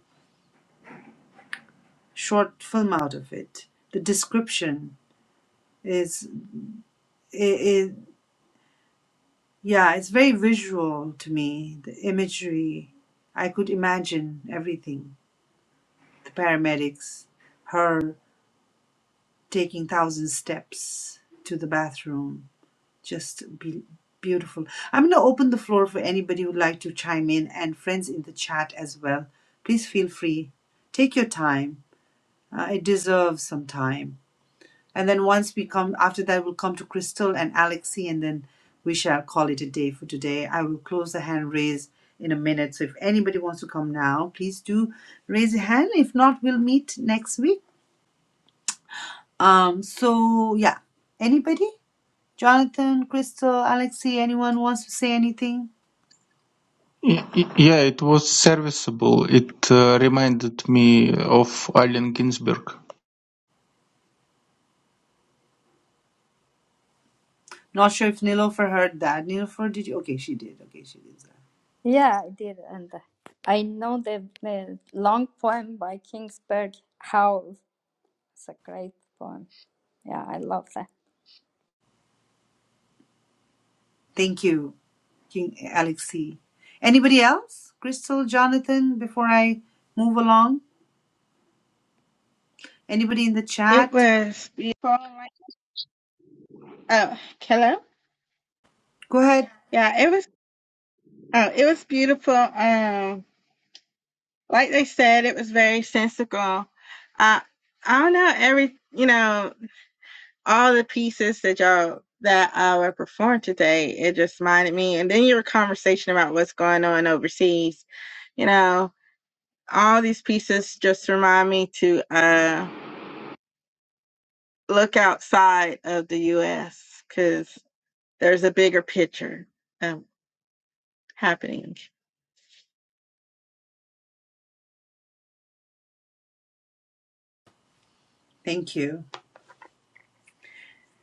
[SPEAKER 1] short film out of it the description is it, it yeah it's very visual to me the imagery i could imagine everything the paramedics her taking thousand steps to the bathroom just be beautiful i'm going to open the floor for anybody who'd like to chime in and friends in the chat as well please feel free take your time Uh, it deserves some time. And then once we come, after that, we'll come to Crystal and Alexi, and then we shall call it a day for today. I will close the hand raise in a minute. So if anybody wants to come now, please do raise a hand. If not, we'll meet next week. Um. So yeah, anybody? Jonathan, Crystal, Alexi, anyone wants to say anything?
[SPEAKER 10] Y- y- Yeah, it was serviceable. It uh, reminded me of Allen Ginsberg.
[SPEAKER 1] Not sure if Nilofer heard that. Nilofer, did you? Okay, she did. Okay, she did. that.
[SPEAKER 3] Yeah, I did. And I know the, the long poem by Kingsburg Howe. It's a great poem. Yeah, I love that.
[SPEAKER 1] Thank you. King Alexei. Anybody else? Crystal, Jonathan, before I move along? Anybody in the
[SPEAKER 4] It
[SPEAKER 1] chat?
[SPEAKER 4] was beautiful. like- Oh, hello.
[SPEAKER 1] Go ahead.
[SPEAKER 4] Yeah, it was. Oh, it was beautiful. Um, like they said, it was very sensical. Uh, I don't know every. You know, all the pieces that y'all that uh, were performed today. It just reminded me. And then your conversation about what's going on overseas. You know, all these pieces just remind me to uh look outside of the U.S. because there's a bigger picture um, happening.
[SPEAKER 1] Thank you.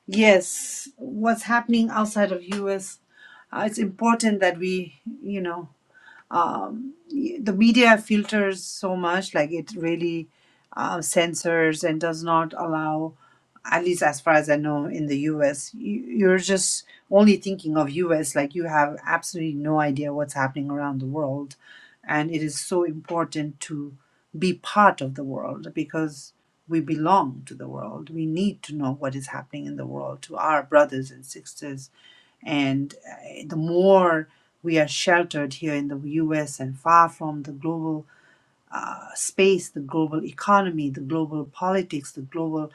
[SPEAKER 1] Yes, what's happening outside of US? Uh, it's important that we, you know. um, the media filters so much like it really uh, censors and does not allow at least as far as i know in the us you, you're just only thinking of us like you have absolutely no idea what's happening around the world and it is so important to be part of the world because we belong to the world we need to know what is happening in the world to our brothers and sisters and uh, the more we are sheltered here in the US and far from the global uh, space, the global economy, the global politics, the global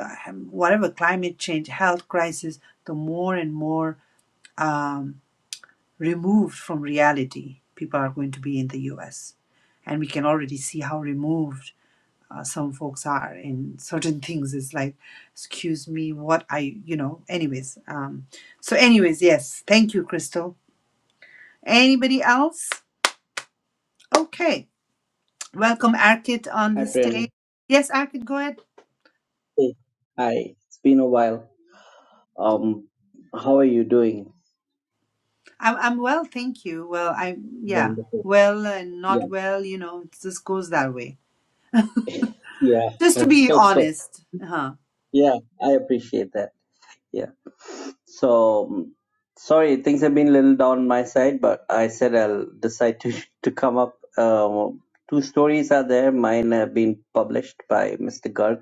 [SPEAKER 1] uh, whatever climate change, health crisis, the more and more um, removed from reality people are going to be in the US. And we can already see how removed uh, some folks are in certain things. It's like, excuse me, what I, you know, anyways. Um, so, anyways, yes, thank you, Crystal Anybody else? Okay. Welcome, Arkit, on
[SPEAKER 11] Hi,
[SPEAKER 1] the
[SPEAKER 11] Prerna.
[SPEAKER 1] stage. Yes, Arkit, go ahead.
[SPEAKER 11] Hey, hi. It's been a while. Um, how are you doing?
[SPEAKER 1] I'm, I'm well, thank you. Well, I yeah,
[SPEAKER 11] Wonderful.
[SPEAKER 1] well and not
[SPEAKER 11] Yeah,
[SPEAKER 1] well, you know, it just goes that way.
[SPEAKER 11] yeah.
[SPEAKER 1] Just to be
[SPEAKER 11] So, so,
[SPEAKER 1] honest, huh?
[SPEAKER 11] yeah. I appreciate that. Yeah. So, um, sorry, things have been a little down my side, but I said I'll decide to to come up. Um, two stories are there. Mine have been published by Mr. Garg.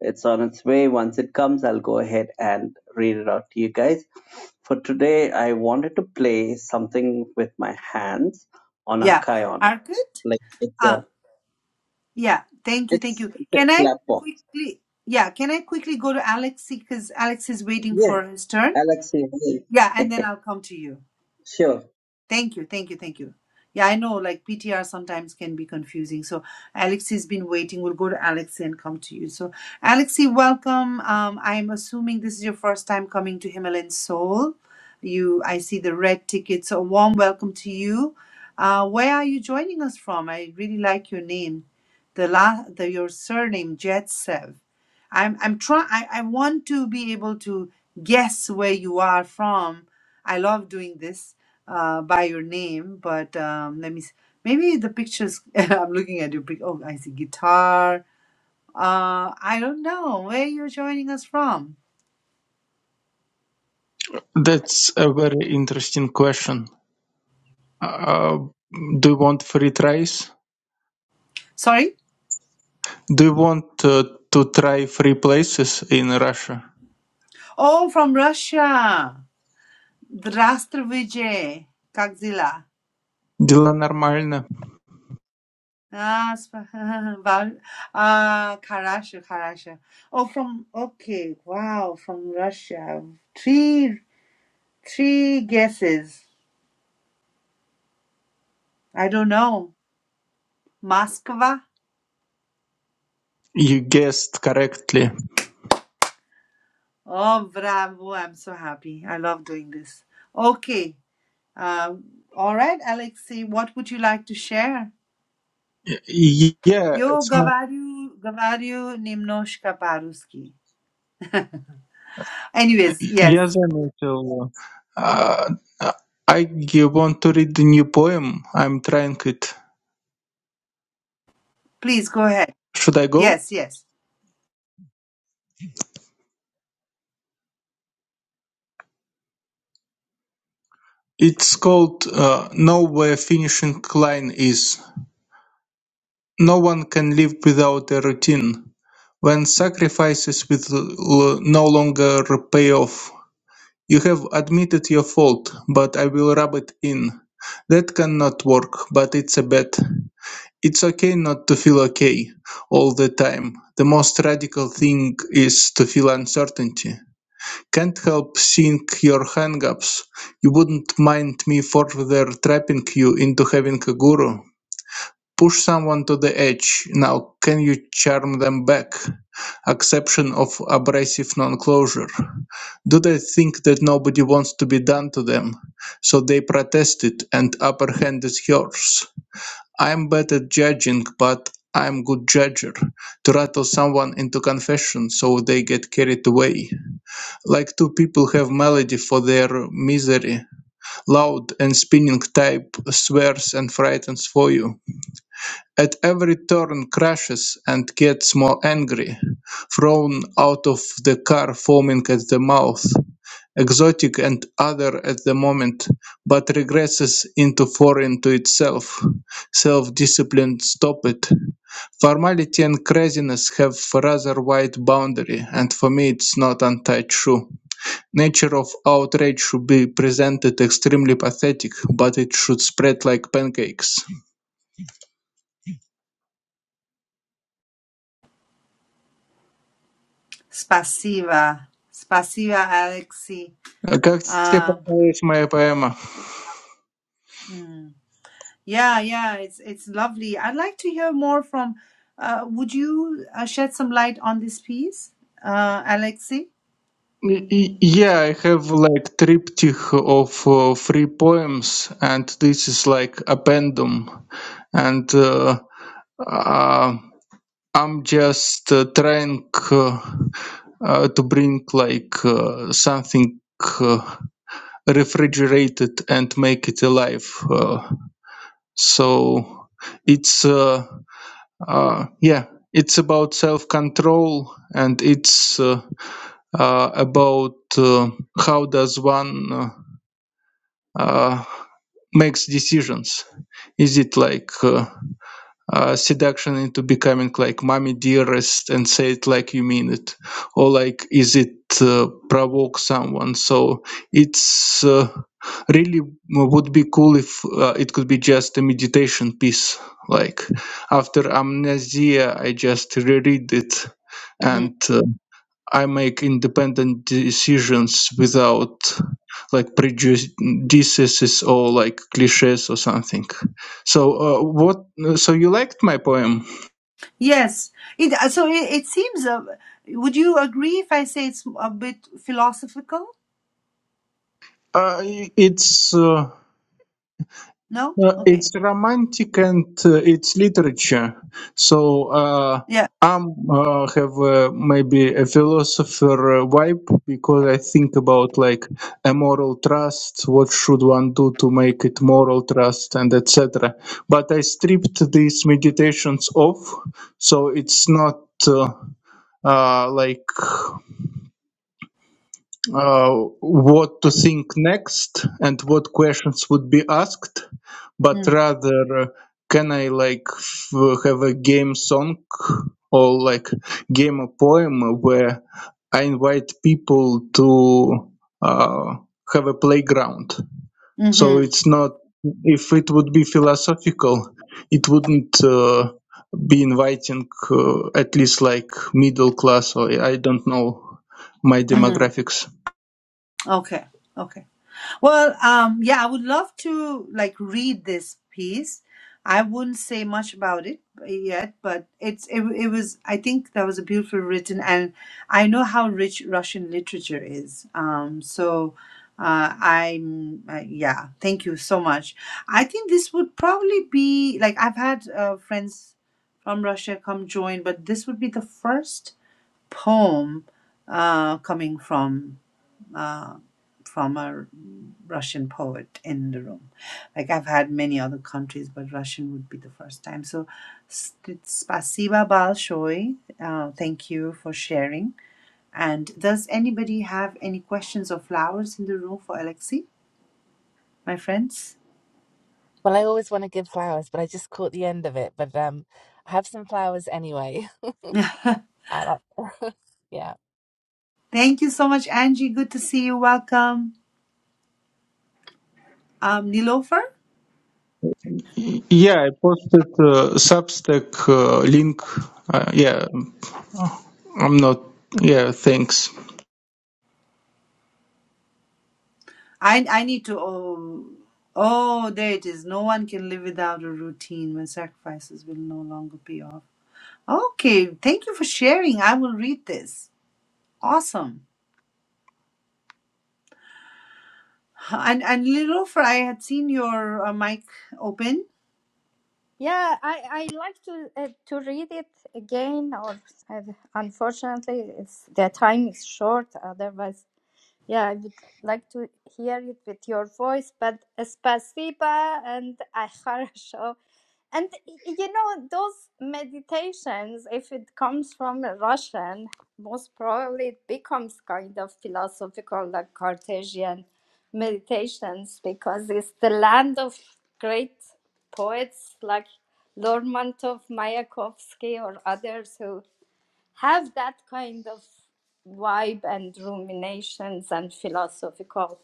[SPEAKER 11] It's on its way. Once it comes, I'll go ahead and read it out to you guys. For today, I wanted to play something with my hands on a
[SPEAKER 1] Yeah,
[SPEAKER 11] Kion.
[SPEAKER 1] Arkit.
[SPEAKER 11] Like it's a
[SPEAKER 1] Uh, yeah. Thank you, thank
[SPEAKER 11] it's
[SPEAKER 1] you.
[SPEAKER 11] it's a
[SPEAKER 1] Can I
[SPEAKER 11] clap box.
[SPEAKER 1] quickly? Yeah, can I quickly go to Alexi because Alex is waiting
[SPEAKER 11] Yeah,
[SPEAKER 1] for his turn.
[SPEAKER 11] Alexei,
[SPEAKER 1] Yeah, and then I'll come to you.
[SPEAKER 11] sure.
[SPEAKER 1] Thank you, thank you, thank you. Yeah, I know like PTR sometimes can be confusing. So Alexi's been waiting. We'll go to Alexi and come to you. So Alexi, welcome. Um, I'm assuming this is your first time coming to Himalayan Soul. You, I see the red ticket. So a warm welcome to you. Uh, where are you joining us from? I really like your name, the la, the your surname Jetsev. I'm I'm trying. I I want to be able to guess where you are from. I love doing this uh, by your name, but um, let me. See. Maybe the pictures. I'm looking at your pic. Oh, I see guitar. Uh, I don't know where you're joining us from.
[SPEAKER 10] That's a very interesting question. Uh, do you want free tries?
[SPEAKER 1] Sorry.
[SPEAKER 10] Do you want uh, to try free places in Russia?
[SPEAKER 1] Oh, from Russia. Здравствуйте, как дела?
[SPEAKER 10] Дела нормально.
[SPEAKER 1] Ah, sp- Val- ah, хорошо, хорошо. Oh, from okay. Wow, from Russia. Three, three guesses. I don't know. Moscow.
[SPEAKER 10] You guessed correctly.
[SPEAKER 1] Oh, bravo. I'm so happy. I love doing this. Okay. Um, all right, Alexei, what would you like to share?
[SPEAKER 10] Y- Yeah,
[SPEAKER 1] Yo
[SPEAKER 10] см-
[SPEAKER 1] говорю, говорю немножко по Anyways,
[SPEAKER 10] я
[SPEAKER 1] yes.
[SPEAKER 10] заметил. Uh, I want to read the new poem. I'm trying it.
[SPEAKER 1] Please go ahead.
[SPEAKER 10] Should I go?
[SPEAKER 1] Yes, yes.
[SPEAKER 10] It's called uh, know where finishing line is. No one can live without a routine. When sacrifices will no longer pay off. You have admitted your fault, but I will rub it in. That cannot work, but it's a bet. It's okay not to feel okay all the time. The most radical thing is to feel uncertainty. Can't help seeing your hangups. You wouldn't mind me further trapping you into having a guru? Push someone to the edge. Now can you charm them back? Acception of abrasive non-closure. Do they think that nobody wants to be done to them? So they protest it and upper hand is yours. I'm bad at judging, but I'm good judger. To rattle someone into confession so they get carried away. Like two people have melody for their misery, loud and spinning type swears and frightens for you. At every turn crashes and gets more angry, thrown out of the car foaming at the mouth, exotic and other at the moment, but regresses into foreign to itself. Self-discipline stop it. Formality and craziness have rather wide boundary, and for me it's not untied shoe. Nature of outrage should be presented extremely pathetic, but it should spread like pancakes.
[SPEAKER 1] Спасибо. Спасибо, Alexei.
[SPEAKER 10] Uh, Как тебе
[SPEAKER 1] Um,
[SPEAKER 10] понравилась моя поэма?
[SPEAKER 1] hmm. Yeah, yeah, it's it's lovely. I'd like to hear more from uh, would you uh, shed some light on this piece, uh, Alexei?
[SPEAKER 10] Yeah, I have like triptych of uh, three poems, and this is like appendum. And uh, uh, I'm just uh, trying uh, uh, to bring like uh, something uh, refrigerated and make it alive. Uh, so it's uh, uh, yeah it's about self-control and it's uh, uh, about uh, how does one uh, uh, makes decisions is it like uh, uh, seduction into becoming like mommy dearest and say it like you mean it or like is it uh, provoke someone so it's uh, really would be cool if uh, it could be just a meditation piece like after amnesia i just reread it
[SPEAKER 1] Hmm.
[SPEAKER 10] and uh, I make independent decisions without like prejudices or like cliches or something. So uh, what? So you liked my poem?
[SPEAKER 1] Yes, it uh, so it, it seems. Uh, would you agree if I say it's a bit philosophical?
[SPEAKER 10] Uh, it's. Uh,
[SPEAKER 1] No.
[SPEAKER 10] Uh, it's
[SPEAKER 1] Okay.
[SPEAKER 10] romantic and uh, it's literature. So uh,
[SPEAKER 1] Yeah.
[SPEAKER 10] I'm uh, have uh, maybe a philosopher uh, vibe because I think about like a moral trust, what should one do to make it moral trust, and etc. But I stripped these meditations off, so it's not uh, uh, like uh, what to think next and what questions would be asked, but
[SPEAKER 1] Mm.
[SPEAKER 10] rather uh, can I like f- have a game song or like game a poem where I invite people to uh, have a playground. So
[SPEAKER 1] Hmm.
[SPEAKER 10] it's not if it would be philosophical, it wouldn't. Uh, be inviting uh, at least like middle class or i don't know my
[SPEAKER 1] Mm.
[SPEAKER 10] demographics
[SPEAKER 1] Okay. Okay. Well, um, yeah, I would love to like read this piece. I wouldn't say much about it yet, but it's it, it was I think that was a beautiful written, and I know how rich Russian literature is. Um, so uh, I'm uh, yeah, thank you so much. I think this would probably be like I've had uh, friends from Russia come join, but this would be the first poem uh, coming from. uh from a Russian poet in the room. Like I've had many other countries, but Russian would be the first time. So, s- spasiba balshoi. Uh, thank you for sharing. And does anybody have any questions or flowers in the room for Alexei, my friends?
[SPEAKER 12] Well, I always want to give flowers, but I just caught the end of it. But um, I have some flowers anyway. I'll- yeah.
[SPEAKER 1] thank you so much, Angie. Good to see you. Welcome, um, Nilofer.
[SPEAKER 10] Yeah, I posted uh, Substack uh, link. Uh, yeah, I'm not. Yeah, thanks.
[SPEAKER 1] I I need to. Oh, oh, there it is. No one can live without a routine when sacrifices will no longer be optional. Okay, thank you for sharing. I will read this. Awesome. And and Lilofer, I had seen your uh, mic open.
[SPEAKER 3] Yeah, I, I like to uh, to read it again. Or uh, unfortunately, it's the time is short. Otherwise, yeah, I would like to hear it with your voice. But Spasiba and Akharasho. And you know those meditations, if it comes from a Russian, most probably it becomes kind of philosophical like cartesian meditations because it's the land of great poets like lermontov mayakovsky or others who have that kind of vibe and ruminations and philosophical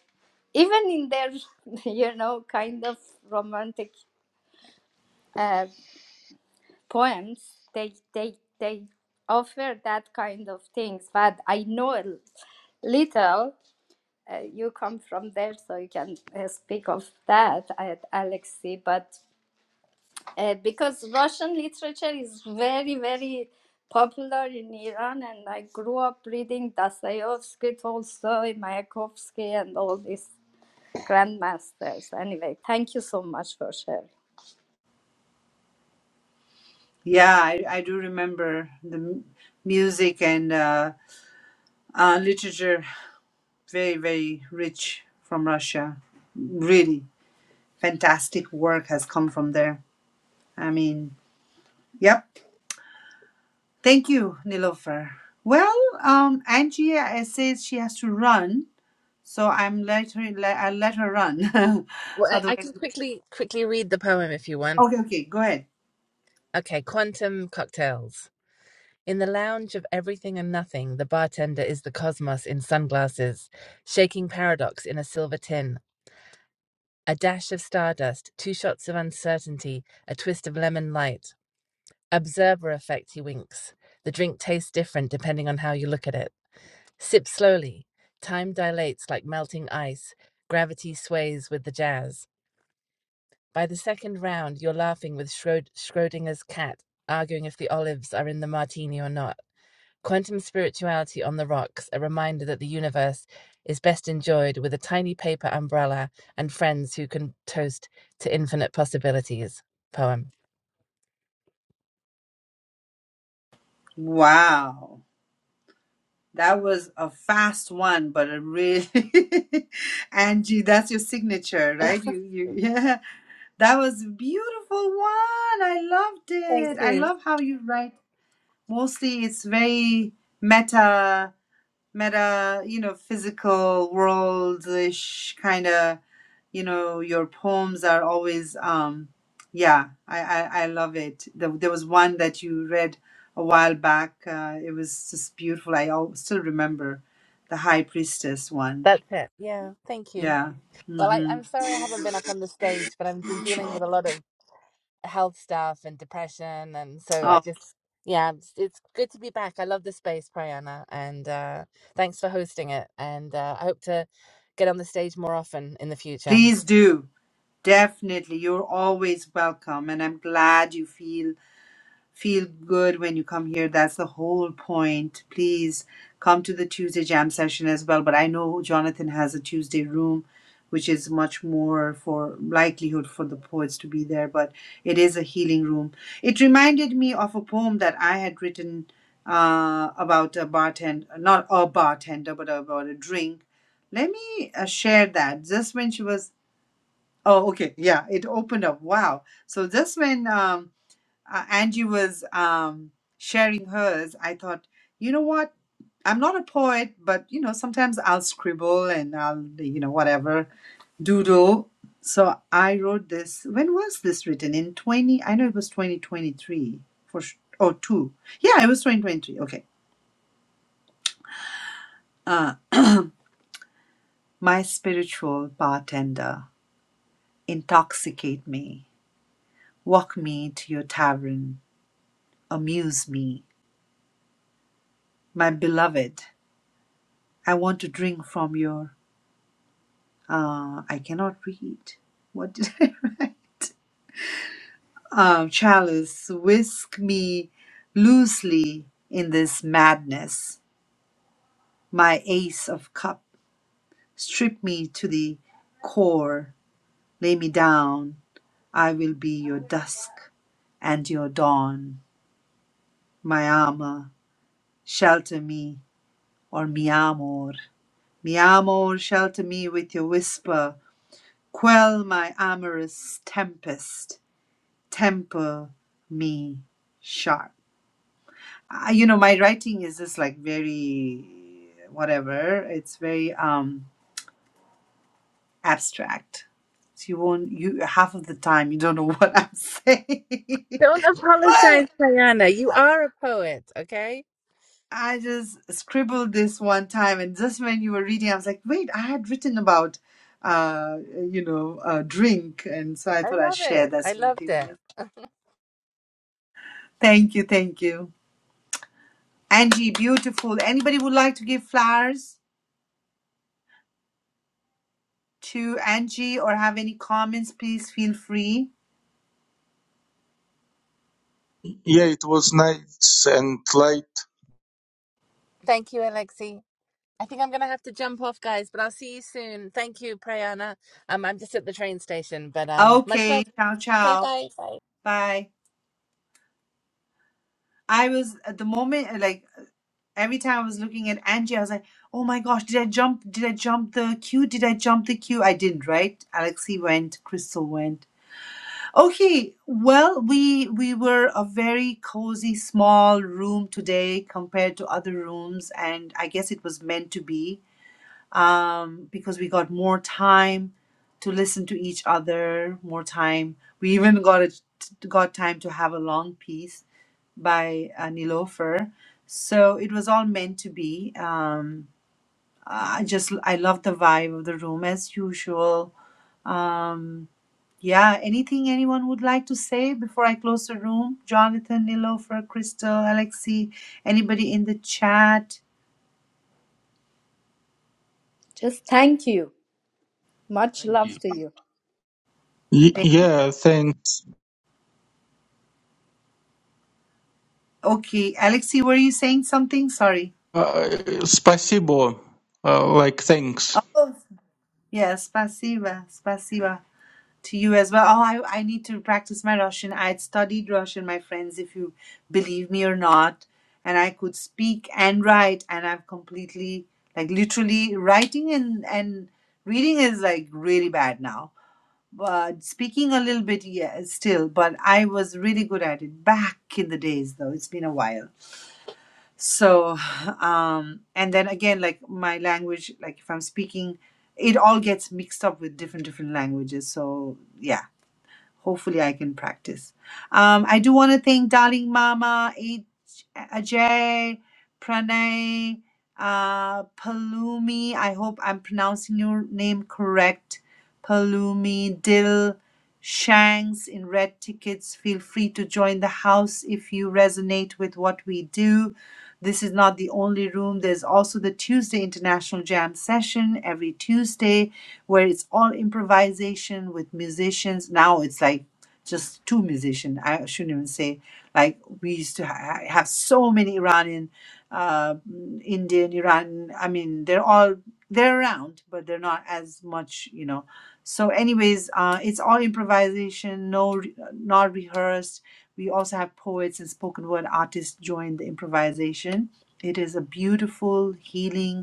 [SPEAKER 3] even in their you know kind of romantic uh, poems they they they offer that kind of things but i know a l- little uh, you come from there so you can uh, speak of that at alexei but uh, because russian literature is very very popular in iran and i grew up reading dostoevsky tolstoy mayakovsky and all these grandmasters anyway thank you so much for sharing
[SPEAKER 1] Yeah, I, I do remember the m- music and uh, uh, literature. Very very rich from Russia. Really fantastic work has come from there. I mean, yep. Thank you, Nilofer. Well, um, Angie uh, says she has to run, so I'm let her. Let, I let her run.
[SPEAKER 12] Well, I, I
[SPEAKER 1] Otherwise.
[SPEAKER 12] can quickly quickly read the poem if you want.
[SPEAKER 1] Okay, okay, go ahead.
[SPEAKER 12] Okay, Quantum Cocktails. In the lounge of everything and nothing, the bartender is the cosmos in sunglasses, shaking paradox in a silver tin. A dash of stardust, two shots of uncertainty, a twist of lemon light. Observer effect, he winks. The drink tastes different depending on how you look at it. Sip slowly. Time dilates like melting ice. Gravity sways with the jazz. By the second round, you're laughing with Schrodinger's cat, arguing if the olives are in the martini or not. Quantum spirituality on the rocks, a reminder that the universe is best enjoyed with a tiny paper umbrella and friends who can toast to infinite possibilities. Poem.
[SPEAKER 1] Wow. That was a fast one, but a really Angie, that's your signature, right? You you yeah. That was a beautiful one. I loved
[SPEAKER 12] Thank
[SPEAKER 1] it. I
[SPEAKER 12] you.
[SPEAKER 1] love how you write. Mostly it's very meta meta, you know, physical world-ish kind of, you know, your poems are always, um, yeah, I, I, I love it. There, there was one that you read a while back. Uh, it was just beautiful. I al- still remember the High Priestess one.
[SPEAKER 12] That's it. Yeah, thank you.
[SPEAKER 1] Yeah.
[SPEAKER 12] Well, I,
[SPEAKER 1] Mm-hmm.
[SPEAKER 12] I'm sorry I haven't been up on the stage, but I've been dealing with a lot of health stuff and depression, and so I
[SPEAKER 1] Oh,
[SPEAKER 12] just, yeah, it's, it's good to be back. I love the space, Prayana, and uh, thanks for hosting it. And uh, I hope to get on the stage more often in the future.
[SPEAKER 1] please do. Definitely. You're always welcome. And I'm glad you feel feel good when you come here. That's the whole point. Please come to the Tuesday jam session as well. But I know Jonathan has a Tuesday room, which is much more for likelihood for the poets to be there. But it is a healing room. It reminded me of a poem that I had written uh, about a bartender, not a bartender, but about a drink. Let me uh, share that. Just when she was, oh, okay, yeah, it opened up. Wow. So just when um, uh, Angie was um, sharing hers, I thought, you know what? I'm not a poet, but you know, sometimes I'll scribble and I'll, you know, whatever, doodle. So I wrote this. When was this written? In 20, I know it was 2023 for, sh- or two. Yeah, it was 2023. Okay. Uh, my spiritual bartender, intoxicate me, walk me to your tavern, amuse me. My beloved, I want to drink from your Uh, I cannot read. What did I write? Um, Chalice, whisk me loosely in this madness. My ace of cup, strip me to the core. Lay me down. I will be your dusk and your dawn. My ama, shelter me, or mi amor. Mi amor, shelter me with your whisper. Quell my amorous tempest. temper me sharp. I, you know, my writing is just like very whatever. It's very um abstract. So you won't you half of the time you don't know what I'm saying. but
[SPEAKER 12] Don't apologize, Prayana. You
[SPEAKER 1] I
[SPEAKER 12] are a poet, okay?
[SPEAKER 1] I just scribbled this one time, and just when you were reading, I was like, wait, I had written about uh you know uh drink and so i
[SPEAKER 12] I
[SPEAKER 1] thought i'd
[SPEAKER 12] love
[SPEAKER 1] share
[SPEAKER 12] it. I
[SPEAKER 1] that with
[SPEAKER 12] loved
[SPEAKER 1] people
[SPEAKER 12] it.
[SPEAKER 1] thank you thank you angie beautiful anybody would like to give flowers to Angie or have any comments, please feel free.
[SPEAKER 10] Yeah, it was nice and light.
[SPEAKER 12] Thank you, Alexi. I think I'm going to have to jump off, guys, but I'll see you soon. Thank you, Prayana. Um, I'm just at the train station, but um, much
[SPEAKER 1] Okay,
[SPEAKER 12] love.
[SPEAKER 1] ciao,
[SPEAKER 12] Say
[SPEAKER 1] ciao.
[SPEAKER 12] bye. Bye.
[SPEAKER 1] Bye. I was at the moment, like every time I was looking at Angie, I was like, oh my gosh, did I jump? Did I jump the queue? Did I jump the queue? I didn't, right? Alexi went, Crystal went. Okay, well, we we were a very cozy small room today compared to other rooms, and I guess it was meant to be um, because we got more time to listen to each other, more time. We even got a, got time to have a long piece by uh, Nilofer. So it was all meant to be. Um, I just I love the vibe of the room as usual. Um, yeah, anything anyone would like to say before I close the room? Jonathan, Nilofer, Crystal, Alexi, anybody in the chat?
[SPEAKER 3] just thank you much
[SPEAKER 2] Thank you.
[SPEAKER 3] love to you
[SPEAKER 10] Y- yeah, thanks.
[SPEAKER 1] Okay, Alexi, were you saying something? Sorry.
[SPEAKER 10] Uh, спасибо. Uh, like thanks.
[SPEAKER 1] Oh. Yes, spasiba, spasiba to you as well. Oh, I, I need to practice my Russian. I had studied Russian, my friends, if you believe me or not. And I could speak and write, and I'm completely, like, literally writing and, and reading is like really bad now. But speaking a little bit, yeah, still, but I was really good at it back in the days, though. It's been a while so um and then again like my language like if i'm speaking it all gets mixed up with different different languages so yeah Hopefully, I can practice. Um, I do want to thank Darling Mama, Aj- Ajay, Pranay, uh, Palumi. I hope I'm pronouncing your name correct. Palumi, Dil, Shanks in red tickets. Feel free to join the house if you resonate with what we do. This is not the only room. There's also the Tuesday International Jam session every Tuesday where it's all improvisation with musicians. Now it's like just two musicians. I shouldn't even say like we used to ha- have so many Iranian, uh, Indian, Iran. I mean, they're all they're around, but they're not as much, you know. So, anyways, uh, it's all improvisation, no, re- not rehearsed. We also have poets and spoken word artists join the improvisation. It is a beautiful healing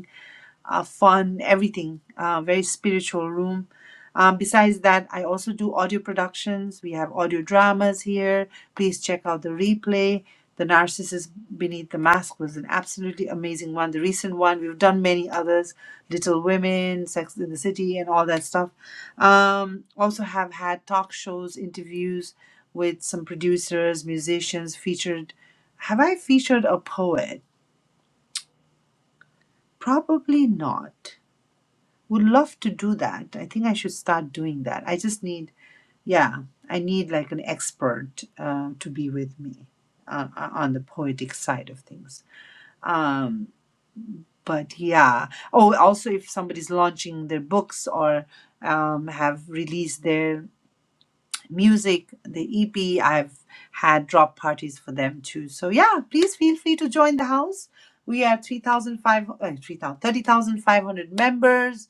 [SPEAKER 1] uh, fun, everything. Uh, very spiritual room. Um, besides that, I also do audio productions. We have audio dramas here. Please check out the replay. The Narcissist Beneath the Mask was an absolutely amazing one. The recent one, we've done many others Little Women, Sex in the City, and all that stuff. Um, also, have had talk shows, interviews with some producers, musicians, featured. Have I featured a poet? Probably not would love to do that. I think I should start doing that. I just need, yeah, I need like an expert uh, to be with me uh, uh, on the poetic side of things. Um, but yeah. Oh, also, if somebody's launching their books or um, have released their music, the EP. I've had drop parties for them too. So yeah, please feel free to join the house. We are three thousand five, uh, three uh, 3,000 members.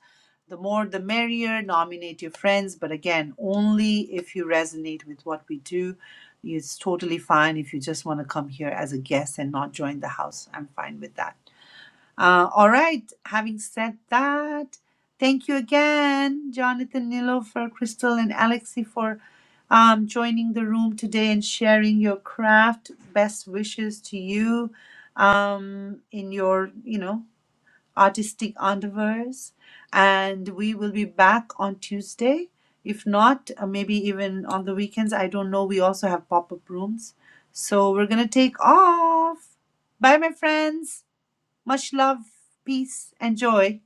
[SPEAKER 1] The more the merrier. Nominate your friends, but again, only if you resonate with what we do. It's totally fine if you just want to come here as a guest and not join the house. I'm fine with that. Uh, all right. Having said that, thank you again, Jonathan, Nilofer, Crystal, and Alexi for um, joining the room today and sharing your craft. Best wishes to you um, in your, you know, artistic endeavors. And we will be back on Tuesday. If not, uh, maybe even on the weekends. I don't know. We also have pop up rooms. So we're going to take off. Bye, my friends. Much love, peace, and joy.